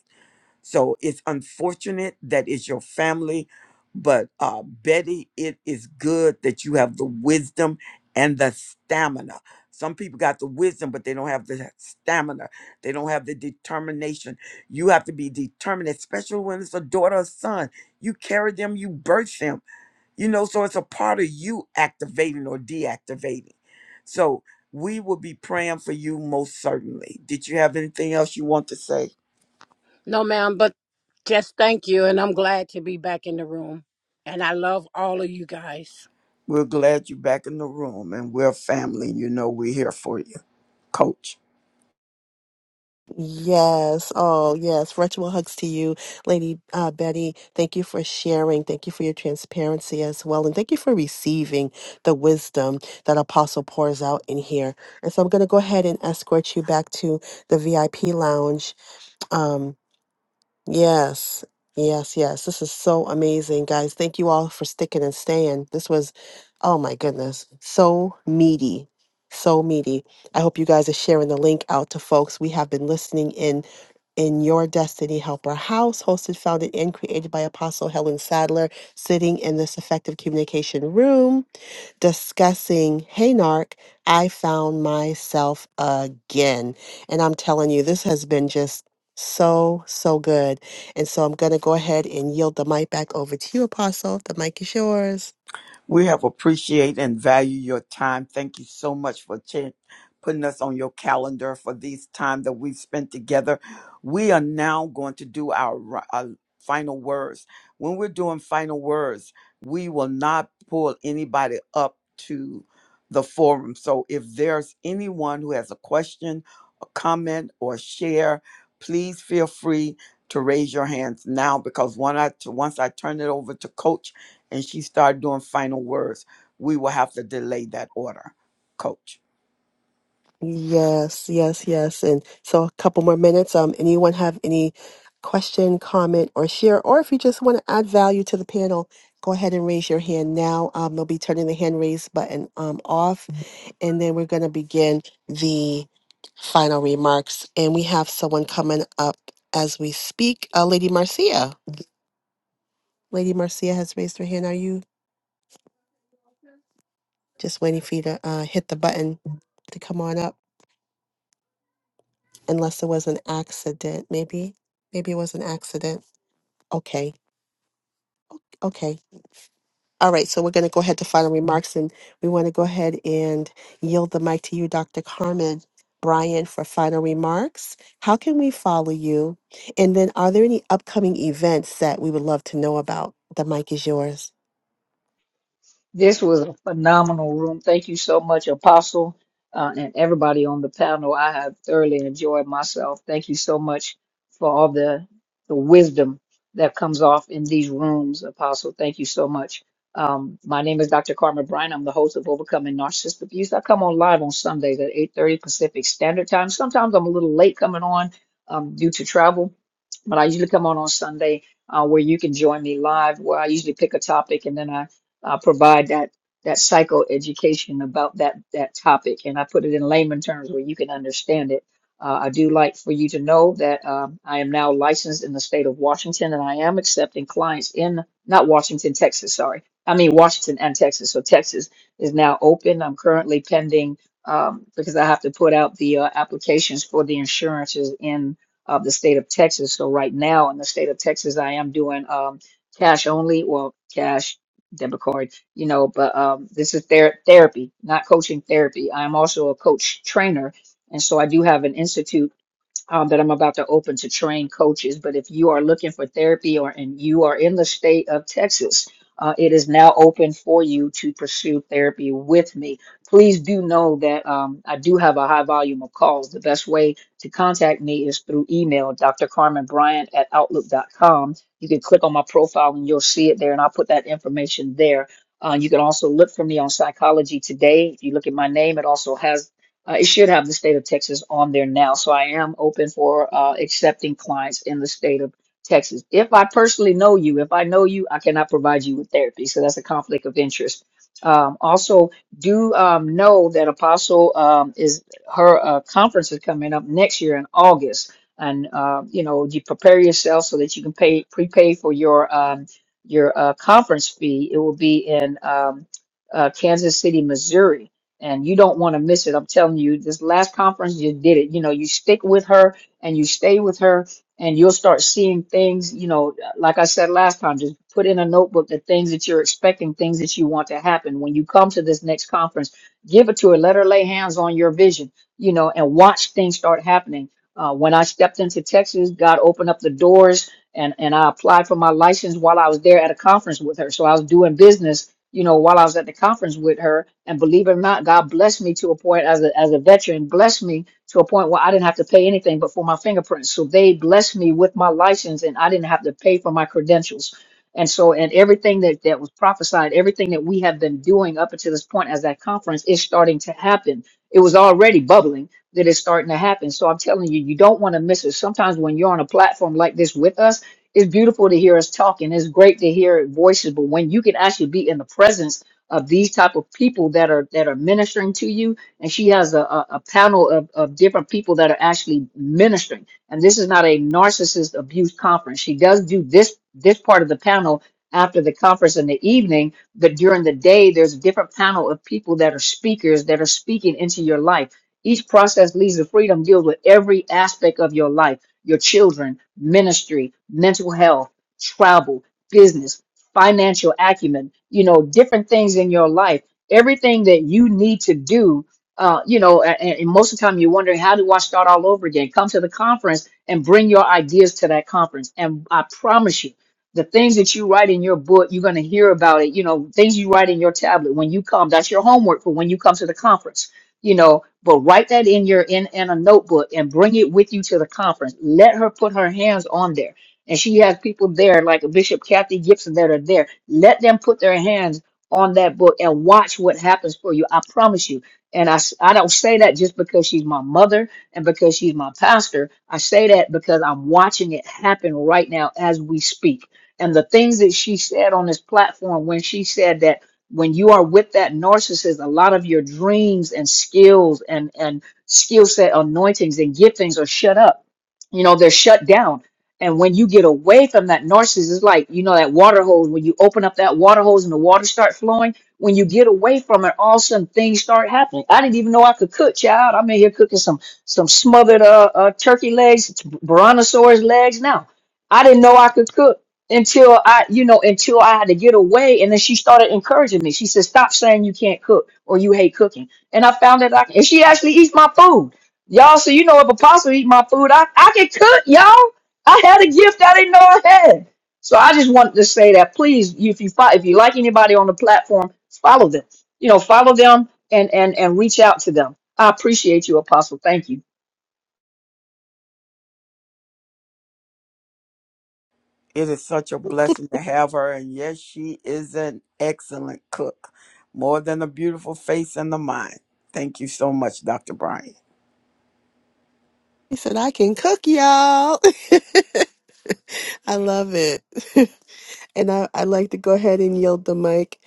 Speaker 1: so it's unfortunate that it's your family, but uh, Betty, it is good that you have the wisdom and the stamina. Some people got the wisdom, but they don't have the stamina. They don't have the determination. You have to be determined, especially when it's a daughter or son. You carry them, you birth them, you know, so it's a part of you activating or deactivating. So we will be praying for you most certainly. Did you have anything else you want to say?
Speaker 14: No ma'am, but just thank you and I'm glad to be back in the room. And I love all of you guys.
Speaker 1: We're glad you're back in the room and we're family. You know, we're here for you, coach.
Speaker 2: Yes. Oh, yes. Virtual hugs to you, Lady uh, Betty. Thank you for sharing. Thank you for your transparency as well. And thank you for receiving the wisdom that Apostle pours out in here. And so I'm going to go ahead and escort you back to the VIP lounge. Um, Yes, yes, yes. This is so amazing, guys. Thank you all for sticking and staying. This was, oh my goodness, so meaty. So meaty. I hope you guys are sharing the link out to folks. We have been listening in in Your Destiny Helper House, hosted, founded, and created by Apostle Helen Sadler, sitting in this effective communication room discussing, Hey, Narc, I found myself again. And I'm telling you, this has been just so, so good. And so I'm going to go ahead and yield the mic back over to you, Apostle. The mic is yours.
Speaker 1: We have appreciated and value your time. Thank you so much for ch- putting us on your calendar for these time that we've spent together. We are now going to do our, ri- our final words. When we're doing final words, we will not pull anybody up to the forum. So if there's anyone who has a question, a comment, or share, please feel free to raise your hands now because one I, once I turn it over to Coach and she started doing final words, we will have to delay that order, coach.
Speaker 2: Yes, yes, yes. And so a couple more minutes. Um, anyone have any question, comment, or share? Or if you just want to add value to the panel, go ahead and raise your hand now. Um, they'll be turning the hand raise button um off, and then we're going to begin the final remarks. And we have someone coming up as we speak. Uh, Lady Marcia. Lady Marcia has raised her hand. Are you just waiting for you to uh, hit the button to come on up? unless it was an accident. Maybe, maybe it was an accident. Okay, okay. All right, so we're going to go ahead to final remarks, and we want to go ahead and yield the mic to you, Dr. Carmen Bryan, for final remarks. How can we follow you? And then, are there any upcoming events that we would love to know about? The mic is yours.
Speaker 5: This was a phenomenal room. Thank you so much, Apostle, uh, and everybody on the panel. I have thoroughly enjoyed myself. Thank you so much for all the the wisdom that comes off in these rooms, Apostle. Thank you so much. Um, my name is Dr. Carmen Bryan. I'm the host of Overcoming Narcissist Abuse. I come on live on Sundays at 8:30 Pacific Standard Time. Sometimes I'm a little late coming on um, due to travel, but I usually come on on Sunday uh, where you can join me live. Where I usually pick a topic and then I uh, provide that that psycho education about that that topic, and I put it in layman terms where you can understand it. Uh, I do like for you to know that um, I am now licensed in the state of Washington, and I am accepting clients in not Washington, Texas. Sorry, I mean Washington and Texas. So Texas is now open. I'm currently pending um, because I have to put out the uh, applications for the insurances in uh, the state of Texas. So right now in the state of Texas, I am doing um, cash only. Well, cash. Deborah Corey, you know, but um, this is ther- therapy, not coaching therapy. I am also a coach trainer, and so I do have an institute um, that I'm about to open to train coaches. But if you are looking for therapy or and you are in the state of Texas, uh, it is now open for you to pursue therapy with me. Please do know that um, I do have a high volume of calls. The best way to contact me is through email, Dr. Carmen Bryant at Outlook.com. You can click on my profile and you'll see it there, and I'll put that information there. Uh, you can also look for me on Psychology Today. If you look at my name, it also has uh, it should have the state of Texas on there now, so I am open for uh, accepting clients in the state of Texas. If I personally know you, if I know you, I cannot provide you with therapy, so that's a conflict of interest. Um, also, do um, know that Apostle um, is her uh, conference is coming up next year in August, and uh, you know you prepare yourself so that you can pay prepay for your um, your uh, conference fee. It will be in um, uh, Kansas City, Missouri and you don't want to miss it. I'm telling you, this last conference you did it. You know, you stick with her and you stay with her, and you'll start seeing things. You know, like I said last time, just put in a notebook the things that you're expecting, things that you want to happen. When you come to this next conference, give it to her. Let her lay hands on your vision. You know, and watch things start happening. Uh, when I stepped into Texas, God opened up the doors. And, and I applied for my license while I was there at a conference with her. So I was doing business you know, while I was at the conference with her. And believe it or not, God blessed me to a point as a as a veteran, blessed me to a point where I didn't have to pay anything but for my fingerprints. So they blessed me with my license and I didn't have to pay for my credentials. And so and everything that, that was prophesied, everything that we have been doing up until this point as that conference is starting to happen. It was already bubbling that it's starting to happen. So I'm telling you, you don't want to miss it. Sometimes when you're on a platform like this with us, it's beautiful to hear us talking. It's great to hear voices, but when you can actually be in the presence of these type of people that are that are ministering to you, and she has a, a, a panel of, of different people that are actually ministering. And this is not a narcissist abuse conference. She does do this this part of the panel after the conference in the evening, but during the day there's a different panel of people that are speakers that are speaking into your life. Each process leads to freedom deals with every aspect of your life your children, ministry, mental health, travel, business, financial acumen, you know, different things in your life, everything that you need to do. Uh, you know, and, and most of the time you're wondering, how do I start all over again? Come to the conference and bring your ideas to that conference. And I promise you, the things that you write in your book, you're going to hear about it. You know, things you write in your tablet when you come, that's your homework for when you come to the conference you know but write that in your in in a notebook and bring it with you to the conference let her put her hands on there and she has people there like bishop kathy gibson that are there let them put their hands on that book and watch what happens for you i promise you and I, s- I don't say that just because she's my mother and because she's my pastor. I say that because I'm watching it happen right now as we speak. And the things that she said on this platform when she said that when you are with that narcissist, a lot of your dreams and skills and, and skill set anointings and giftings are shut up. You know, they're shut down. And when you get away from that narcissist, it's like, you know, that water hose, when you open up that water hose and the water start flowing, when you get away from it, all of a sudden things start happening. I didn't even know I could cook, child. I'm in here cooking some some smothered uh, uh turkey legs, brontosaurus legs now. I didn't know I could cook until I, you know, until I had to get away. And then she started encouraging me. She said, "Stop saying you can't cook or you hate cooking." And I found that I can. And she actually eats my food, y'all. So you know, if apostle eat my food, I I can cook, y'all. I had a gift I didn't know I had. So I just wanted to say that, please, if you fo- if you like anybody on the platform, follow them. You know, follow them and and and reach out to them. I appreciate you, Apostle. Thank you.
Speaker 1: It is such a blessing to have her. And yes, she is an excellent cook, more than a beautiful face and the mind. Thank you so much, Dr. Brian.
Speaker 2: He said, I can cook, y'all. I love it. And I, I'd like to go ahead and yield the mic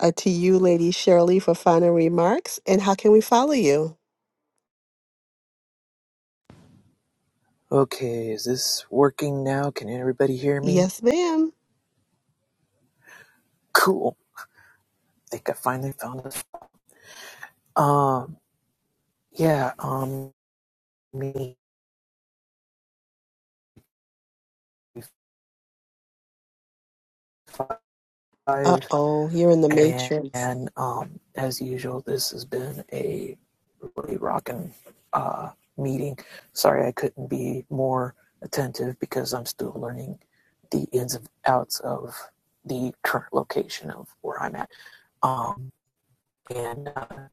Speaker 2: uh, to you, Lady Shirley, for final remarks. And how can we follow you?
Speaker 7: Okay, is this working now? Can everybody hear me?
Speaker 2: Yes, ma'am.
Speaker 7: Cool. I think I finally found it. Um, yeah, um, me five,
Speaker 2: Uh oh, you're in the
Speaker 7: and,
Speaker 2: matrix.
Speaker 7: and um, as usual, this has been a really rocking uh meeting. Sorry, I couldn't be more attentive because I'm still learning the ins and outs of the current location of where I'm at. Um, and uh,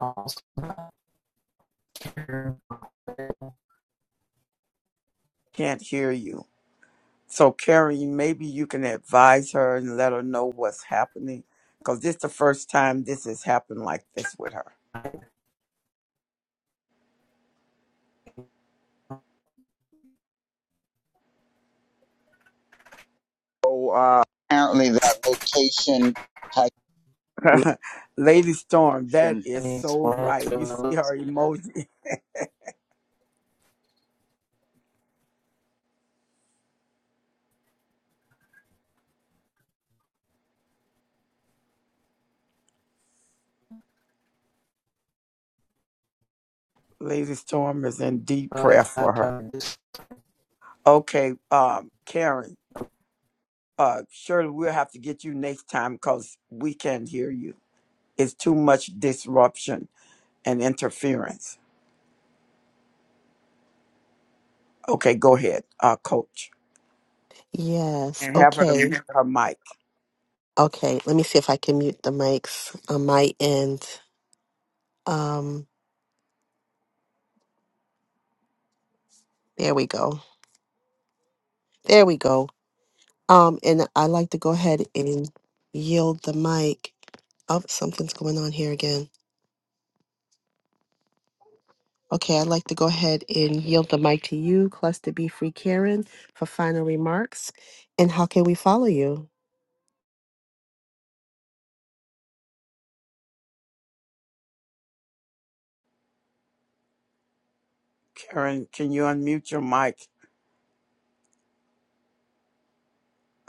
Speaker 7: also
Speaker 1: Can't hear you. So, Karen, maybe you can advise her and let her know what's happening. Because this is the first time this has happened like this with
Speaker 3: So uh, apparently, that location has
Speaker 1: her. Lady Storm, that
Speaker 3: corruption
Speaker 7: Have
Speaker 1: is so right. You see her emoji. Lady Storm is in deep prayer for her. Okay, um, Karen, uh, surely we'll have to get you next time because we can't hear you. It's too much disruption and interference. Okay, go ahead, uh, Coach,
Speaker 2: Yes.
Speaker 1: and have her to
Speaker 2: Okay.
Speaker 1: mute
Speaker 2: Mhm.
Speaker 1: her mic.
Speaker 2: Okay. Let me see if I can mute the mics on my end. Um, there we go. There we go. Um, and I'd like to go ahead and yield the mic. Oh, something's going on here again. Okay, I'd like to go ahead and yield the mic to you, Cluster B Free Karen, for final remarks. And how can we follow you?
Speaker 1: Karen, can you unmute your mic?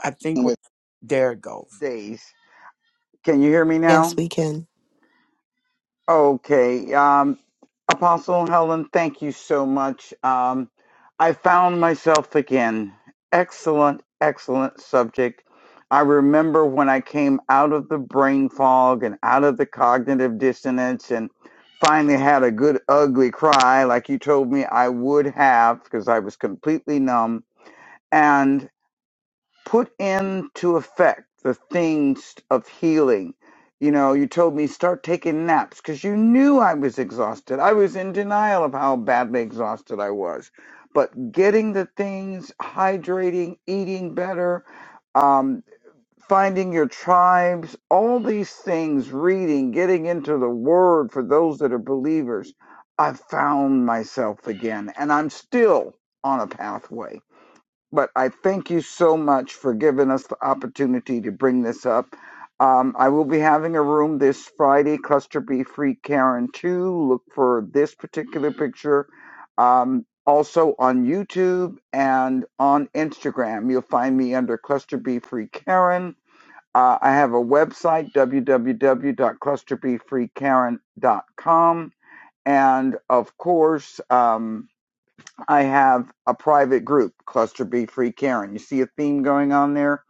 Speaker 1: I think we
Speaker 3: with
Speaker 1: there it goes.
Speaker 3: days. Can you hear me
Speaker 2: Yes,
Speaker 3: now?
Speaker 2: we can.
Speaker 3: Okay. Um, Apostle Helen, thank you so much. Um, I found myself again. Excellent, excellent subject. I remember when I came out of the brain fog and out of the cognitive dissonance and finally had a good ugly cry, like you told me I would have, because I was completely numb. and put into effect the things of healing. You know, you told me start taking naps because you knew I was exhausted. I was in denial of how badly exhausted I was. But getting the things, hydrating, eating better, um, finding your tribes, all these things, reading, getting into the word for those that are believers, I found myself again. And I'm still on a pathway but I thank you so much for giving us the opportunity to bring this up. Um, I will be having a room this Friday, Cluster B Free Karen 2. Look for this particular picture. Um, also on YouTube and on Instagram. You'll find me under Cluster B Free Karen. Uh, I have a website, www.clusterbfreekaren.com. And of course, um, I have a private group, Cluster B Free Karen. You see a theme going on there?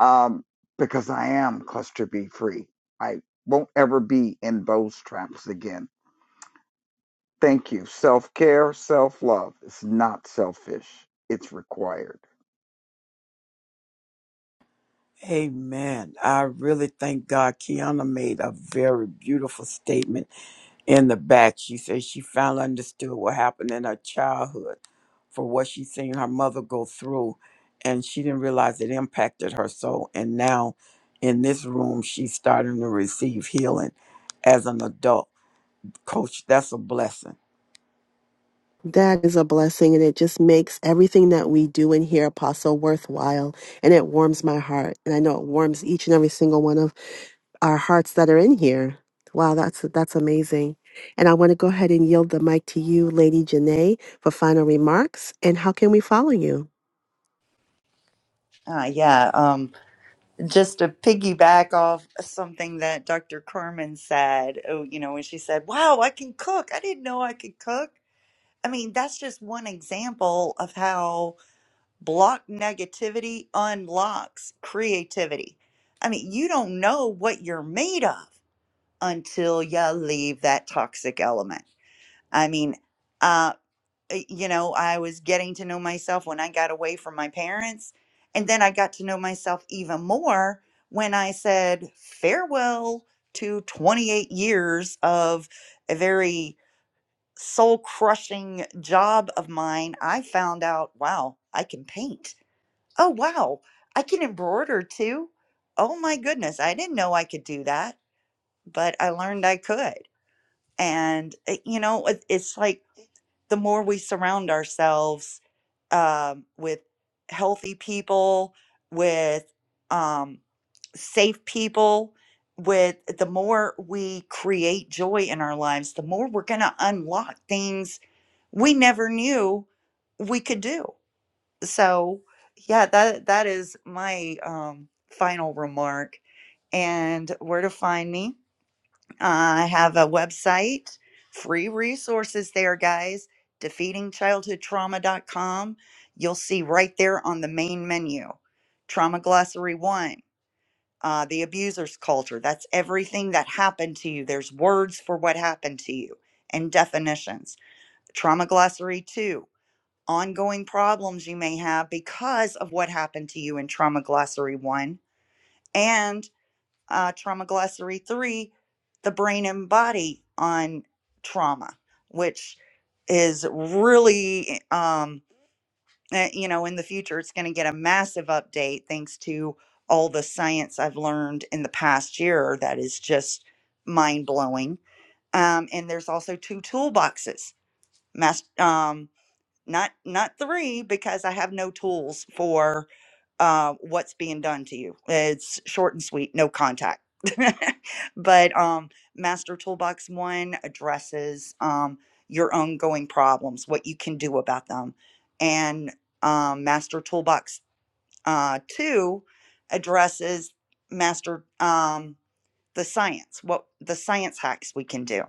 Speaker 3: Um, because I am Cluster B Free. I won't ever be in those traps again. Thank you. Self care, self love. It's not selfish, it's required.
Speaker 1: Amen. I really thank God. Kiana made a very beautiful statement in the back. She says she finally understood what happened in her childhood for what she seen her mother go through, and she didn't realize it impacted her soul. And now in this room, she's starting to receive healing as an adult. Coach, that's a blessing.
Speaker 2: That is a blessing, and it just makes everything that we do in here, Apostle, worthwhile. And it warms my heart. And I know it warms each and every single one of our hearts that are in here. Wow, that's that's amazing. And I want to go ahead and yield the mic to you, Lady Janae, for final remarks. And how can we follow you?
Speaker 6: Uh, yeah. Um, just to piggyback off something that Dr. Carmen said, oh, you know, when she said, Wow, I can cook. I didn't know I could cook. I mean, that's just one example of how block negativity unlocks creativity. I mean, you don't know what you're made of until you leave that toxic element. I mean, uh, uh, you know, I was getting to know myself when I got away from my parents. And then I got to know myself even more when I said farewell to 28 years of a very soul crushing job of mine. I found out, wow, I can paint. Oh, wow, I can embroider too. Oh my goodness, I didn't know I could do that, but I learned I could. And, uh, you know, it- it's like, the more we surround ourselves um, with healthy people, with um, safe people. With the more we create joy in our lives, the more we're going to unlock things we never knew we could do. So, yeah, that that is my um, final remark. And where to find me? I have a website, free resources there, guys, defeating childhood trauma dot com. You'll see right there on the main menu Trauma Glossary One, uh, the abuser's culture. That's everything that happened to you. There's words for what happened to you and definitions. Trauma Glossary Two, ongoing problems you may have because of what happened to you in Trauma Glossary One. and uh, Trauma Glossary 3, The Brain and Body on Trauma, which is really, um, eh, you know, in the future, it's going to get a massive update thanks to all the science I've learned in the past year that is just mind blowing. Um, and there's also two toolboxes, mas- um, not not three because I have no tools for uh, what's being done to you. It's short and sweet, no contact. but um, Master Toolbox One addresses um, your ongoing problems, what you can do about them. And um, Master Toolbox uh, Two addresses Master um, the science, what the science hacks we can do.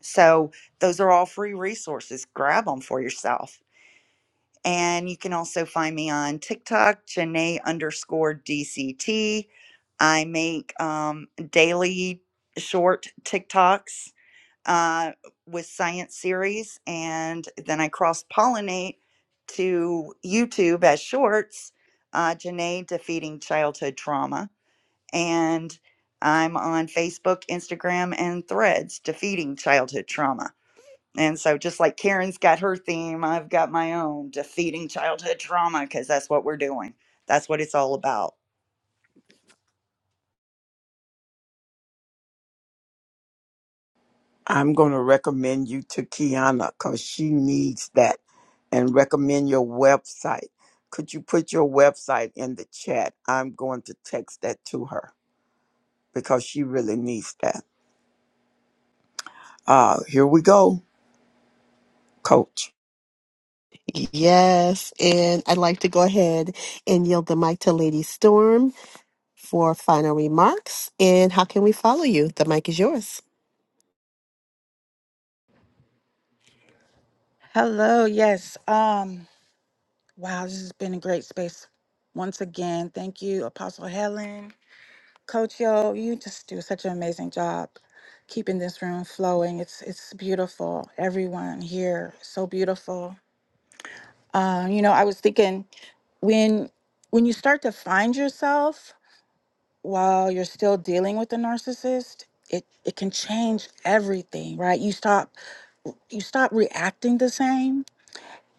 Speaker 6: So those are all free resources. Grab them for yourself and you can also find me on TikTok, Janae underscore DCT. I make um, daily short TikToks uh, with science series, and then I cross pollinate to YouTube as shorts, uh, Janae Defeating Childhood Trauma. And I'm on Facebook, Instagram, and Threads, Defeating Childhood Trauma. And so, just like Karen's got her theme, I've got my own defeating childhood trauma because that's what we're doing. That's what it's all about.
Speaker 1: I'm going to recommend you to Kiana because she needs that and recommend your website. Could you put your website in the chat? I'm going to text that to her because she really needs that. Uh, here we go, coach.
Speaker 2: Yes, and I'd like to go ahead and yield the mic to Lady Storm for final remarks. And how can we follow you? The mic is yours.
Speaker 4: Hello. Yes. Um. Wow. This has been a great space. Once again, thank you, Apostle Helen, Coach Yo. You just do such an amazing job keeping this room flowing. It's it's beautiful. Everyone here, so beautiful. Um. You know, I was thinking when when you start to find yourself while you're still dealing with the narcissist, it it can change everything, right? You stop you stop reacting the same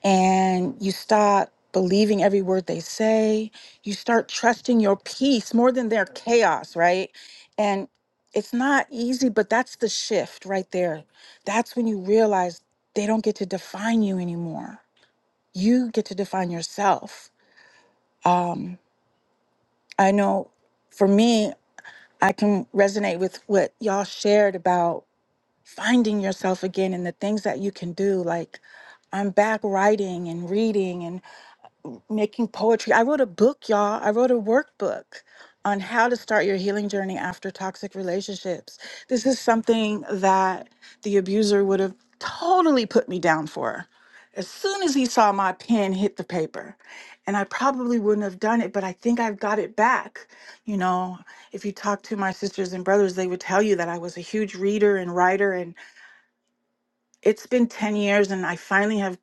Speaker 4: and you start believing every word they say. You start trusting your peace more than their chaos, right? And it's not easy, but that's the shift right there. That's when you realize they don't get to define you anymore. You get to define yourself. Um, I know for me, I can resonate with what y'all shared about finding yourself again and the things that you can do. Like, I'm back writing and reading making poetry. I wrote a book, y'all. I wrote a workbook on how to start your healing journey after toxic relationships. This is something that the abuser would have totally put me down for. As soon as he saw my pen hit the paper, and I probably wouldn't have done it, but I think I've got it back. You know, if you talk to my sisters and brothers, they would tell you that I was a huge reader and writer, and it's been 10 years, and I finally have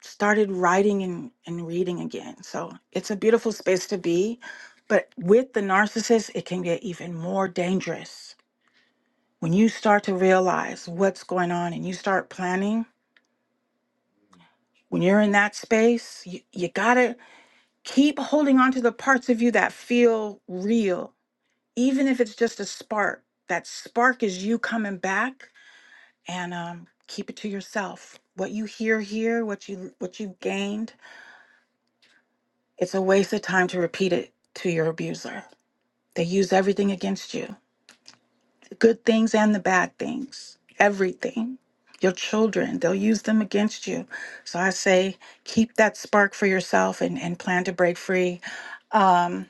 Speaker 4: started writing and, and reading again. So it's a beautiful space to be. But with the narcissist, it can get even more dangerous. When you start to realize what's going on and you start planning, when you're in that space, you, you gotta keep holding on to the parts of you that feel real, even if it's just a spark. That spark is you coming back and um, keep it to yourself. What you hear here, what you what you gained, It's a waste of time to repeat it to your abuser. They use everything against you the good things and the bad things, everything. Your children, they'll use them against you. So I say, keep that spark for yourself and, and plan to break free. Um,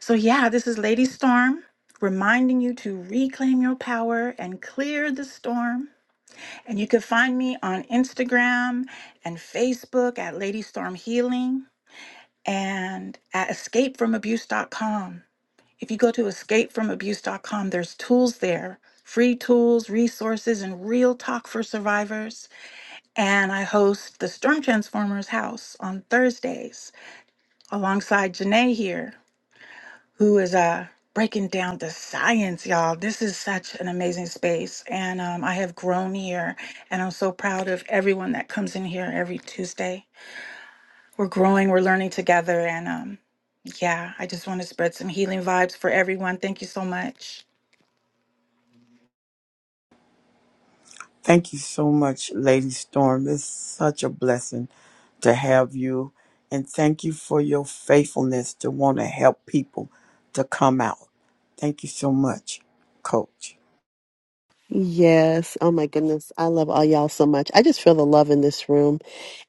Speaker 4: so, yeah, this is Lady Storm reminding you to reclaim your power and clear the storm. And you can find me on Instagram and Facebook at Lady Storm Healing and at escapefromabuse.com. If you go to escapefromabuse.com, there's tools there, free tools, resources, and real talk for survivors. And I host the Storm Transformers House on Thursdays alongside Janae here, who is uh, breaking down the science, y'all. This is such an amazing space. And um, I have grown here, and I'm so proud of everyone that comes in here every Tuesday. We're growing, we're learning together. And um, yeah, I just want to spread some healing vibes for everyone. Thank you so much.
Speaker 1: Thank you so much, Lady Storm. It's such a blessing to have you. And thank you for your faithfulness to want to help people to come out. Thank you so much, coach.
Speaker 2: Yes. Oh my goodness. I love all y'all so much. I just feel the love in this room.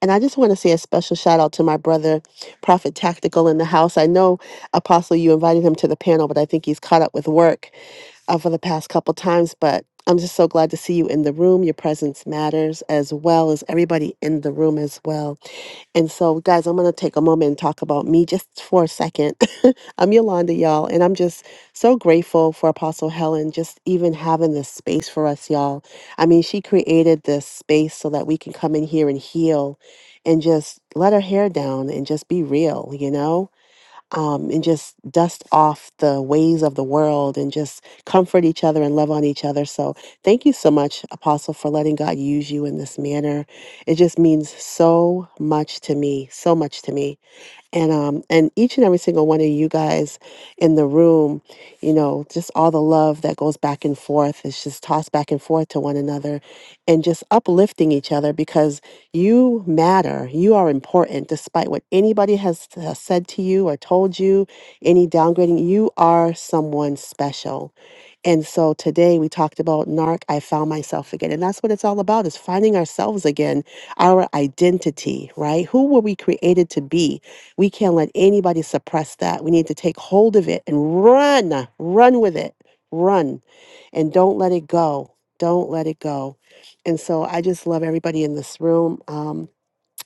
Speaker 2: And I just want to say a special shout out to my brother, Prophet Tactical in the house. I know, Apostle, you invited him to the panel, but I think he's caught up with work uh, for the past couple times. But I'm just so glad to see you in the room. Your presence matters as well as everybody in the room as well. And so, guys, I'm going to take a moment and talk about me just for a second. I'm Yolanda, y'all, and I'm just so grateful for Apostle Helen just even having this space for us, y'all. I mean, she created this space so that we can come in here and heal and just let our hair down and just be real, you know? um, and just dust off the ways of the world and just comfort each other and love on each other. So, thank you so much, Apostle, for letting God use you in this manner. It just means so much to me, so much to me and um and each and every single one of you guys in the room you know just all the love that goes back and forth is just tossed back and forth to one another and just uplifting each other because you matter you are important despite what anybody has, has said to you or told you any downgrading you are someone special and so today we talked about NARC, I found myself again. And that's what it's all about is finding ourselves again, our identity, right? Who were we created to be? We can't let anybody suppress that. We need to take hold of it and run, run with it, run, and don't let it go. Don't let it go. And so I just love everybody in this room. Um,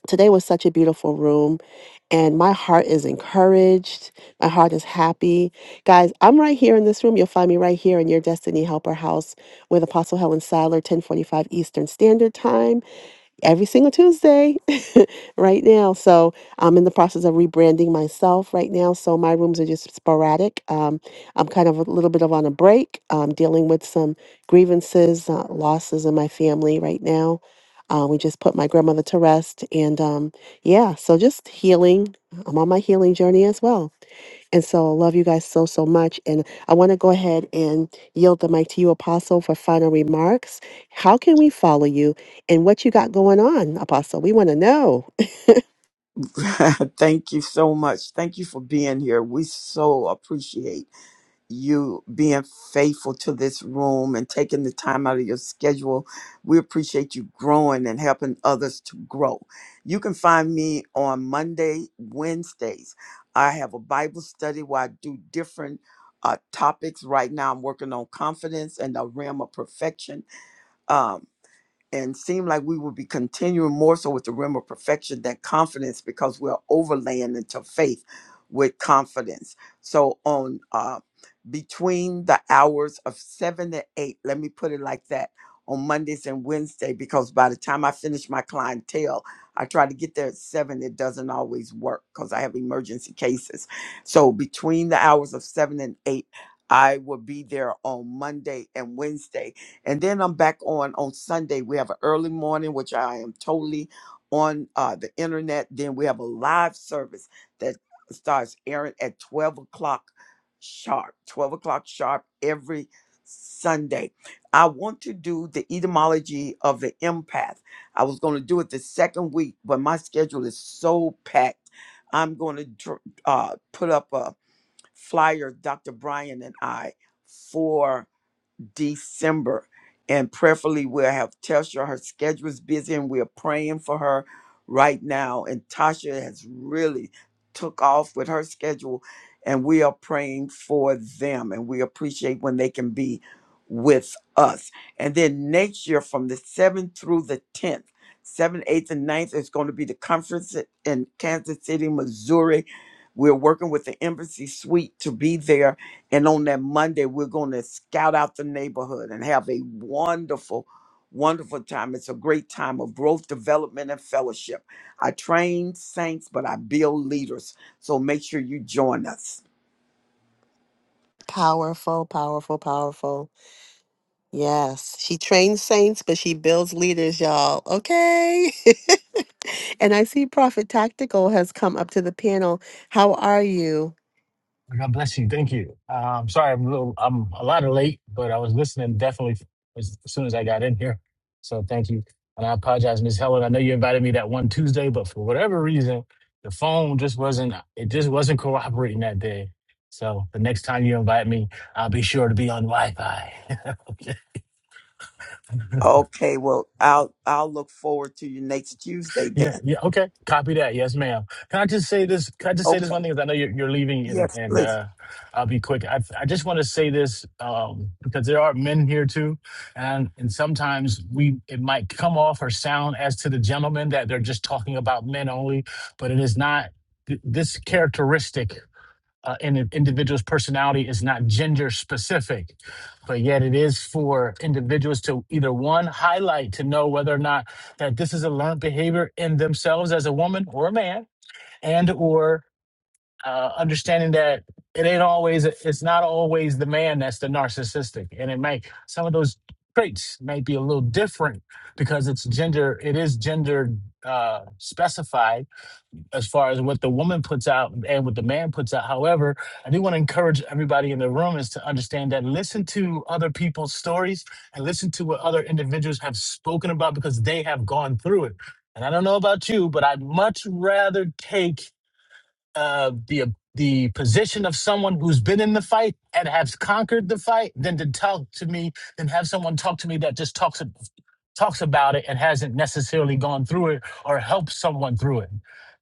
Speaker 2: Today was such a beautiful room, and my heart is encouraged. My heart is happy. Guys, I'm right here in this room. You'll find me right here in your Destiny Helper house with Apostle Helen Sadler, 1045 Eastern Standard Time, every single Tuesday right now. So I'm in the process of rebranding myself right now. So my rooms are just sporadic. Um, I'm kind of a little bit of on a break, um, dealing with some grievances, uh, losses in my family right now. Uh, we just put my grandmother to rest. And um, yeah, so just healing. I'm on my healing journey as well. And so I love you guys so, so much. And I want to go ahead and yield the mic to you, Apostle, for final remarks. How can we follow you and what you got going on, Apostle? We want to know.
Speaker 1: Thank you so much. Thank you for being here. We so appreciate you being faithful to this room and taking the time out of your schedule. We appreciate you growing and helping others to grow. You can find me on Monday, Wednesdays. I have a Bible study where I do different uh, topics. Right now, I'm working on confidence and the realm of perfection. Um, and seem like we will be continuing more so with the realm of perfection than confidence because we're overlaying into faith with confidence. So on uh, between the hours of seven to eight, let me put it like that, on Mondays and Wednesday, because by the time I finish my clientele, I try to get there at seven. It doesn't always work because I have emergency cases. So between the hours of seven and eight, I will be there on Monday and Wednesday and then I'm back on on Sunday. We have an early morning, which I am totally on uh, the internet. Then we have a live service that starts airing at 12 o'clock sharp. 12 o'clock sharp every Sunday. I want to do the etymology of the empath. I was going to do it the second week, but my schedule is so packed. I'm going to dr- uh, put up a flyer, Dr. Brian and I, for December. And prayerfully, we'll have Telsha. Her schedule is busy, and we're praying for her right now. And Tasha has really took off with her schedule, and we are praying for them. And we appreciate when they can be with us. And then next year, from the 7th through the 10th, 7th, 8th, and ninth, is going to be the conference in Kansas City, Missouri. We're working with the Embassy Suite to be there and on that Monday, we're going to scout out the neighborhood and have a wonderful, wonderful time. It's a great time of growth, development, and fellowship. I train saints, but I build leaders. So make sure you join us.
Speaker 2: Powerful, powerful, powerful. Yes. She trains saints, but she builds leaders, y'all. Okay. and I see Prophet Tactical has come up to the panel. How are you?
Speaker 15: Well, God bless you. Thank you. Uh, I'm sorry, I'm a little, I'm a lot of late, but I was listening definitely as, as soon as I got in here. So thank you. And I apologize, Miss Helen. I know you invited me that one Tuesday, but for whatever reason, the phone just wasn't, it just wasn't cooperating that day. So the next time you invite me, I'll be sure to be on Wi Fi.
Speaker 1: Okay, well, I'll I'll look forward to you next Tuesday
Speaker 15: Yeah,
Speaker 1: then.
Speaker 15: yeah, okay. Copy that. Yes, ma'am. Can I just say this? Can I just say this
Speaker 1: Okay.
Speaker 15: one thing? Because I know you're, you're leaving, and,
Speaker 1: Yes,
Speaker 15: and
Speaker 1: please.
Speaker 15: uh, I'll be quick. I, I just want to say this um, because there are men here too, and and sometimes we it might come off or sound as to the gentleman that they're just talking about men only, but it is not. Th- This characteristic uh, in an individual's personality is not gender specific, but yet it is for individuals to either one highlight to know whether or not that this is a learned behavior in themselves as a woman or a man, and or uh, understanding that it ain't always it's not always the man that's the narcissistic, and it may some of those traits may be a little different because it's gender it is gender uh, specified as far as what the woman puts out and what the man puts out. However, I do want to encourage everybody in the room is to understand that listen to other people's stories and listen to what other individuals have spoken about because they have gone through it. And I don't know about you, but I'd much rather take uh, the the position of someone who's been in the fight and has conquered the fight than to talk to me than have someone talk to me that just talks talks about it and hasn't necessarily gone through it or helped someone through it.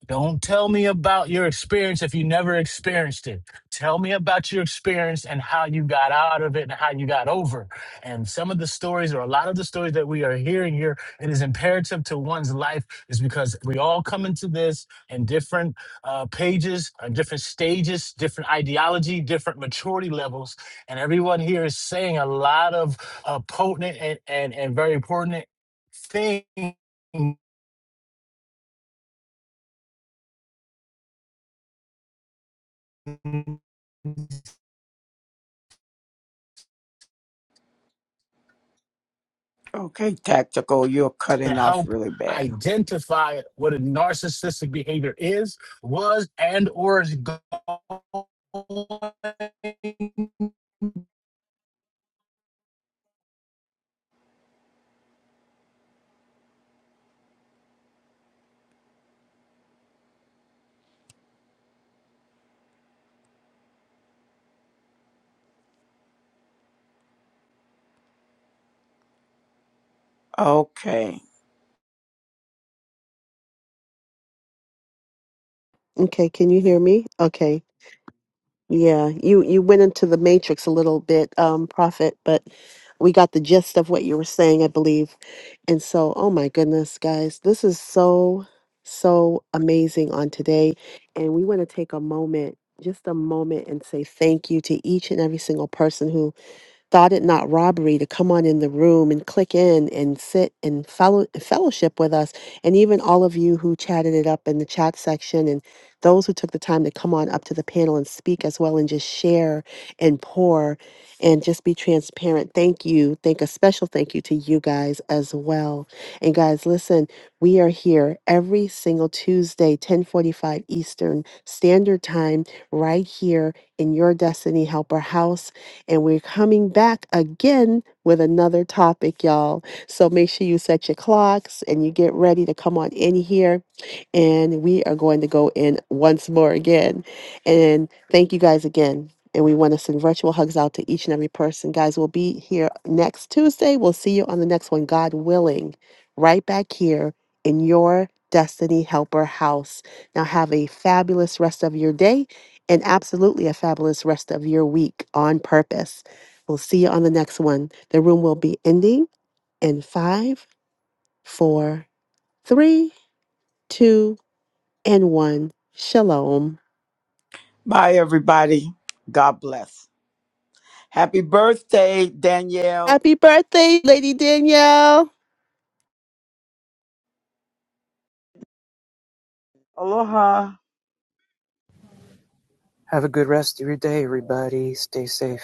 Speaker 15: Don't tell me about your experience if you never experienced it. Tell me about your experience and how you got out of it and how you got over. And some of the stories or a lot of the stories that we are hearing here, it is imperative to one's life is because we all come into this in different uh, pages, uh, different stages, different ideology, different maturity levels. And everyone here is saying a lot of a potent and, and, and very important thing to
Speaker 1: Okay, tactical, you're cutting off
Speaker 15: help
Speaker 1: really bad.
Speaker 15: identify what a narcissistic behavior is, was, and or is going
Speaker 1: Okay.
Speaker 2: Okay. Can you hear me? Okay. Yeah, you you went into the matrix a little bit, um, Prophet, but we got the gist of what you were saying, I believe. And so, oh my goodness, guys, this is so so amazing on today, and we want to take a moment, just a moment, and say thank you to each and every single person who thought it not robbery to come on in the room and click in and sit and fellow fellowship with us and even all of you who chatted it up in the chat section and those who took the time to come on up to the panel and speak as well and just share and pour and just be transparent thank you thank a special thank you to you guys as well and guys listen we are here every single tuesday 1045 eastern standard time right here in your destiny helper house and we're coming back again with another topic, y'all. So make sure you set your clocks and you get ready to come on in here. And we are going to go in once more again. And thank you guys again. And we want to send virtual hugs out to each and every person. Guys, we'll be here next Tuesday. We'll see you on the next one, God willing, right back here in your Destiny Helper house. Now, have a fabulous rest of your day and absolutely a fabulous rest of your week on purpose. We'll see you on the next one. The room will be ending in five, four, three, two, and one. Shalom.
Speaker 1: Bye everybody. God bless. Happy birthday, Danielle.
Speaker 2: Happy birthday, Lady Danielle.
Speaker 3: Aloha.
Speaker 7: a good rest of your day, everybody. Stay safe.